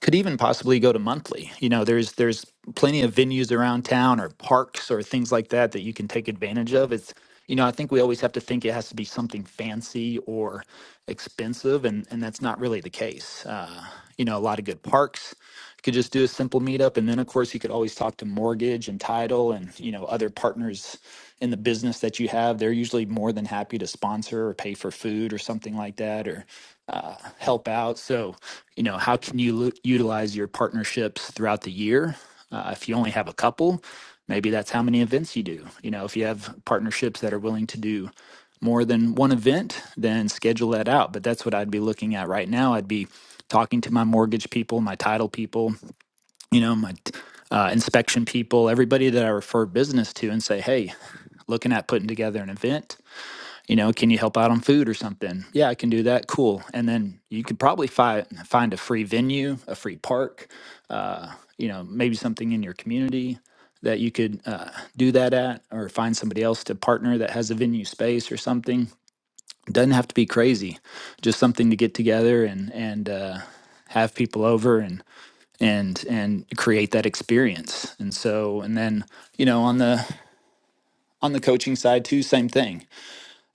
[SPEAKER 12] could even possibly go to monthly. You know, there's there's plenty of venues around town or parks or things like that that you can take advantage of. It's you know, I think we always have to think it has to be something fancy or expensive, and and that's not really the case. Uh, you know, a lot of good parks. You could just do a simple meetup and then of course you could always talk to mortgage and title and you know other partners in the business that you have they're usually more than happy to sponsor or pay for food or something like that or uh, help out so you know how can you lu- utilize your partnerships throughout the year uh, if you only have a couple maybe that's how many events you do you know if you have partnerships that are willing to do more than one event, then schedule that out. But that's what I'd be looking at right now. I'd be talking to my mortgage people, my title people, you know, my uh, inspection people, everybody that I refer business to, and say, hey, looking at putting together an event. You know, can you help out on food or something? Yeah, I can do that. Cool. And then you could probably fi- find a free venue, a free park, uh, you know, maybe something in your community that you could uh, do that at, or find somebody else to partner that has a venue space or something doesn't have to be crazy just something to get together and and uh, have people over and and and create that experience and so and then you know on the on the coaching side too same thing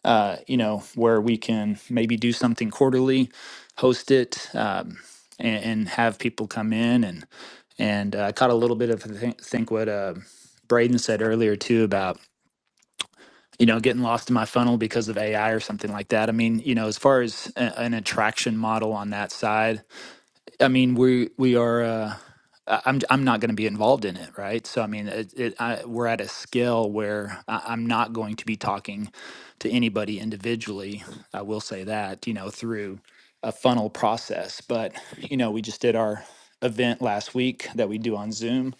[SPEAKER 12] uh, you know where we can maybe do something quarterly host it um, and, and have people come in and and uh, i caught a little bit of I think, think what uh, braden said earlier too about you know, getting lost in my funnel because of AI or something like that. I mean, you know, as far as a, an attraction model on that side, I mean, we we are. Uh, I- am I'm not going to be involved in it, right? So I mean, it, it, I, we're at a scale where I, I'm not going to be talking to anybody individually. I will say that, you know, through a funnel process. But you know, we just did our event last week that we do on Zoom,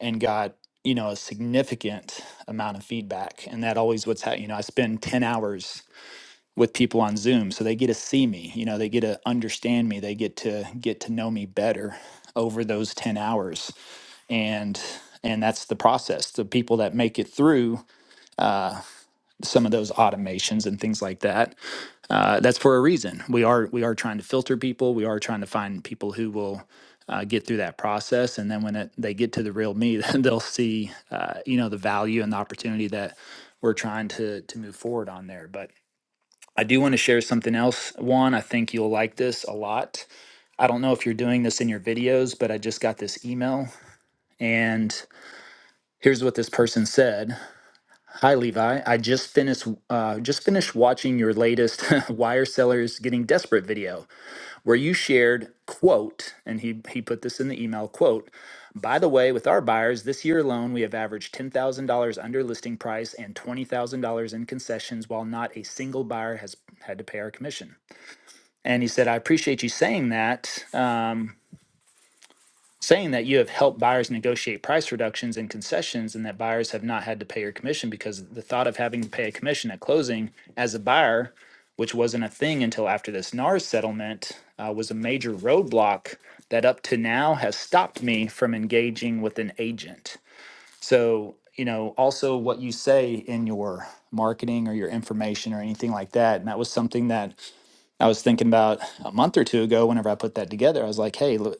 [SPEAKER 12] and got you know a significant amount of feedback and that always what's happening you know i spend 10 hours with people on zoom so they get to see me you know they get to understand me they get to get to know me better over those 10 hours and and that's the process the people that make it through some of those automations and things like that. Uh, that's for a reason. We are we are trying to filter people. We are trying to find people who will uh, get through that process, and then when it, they get to the real me, *laughs* then they'll see uh, you know the value and the opportunity that we're trying to to move forward on there. But I do want to share something else. Juan, I think you'll like this a lot. I don't know if you're doing this in your videos, but I just got this email, and here's what this person said. Hi, Levi. I just finished uh, just finished watching your latest *laughs* "Wire Sellers Getting Desperate" video, where you shared quote, and he he put this in the email quote. By the way, with our buyers this year alone, we have averaged ten thousand dollars under listing price and twenty thousand dollars in concessions, while not a single buyer has had to pay our commission. And he said, "I appreciate you saying that. Um, saying that you have helped buyers negotiate price reductions and concessions and that buyers have not had to pay your commission because the thought of having to pay a commission at closing as a buyer which wasn't a thing until after this NARS settlement uh, was a major roadblock that up to now has stopped me from engaging with an agent. So, you know, also what you say in your marketing or your information or anything like that. And that was something that I was thinking about a month or two ago whenever I put that together. I was like, hey, look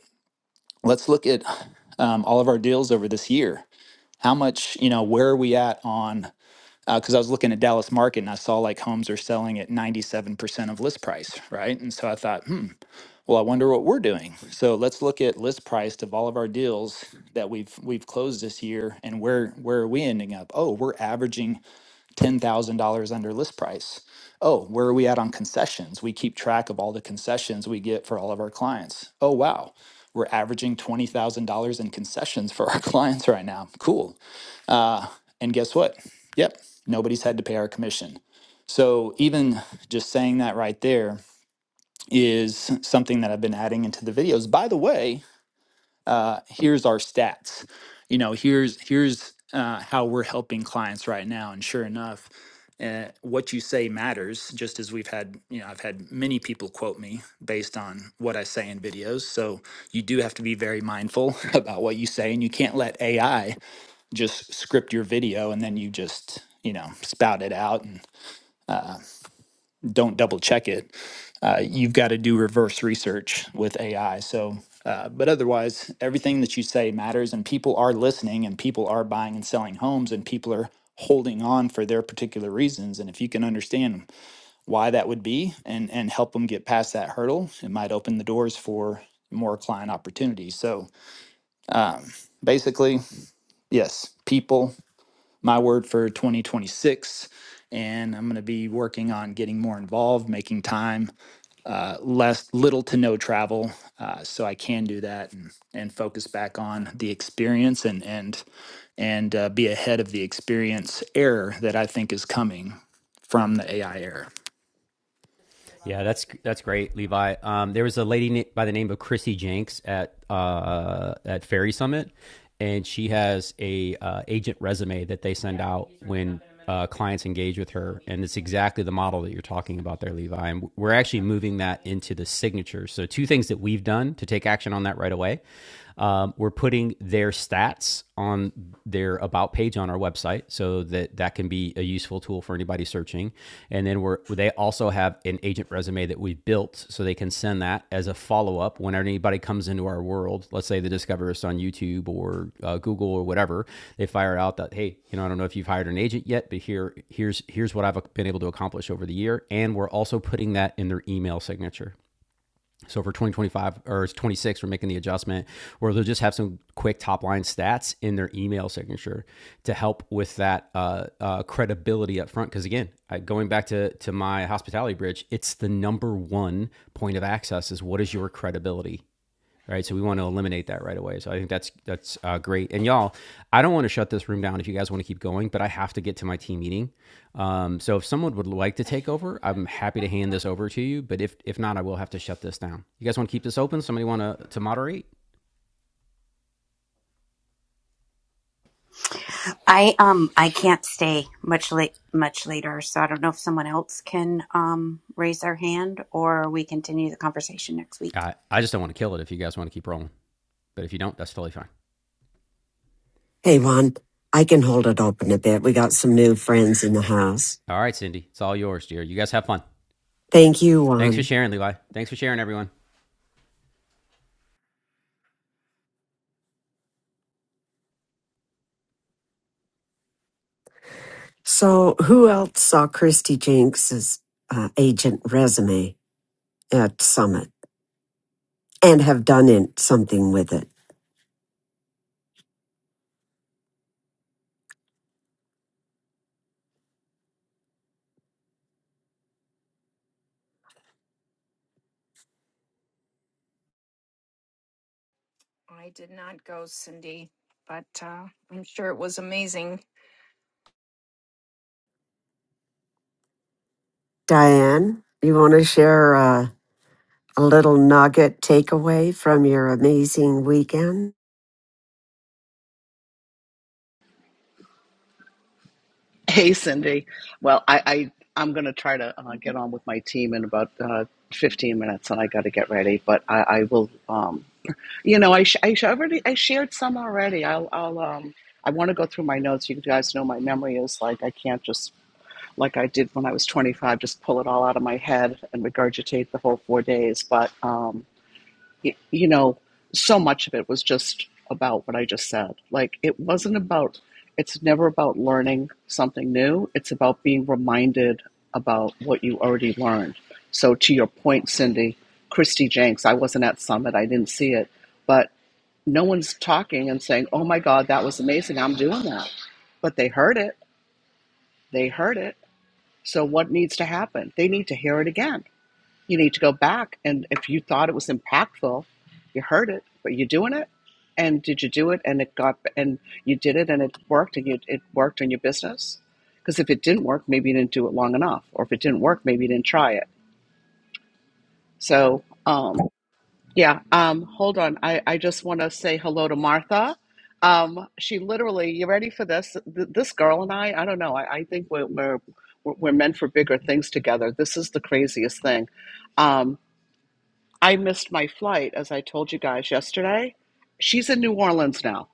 [SPEAKER 12] let's look at um, all of our deals over this year. How much, you know, where are we at on? Because uh, I was looking at Dallas market and I saw like homes are selling at 97% of list price, right? And so I thought, hmm, well, I wonder what we're doing. So let's look at list price of all of our deals that we've we've closed this year and where where are we ending up? Oh, we're averaging $10,000 under list price. Oh, where are we at on concessions? We keep track of all the concessions we get for all of our clients. Oh, wow. We're averaging $20,000 in concessions for *laughs* our clients right now. Cool. Uh, and guess what? Yep, nobody's had to pay our commission. So, even just saying that right there is something that I've been adding into the videos. By the way, uh, here's our stats you know here's here's uh, how we're helping clients right now and sure enough uh, what you say matters just as we've had you know i've had many people quote me based on what i say in videos so you do have to be very mindful *laughs* about what you say and you can't let ai just script your video and then you just you know spout it out and don't double check it. Uh, you've got to do reverse research with AI. So, uh, but otherwise, everything that you say matters, and people are listening, and people are buying and selling homes, and people are holding on for their particular reasons. And if you can understand why that would be, and and help them get past that hurdle, it might open the doors for more client opportunities. So basically, yes, people. My word for 2026 and I'm going to be working on getting more involved, making time uh, less little to no travel uh, so i can do that and, and focus back on the experience and and and uh, be ahead of the experience error that i think is coming from the ai era
[SPEAKER 1] Yeah, that's that's great, Levi. Um, there was a lady by the name of Chrissy Jenks at uh, at Fairy Summit, and she has a uh, agent resume that they send out when uh, clients engage with her, and it's exactly the model that you're talking about there, Levi. And we're actually moving that into the signature. So two things that we've done to take action on that right away: um, we're putting their stats on their about page on our website so that that can be a useful tool for anybody searching and then we're they also have an agent resume that we've built so they can send that as a follow-up whenever anybody comes into our world let's say they discover us on youtube or uh, google or whatever they fire out that hey you know i don't know if you've hired an agent yet but here here's here's what i've been able to accomplish over the year and we're also putting that in their email signature so for 2025 or it's 26, we're making the adjustment where they'll just have some quick top line stats in their email signature to help with that uh, uh, credibility up front. Because again, I, going back to to my hospitality bridge, it's the number one point of access is what is your credibility right? So we want to eliminate that right away. So I think that's that's uh, great. And y'all, I don't want to shut this room down if you guys want to keep going, but I have to get to my team meeting. Um, so if someone would like to take over, I'm happy to hand this over to you. But if if not, I will have to shut this down. You guys want to keep this open? Somebody want to to moderate?
[SPEAKER 4] I um I can't stay much late much later, so I don't know if someone else can um raise their hand or we continue the conversation next week.
[SPEAKER 1] I I just don't want to kill it. If you guys want to keep rolling, but if you don't, that's totally fine.
[SPEAKER 2] Hey, Juan, I can hold it open a bit. We got some new friends in the house.
[SPEAKER 1] All right, Cindy, it's all yours, dear. You guys have fun.
[SPEAKER 2] Thank you,
[SPEAKER 1] Thanks for
[SPEAKER 2] Juan.
[SPEAKER 1] sharing, Levi. Thanks for sharing, everyone.
[SPEAKER 2] So, who else saw Christy Jenks's uh, agent resume at Summit and have done in, something with it?
[SPEAKER 13] I did not go, Cindy, but uh, I'm sure it was amazing.
[SPEAKER 2] Diane, you want to share a, a little nugget takeaway from your amazing weekend?
[SPEAKER 3] Hey, Cindy. Well, I, I I'm gonna try to uh, get on with my team in about uh, 15 minutes, and I got to get ready. But I, I will. Um, you know, I sh- I sh- already I shared some already. I'll I'll um. I want to go through my notes. You guys know my memory is like I can't just like I did when I was 25, just pull it all out of my head and regurgitate the whole four days. But um, y- you know, so much of it was just about what I just said. Like, it wasn't about, it's never about learning something new. It's about being reminded about what you already learned. So, to your point, Cindy, Christy Jenks, I wasn't at Summit, I didn't see it, but no one's talking and saying, oh my God, that was amazing, I'm doing that. But they heard it, they heard it. So, what needs to happen? They need to hear it again you need to go back. And if you thought it was impactful, you heard it, but you're doing it. And did you do it? And it got, and you did it and it worked and you, it worked on your business? Because if it didn't work, maybe you didn't do it long enough. Or if it didn't work, maybe you didn't try it. So, um, yeah, um, hold on. I, I just want to say hello to Martha. Um, she literally, you ready for this? Th- This girl and I, I don't know. I, I think we're, we're, we're we're meant for bigger things together. This is the craziest thing. Um, I missed my flight, as I told you guys yesterday. She's in New Orleans now.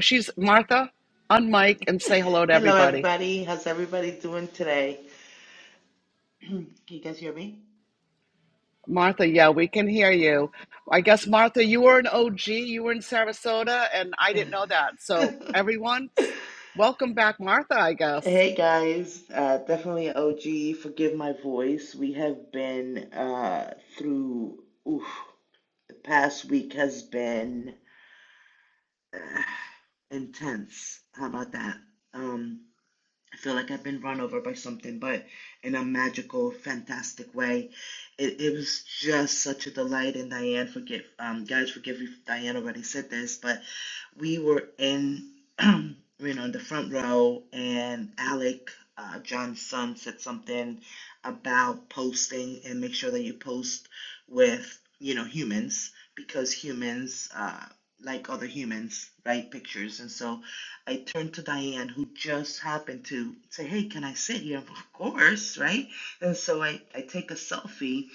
[SPEAKER 3] She's Martha, unmic and say hello to
[SPEAKER 14] Hello,
[SPEAKER 3] everybody.
[SPEAKER 14] everybody. How's everybody doing today? Can you guys hear me?
[SPEAKER 3] Martha, yeah, we can hear you. I guess, Martha, you were an OG. You were in Sarasota, and
[SPEAKER 14] *laughs*
[SPEAKER 3] I didn't know that. So, everyone, welcome back, Martha, I guess.
[SPEAKER 14] hey, guys. Uh, definitely an OG. Forgive my voice. We have been uh, through, oof, the past week has been uh, intense. How about that? Um, I feel like I've been run over by something, but in a magical, fantastic way. It, it was just such a delight. And Diane, forgive, um, guys, forgive me if Diane already said this, but we were in, *clears throat* you know, in the front row, and Alec, uh, John's son, said something about posting and make sure that you post with, you know, humans because humans, uh, like other humans, write pictures. And so I turned to Diane, who just happened to say, Hey, can I sit here? *laughs* Of course, right? And so I, I take a selfie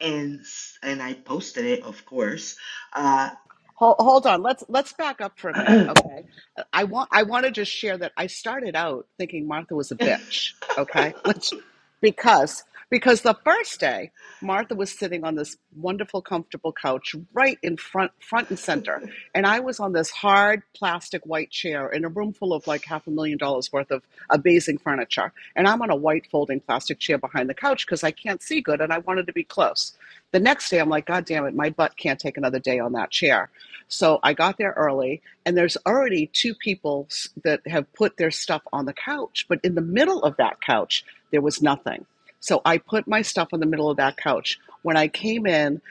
[SPEAKER 14] and s- and I posted it, of course. Uh, *laughs*
[SPEAKER 3] Hold, hold on. Let's let's back up for a minute,
[SPEAKER 14] *clears throat*
[SPEAKER 3] okay? I want I want to just share that I started out thinking Martha was a bitch, okay? Let's because because the first day Martha was sitting on this wonderful comfortable couch right in front front and center, and I was on this hard plastic white chair in a room full of like half a million dollars worth of amazing furniture, and I'm on a white folding plastic chair behind the couch because I can't see good and I wanted to be close. The next day I'm like, God damn it, my butt can't take another day on that chair. So I got there early, and there's already two people that have put their stuff on the couch, but in the middle of that couch, there was nothing. So I put my stuff in the middle of that couch. When I came in,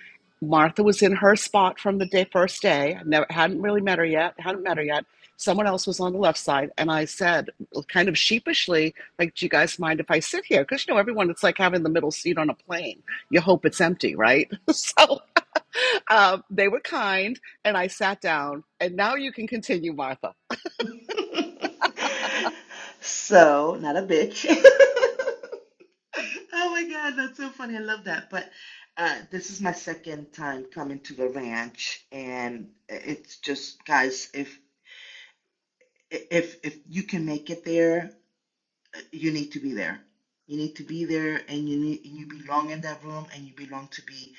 [SPEAKER 3] Martha was in her spot from the day, first day. I never hadn't really met her yet. Hadn't met her yet. Someone else was on the left side, and I said, kind of sheepishly, like, "Do you guys mind if I sit here?" Because you know, everyone, it's like having the middle seat on a plane. You hope it's empty, right? *laughs* so *laughs* um, they were kind, and I sat down. And now you can continue, Martha.
[SPEAKER 14] so, not a bitch. *laughs* oh my God, that's so funny. I love that. But uh, this is my second time coming to the ranch, and it's just, guys, if if if you can make it there you need to be there. You need to be there, and you need you belong in that room, and you belong to be.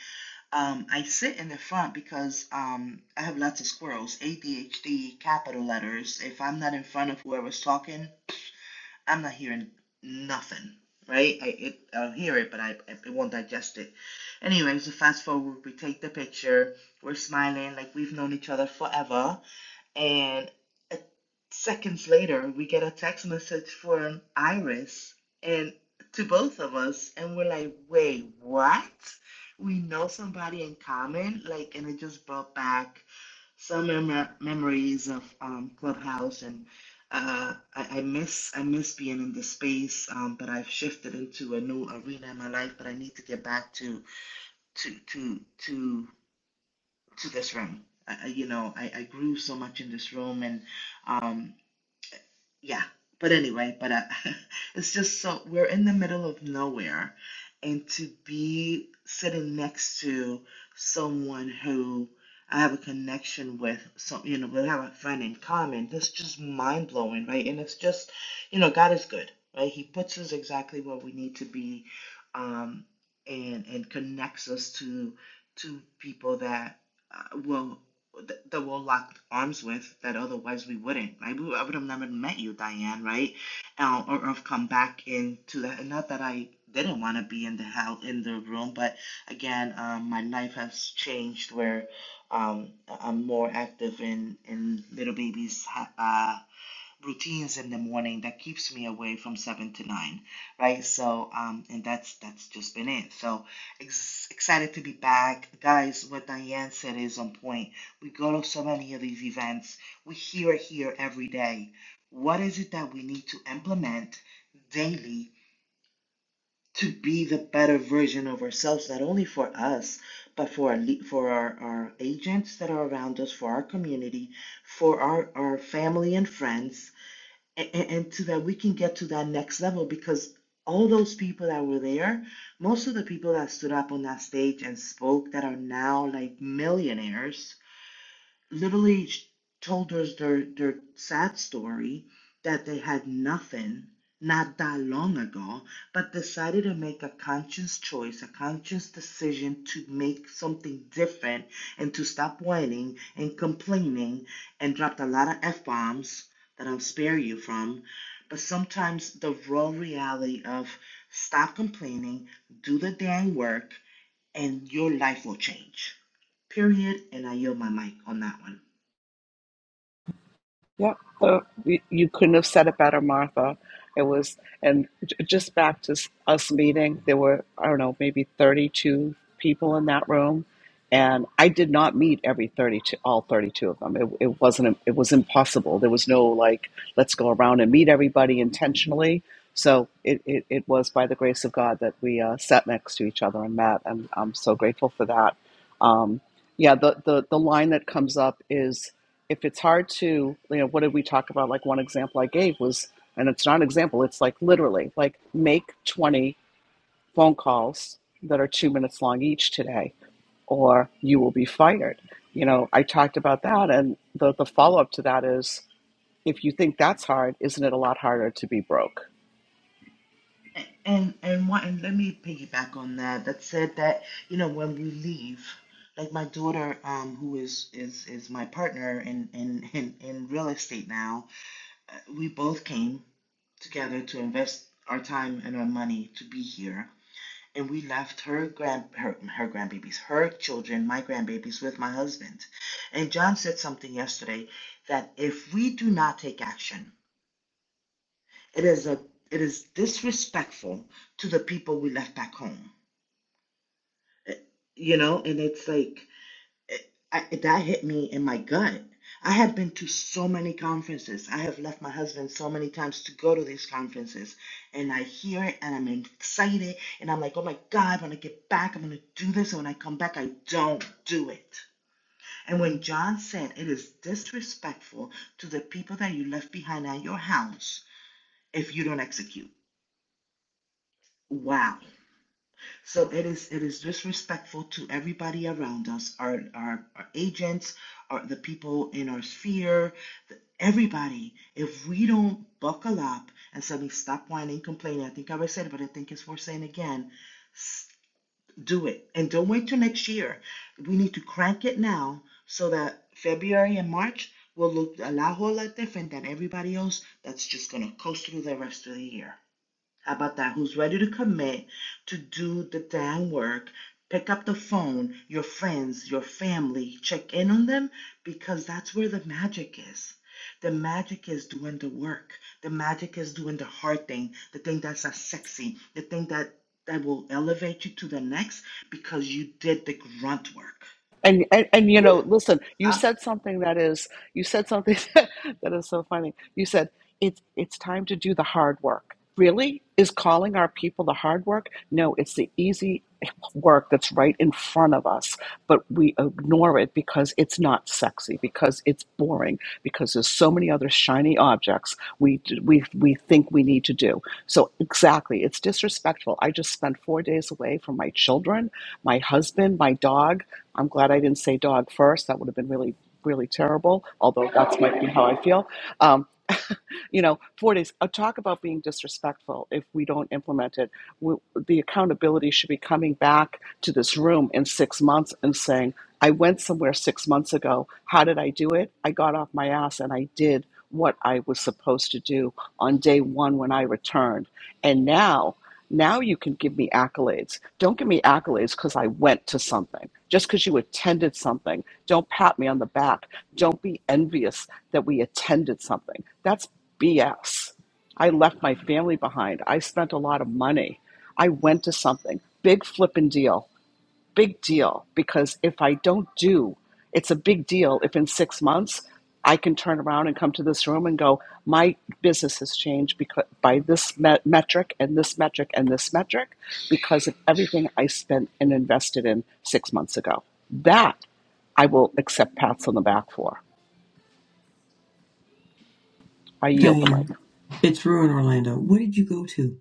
[SPEAKER 14] Um, I sit in the front because um, I have lots of squirrels, ADHD, capital letters. If I'm not in front of whoever's talking, I'm not hearing nothing. Right? I it, I'll hear it, but I it won't digest it. Anyway, so fast forward, we take the picture. We're smiling like we've known each other forever and uh, seconds later, we get a text message from Iris and to both of us. And we're like, wait, what? We know somebody in common? Like, and it just brought back some mem- memories of um, Clubhouse. And uh, I, I miss, I miss being in the space, um, but I've shifted into a new arena in my life, but I need to get back to, to, to, to to this room. I, you know, I, I grew so much in this room, and um, yeah. But anyway, but uh, *laughs* it's just so we're in the middle of nowhere, and to be sitting next to someone who I have a connection with, some you know, we have a friend in common. That's just mind blowing, right? And it's just, you know, God is good, right? He puts us exactly where we need to be, um, and and connects us to to people that uh, will th- that we'll lock arms with that otherwise we wouldn't. Like we, I would have never met you, Diane, right? Uh, or, or have come back into that. Not that I didn't want to be in the hell in the room, but again, um, my life has changed where um, I'm more active in in little babies' ha- uh, routines in the morning that keeps me away from seven to nine, right? So, um, and that's that's just been it. So ex- excited to be back, guys. What Diane said is on point. We go to so many of these events. We hear it here every day. What is it that we need to implement daily to be the better version of ourselves, not only for us, but for our, for our, our agents that are around us, for our community, for our, our family and friends, and, and to that we can get to that next level because all those people that were there, most of the people that stood up on that stage and spoke that are now like millionaires, literally sh- told us their their sad story that they had nothing not that long ago but decided to make a conscious choice a conscious decision to make something different and to stop whining and complaining and dropped a lot of f-bombs that i'll spare you from but sometimes the raw reality of stop complaining do the dang work and your life will change period and i yield my mic on that one
[SPEAKER 3] Yep. Uh, you you couldn't have said it better, Martha. It was, and j- just back to s- us meeting, there were, I don't know, maybe 32 people in that room. And I did not meet every 32, all 32 of them. It, it wasn't, it was impossible. There was no like, let's go around and meet everybody intentionally. So it, it, it was by the grace of God that we uh, sat next to each other and met. And I'm so grateful for that. Um, yeah, the, the, the line that comes up is if it's hard to, you know, what did we talk about? Like one example I gave was, and it's not an example, it's like literally like make 20 phone calls that are two minutes long each today, or you will be fired. You know, I talked about that. And the, the follow up to that is if you think that's hard, isn't it a lot harder to be broke?
[SPEAKER 14] A- And and what and let me piggyback on that. That said that, you know, when we leave, like my daughter, um, who is is is my partner in in in, in real estate now, uh, we both came together to invest our time and our money to be here. And we left her grand her her grandbabies, her children, my grandbabies with my husband. And John said something yesterday that if we do not take action, it is a it is disrespectful to the people we left back home you know and it's like I, that hit me in my gut i have been to so many conferences i have left my husband so many times to go to these conferences and i hear it and i'm excited and i'm like oh my god when i get back i'm going to do this and when i come back i don't do it and when john said it is disrespectful to the people that you left behind at your house if you don't execute wow So it is it is disrespectful to everybody around us, our our, our agents, our, the people in our sphere, the, everybody. If we don't buckle up and suddenly stop whining, complaining, I think I already said it, but I think it's worth saying again. Do it and don't wait till next year. We need to crank it now so that February and March will look a lot, whole lot different than everybody else that's just gonna coast through the rest of the year. How about that? Who's ready to commit to do the damn work? Pick up the phone, your friends, your family, check in on them because that's where the magic is. The magic is doing the work. The magic is doing the hard thing, the thing that's not sexy, the thing that, that will elevate you to the next because you did the grunt work.
[SPEAKER 3] And, and and you know,
[SPEAKER 14] Whew.
[SPEAKER 3] listen, you
[SPEAKER 14] I'm
[SPEAKER 3] said something that is you said something *laughs* that is so funny. You said it's it's time to do the hard work. Really? Is calling our people the hard work? No, it's the easy work that's right in front of us, but we ignore it because it's not sexy, because it's boring, because there's so many other shiny objects we we we think we need to do. So exactly, it's disrespectful. I just spent 4 days away from my children, my husband, my dog, I'm glad I didn't say dog first. That would have been really, really terrible, although that's might be how I feel. Um, you know, four days. Uh, talk about being disrespectful if we don't implement it. We, the accountability should be coming back to this room in six months and saying, I went somewhere six months ago. How did I do it? I got off my ass and I did what I was supposed to do on day one when I returned. And now, now you can give me accolades. Don't give me accolades because I went to something. Just because you attended something, don't pat me on the back. Don't be envious that we attended something. That's BS. I left my family behind. I spent a lot of money. I went to something. Big flippin' deal. Big deal. Because if I don't do, it's a big deal if in six months I can turn around and come to this room and go, my business has changed because, by this me- metric and this metric and this metric because of everything I spent and invested in six months ago. That I will accept pats on the back for. I yield the mic.
[SPEAKER 11] Diane, it's Ruin Orlando. What did you go to?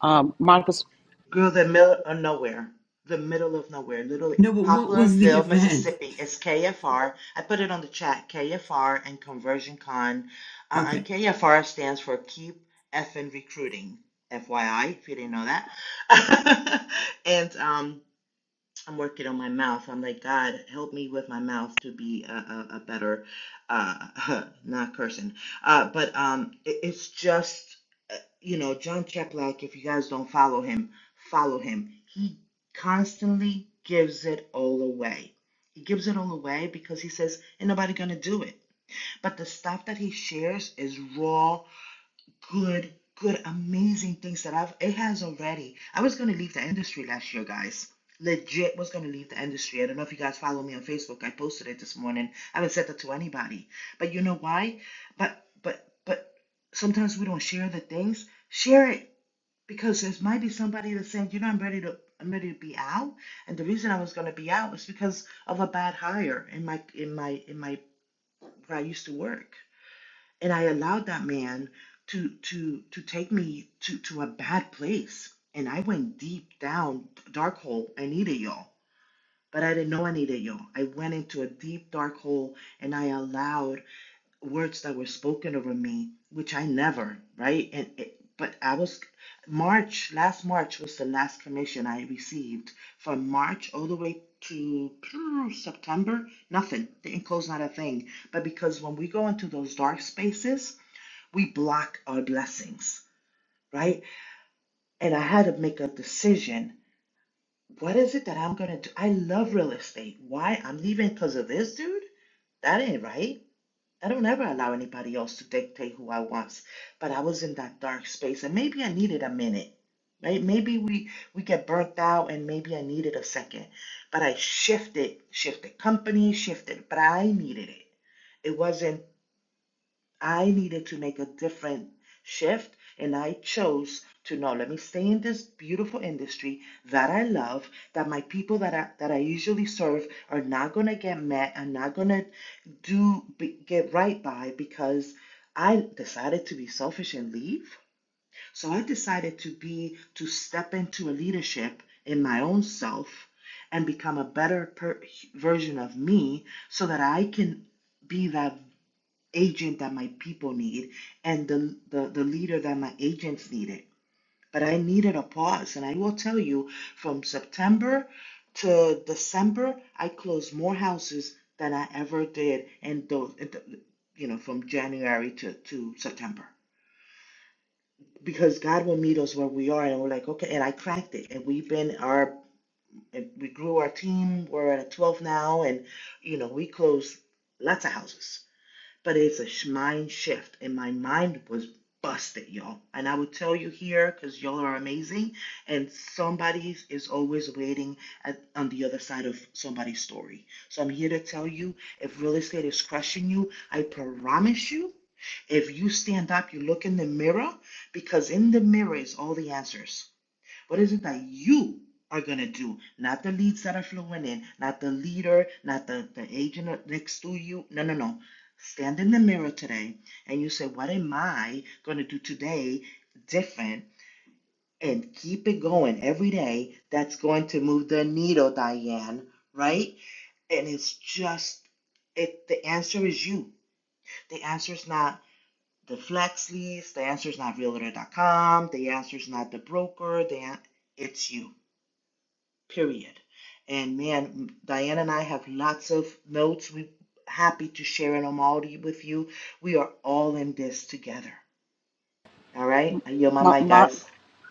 [SPEAKER 3] Um, Martha's,
[SPEAKER 14] Girl, the middle of nowhere. The middle of nowhere, literally.
[SPEAKER 11] No, but what was the *laughs*
[SPEAKER 14] Poplarville,
[SPEAKER 11] event?
[SPEAKER 14] Mississippi. It's KFR. I put it on the chat. KFR and Conversion Con. Uh,
[SPEAKER 11] Okay.
[SPEAKER 14] and KFR stands for Keep Effing Recruiting. FYI, if you didn't know that. *laughs* and um, I'm working on my mouth. I'm like, God, help me with my mouth to be a, a, a better, uh, *laughs* not cursing. Uh, but um, it, it's just, uh, you know, John Chaplak. if you guys don't follow him, follow him. He constantly gives it all away. He gives it all away because he says, ain't nobody gonna do it. But the stuff that he shares is raw good, good, amazing things that I've it has already. I was gonna leave the industry last year, guys. Legit was gonna leave the industry. I don't know if you guys follow me on Facebook. I posted it this morning. I haven't said that to anybody. But you know why? But but but sometimes we don't share the things. Share it because there might be somebody that's saying, you know, I'm ready to I'm ready to be out. And the reason I was gonna be out was because of a bad hire in my in my in my where I used to work and I allowed that man to to to take me to to a bad place. And I went deep down, dark hole. I needed y'all, but I didn't know I needed y'all. I went into a deep dark hole, and I allowed words that were spoken over me, which I never right. And it, but I was March last March was the last commission I received from March all the way to *clicks tongue* September. Nothing didn't close not a thing. But because when we go into those dark spaces we block our blessings, right? And I had to make a decision. What is it that I'm going to do? I love real estate. Why? I'm leaving because of this dude? That ain't right. I don't ever allow anybody else to dictate who I want. But I was in that dark space and maybe I needed a minute. Right? Maybe we we get burnt out and maybe I needed a second. But I shifted, shifted company, shifted, but I needed it. It wasn't I needed to make a different shift, and I chose to no, let me stay in this beautiful industry that I love, that my people that I, that I usually serve are not going to get mad, are not going to do be, get right by because I decided to be selfish and leave. So I decided to be to step into a leadership in my own self and become a better per, version of me so that I can be that agent that my people need and the, the, the leader that my agents needed. But I needed a pause. And I will tell you from September to December, I closed more houses than I ever did. And those, you know, from January to, to September. Because God will meet us where we are. And we're like, okay. And I cracked it. And we've been our, we grew our team. We're at a 12 now. And, you know, we closed lots of houses but it's a mind shift and my mind was busted y'all and i would tell you here because y'all are amazing and somebody is always waiting at, on the other side of somebody's story so i'm here to tell you if real estate is crushing you i promise you if you stand up you look in the mirror because in the mirror is all the answers what is it that you are going to do? Not the leads that are flowing in, not the leader, not the, the agent next to you. No, no, no. Stand in the mirror today and you say, What am I going to do today different? And keep it going every day. That's going to move the needle, Diane, right? And it's just, it. the answer is you. The answer is not the flex Leads. The answer is not realtor.com. The answer is not the broker. The, it's you period. And man, Diane and I have lots of notes. We happy to share them all with you. We are all in this together. All right, I yield my
[SPEAKER 3] Ma-
[SPEAKER 14] mic,
[SPEAKER 3] Ma-
[SPEAKER 14] guys.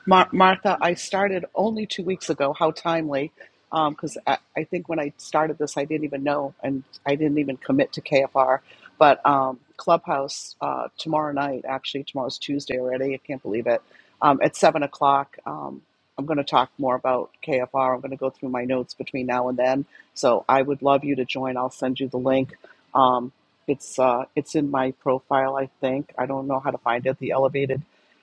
[SPEAKER 3] Mar- Martha, I started only two weeks ago. How timely. Because I, I think when I started this, I didn't even know and I didn't even commit to KFR. But um, Clubhouse uh, tomorrow night, actually, tomorrow's Tuesday already. I can't believe it. Um, at 7 o'clock, um, I'm going to talk more about KFR. I'm going to go through my notes between now and then. So I would love you to join. I'll send you the link. Um, it's uh, it's in my profile, I think. I don't know how to find it. The elevated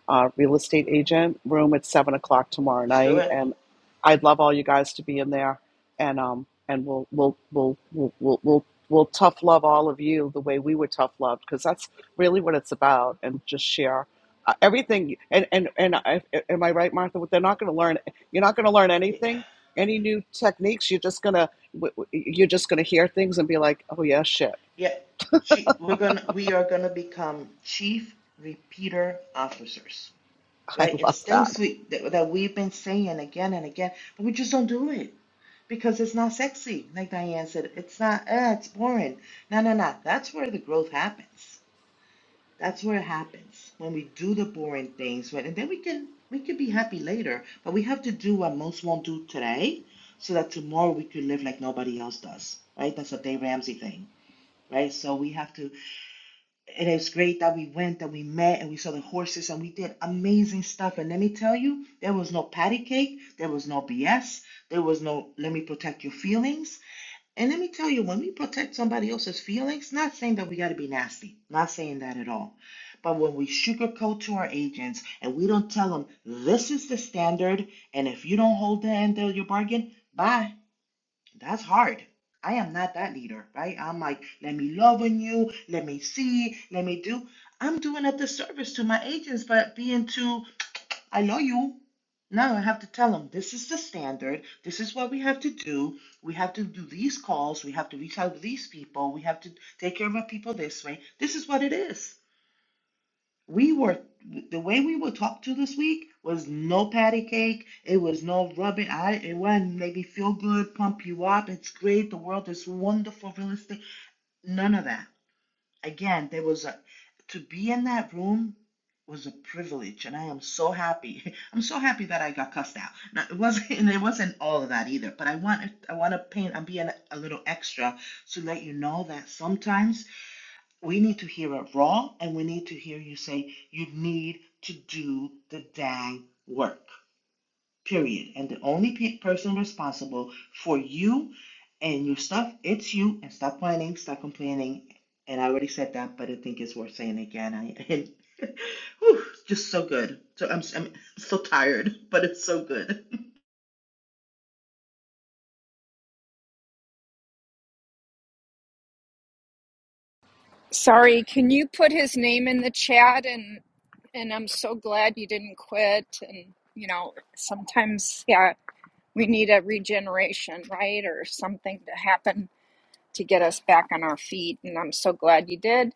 [SPEAKER 3] uh, real estate agent room at seven o'clock tomorrow
[SPEAKER 14] Let's do
[SPEAKER 3] night,
[SPEAKER 14] it.
[SPEAKER 3] and I'd love all you guys to be in there, and um, and we'll we'll we'll we'll we'll, we'll We'll tough love all of you the way we were tough loved because that's really what it's about and just share uh, everything and and and I, am I right Martha they're not going to learn you're not going to learn
[SPEAKER 14] Yeah,
[SPEAKER 3] anything any new techniques you're just going to you're just going to hear things and be like oh yeah shit
[SPEAKER 14] yeah. Chi- we're gonna we are gonna become chief repeater officers,
[SPEAKER 3] *laughs* I
[SPEAKER 14] right?
[SPEAKER 3] love
[SPEAKER 14] It's
[SPEAKER 3] that
[SPEAKER 14] things we that, that we've been saying again and again, but we just don't do it because it's not sexy. Like Diane said, it's not. Uh, it's boring. No, no, no. That's where the growth happens. That's where it happens when we do the boring things, when, and then we can we can be happy later. But we have to do what most won't do today, so that tomorrow we could live like nobody else does, right? That's a Dave Ramsey thing, right? So we have to, and it's great that we went, that we met, and we saw the horses, and we did amazing stuff. And let me tell you, there was no patty cake, there was no BS, there was no let me protect your feelings. And let me tell you, when we protect somebody else's feelings, not saying that we got to be nasty, not saying that at all. But when we sugarcoat to our agents and we don't tell them this is the standard, and if you don't hold the end of your bargain, bye. That's hard. I am not that leader, right? I'm like, let me love on you, let me see, let me do. I'm doing a disservice to my agents by being too I know you. Now I have to tell them this is the standard. This is what we have to do. We have to do these calls. We have to reach out to these people. We have to take care of our people this way. This is what it is. We were the way we were talked to this week was no patty cake. It was no rubbing. I it wasn't make me feel good, pump you up. It's great. The world is wonderful, real estate. None of that again, there was a, to be in that room was a privilege, and I am so happy. *laughs* I'm so happy that I got cussed out. Now, it wasn't, *laughs* and it wasn't all of that either. But I want, I want to paint. I'm being a little extra to let you know that sometimes we need to hear it raw, and we need to hear you say you need to do the dang work period. And the only pe- person responsible for you and your stuff, it's you. And stop whining, stop complaining. And I already said that, but I think it's worth saying again. I, *laughs* and, whew, it's just so good. So I'm, I'm so tired, *laughs* but it's so good. *laughs*
[SPEAKER 13] Sorry, can you put his name in the chat and and I'm so glad you didn't quit and you know, sometimes yeah, we need a regeneration, right? Or something to happen to get us back on our feet and I'm so glad you did.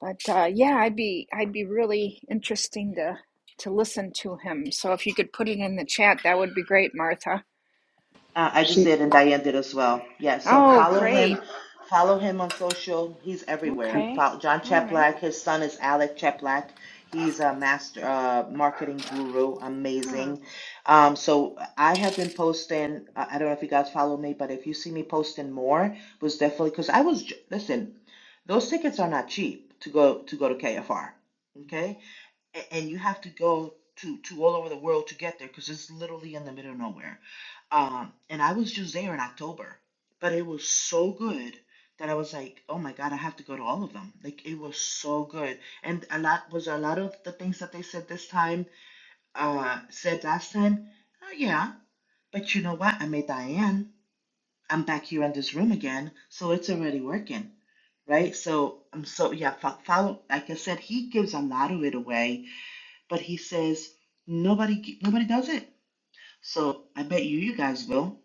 [SPEAKER 13] But uh, yeah, I'd be I'd be really interesting to to listen to him. So if you could put it in the chat, that would be great, Martha.
[SPEAKER 14] Uh, I just
[SPEAKER 3] She.
[SPEAKER 14] did, and Diane did as well. Yeah, so
[SPEAKER 13] Oh,
[SPEAKER 14] follow
[SPEAKER 13] great.
[SPEAKER 14] him. Follow him on social. He's everywhere.
[SPEAKER 13] Okay.
[SPEAKER 14] Follow John
[SPEAKER 13] All right.
[SPEAKER 14] Cheplack. His son is Alec Cheplack. He's a master uh, marketing guru.
[SPEAKER 13] Huh.
[SPEAKER 14] Amazing. Um, so I have been posting. I I don't know if you guys follow me, but if you see me posting more, it was definitely because I was. j- Listen, those tickets are not cheap to go to go to KFR. Okay, a- and you have to go to to all over the world to get there because it's literally in the middle of nowhere. Um, and I was just there in October, but it was so good that I was like, oh my God, I have to go to all of them. Like it was so good, and a lot was a lot of the things that they said this time, uh, said last time. Oh yeah, but you know what? I met Diane. I'm back here in this room again, so it's already working, right? So I'm so yeah. fo- Follow, like I said, he gives a lot of it away but he says nobody nobody does it. So I bet you you guys will.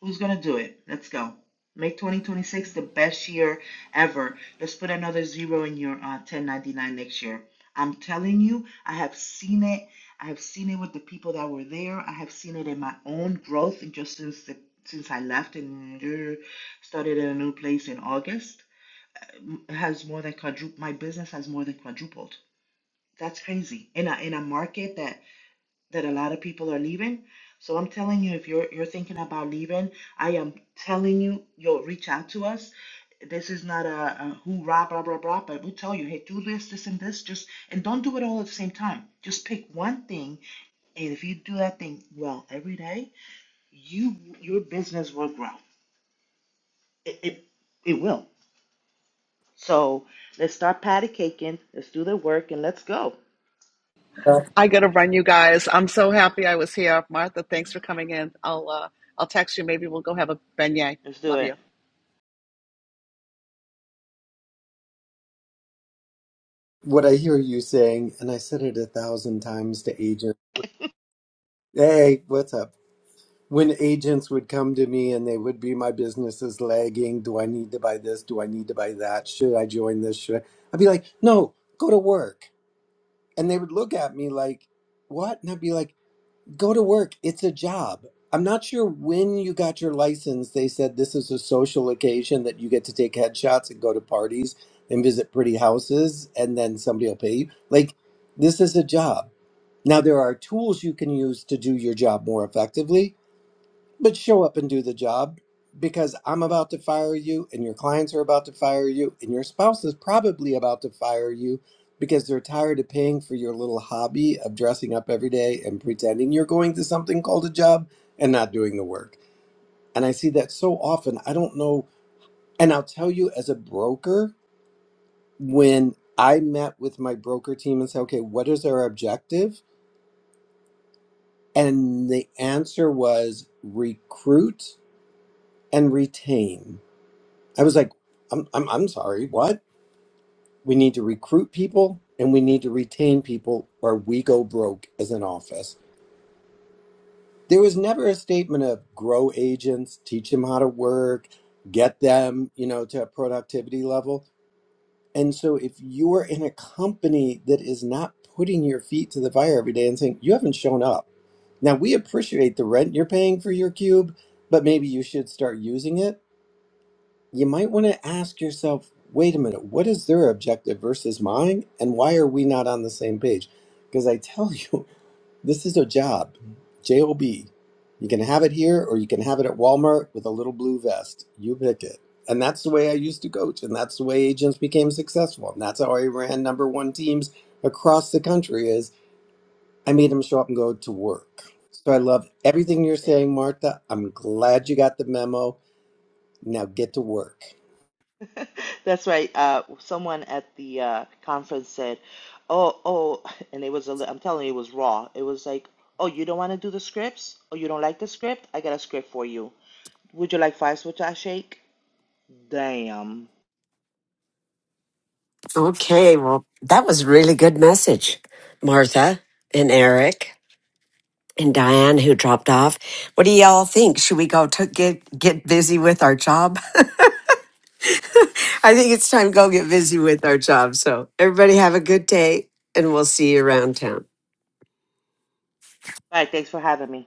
[SPEAKER 14] Who's gonna do it? Let's go. Make 2026 the best year ever. Let's put another zero in your uh, 1099 next year. I'm telling you, I have seen it. I have seen it with the people that were there. I have seen it in my own growth just since the, since I left and uh, started in a new place in August. It has more than quadrupled. My business has more than quadrupled. That's crazy in a in a market that that a lot of people are leaving. So I'm telling you, if you're you're thinking about leaving, I am telling you, you'll reach out to us. This is not a, a hoorah, blah, blah, blah, but we'll tell you, hey, do this, this, and this. Just and don't do it all at the same time. Just pick one thing, and if you do that thing well every day, you your business will grow. It it, it will. So let's start patty caking. Let's do the work and let's go.
[SPEAKER 15] That's
[SPEAKER 3] I gotta run, you guys. I'm so happy I was here, Martha. Thanks for coming in. I'll uh, I'll text you. Maybe we'll go have a beignet.
[SPEAKER 14] Let's do
[SPEAKER 3] Love you.
[SPEAKER 14] it.
[SPEAKER 15] what I hear you saying, and I said it a thousand times to agents. Hey, what's up? When agents would come to me and they would be, my business is lagging. Do I need to buy this? Do I need to buy that? Should I join this? Should I? I'd be like, no, go to work. And they would look at me like, what? And I'd be like, Go to work. It's a job. I'm not sure when you got your license. They said this is a social occasion that you get to take headshots and go to parties and visit pretty houses, and then somebody will pay you. Like, this is a job. Now, there are tools you can use to do your job more effectively, but show up and do the job because I'm about to fire you and your clients are about to fire you and your spouse is probably about to fire you because they're tired of paying for your little hobby of dressing up every day and pretending you're going to something called a job and not doing the work. And I see that so often. I don't know. And I'll tell you as a broker, when I met with my broker team and said, okay, what is our objective? And the answer was recruit and retain I was like, I'm, I'm, I'm sorry, what? We need to recruit people and we need to retain people or we go broke as an office. There was never a statement of grow agents, teach them how to work, get them, you know, to a productivity level. And so if you're in a company that is not putting your feet to the fire every day and saying, you haven't shown up. Now we appreciate the rent you're paying for your cube, but maybe you should start using it you might want to ask yourself wait a minute, what is their objective versus mine? And why are we not on the same page? Because I tell you, *laughs* this is a job, J O B. You can have it here or you can have it at Walmart with a little blue vest. You pick it. And that's the way I used to coach. And that's the way agents became successful. And that's how I ran number one teams across the country is I made them show up and go to work. So I love everything you're saying, Martha. I'm glad you got the memo. Now get to work.
[SPEAKER 14] *laughs* That's right. Uh, someone at the uh, conference said, "Oh, oh," and it was a, li- I'm telling you, it was raw. It was like, "Oh, you don't want to do the scripts? Oh, you don't like the script? I got a script for you. Would you like five switch a shake?" Damn.
[SPEAKER 2] Okay, well, that was a really good message, Martha and Eric and Diane who dropped off. What do y'all think? Should we go to get get busy with our job *laughs* I think it's time to go get busy with our job. So everybody have a good day and we'll see you around town.
[SPEAKER 14] All right, thanks for having me.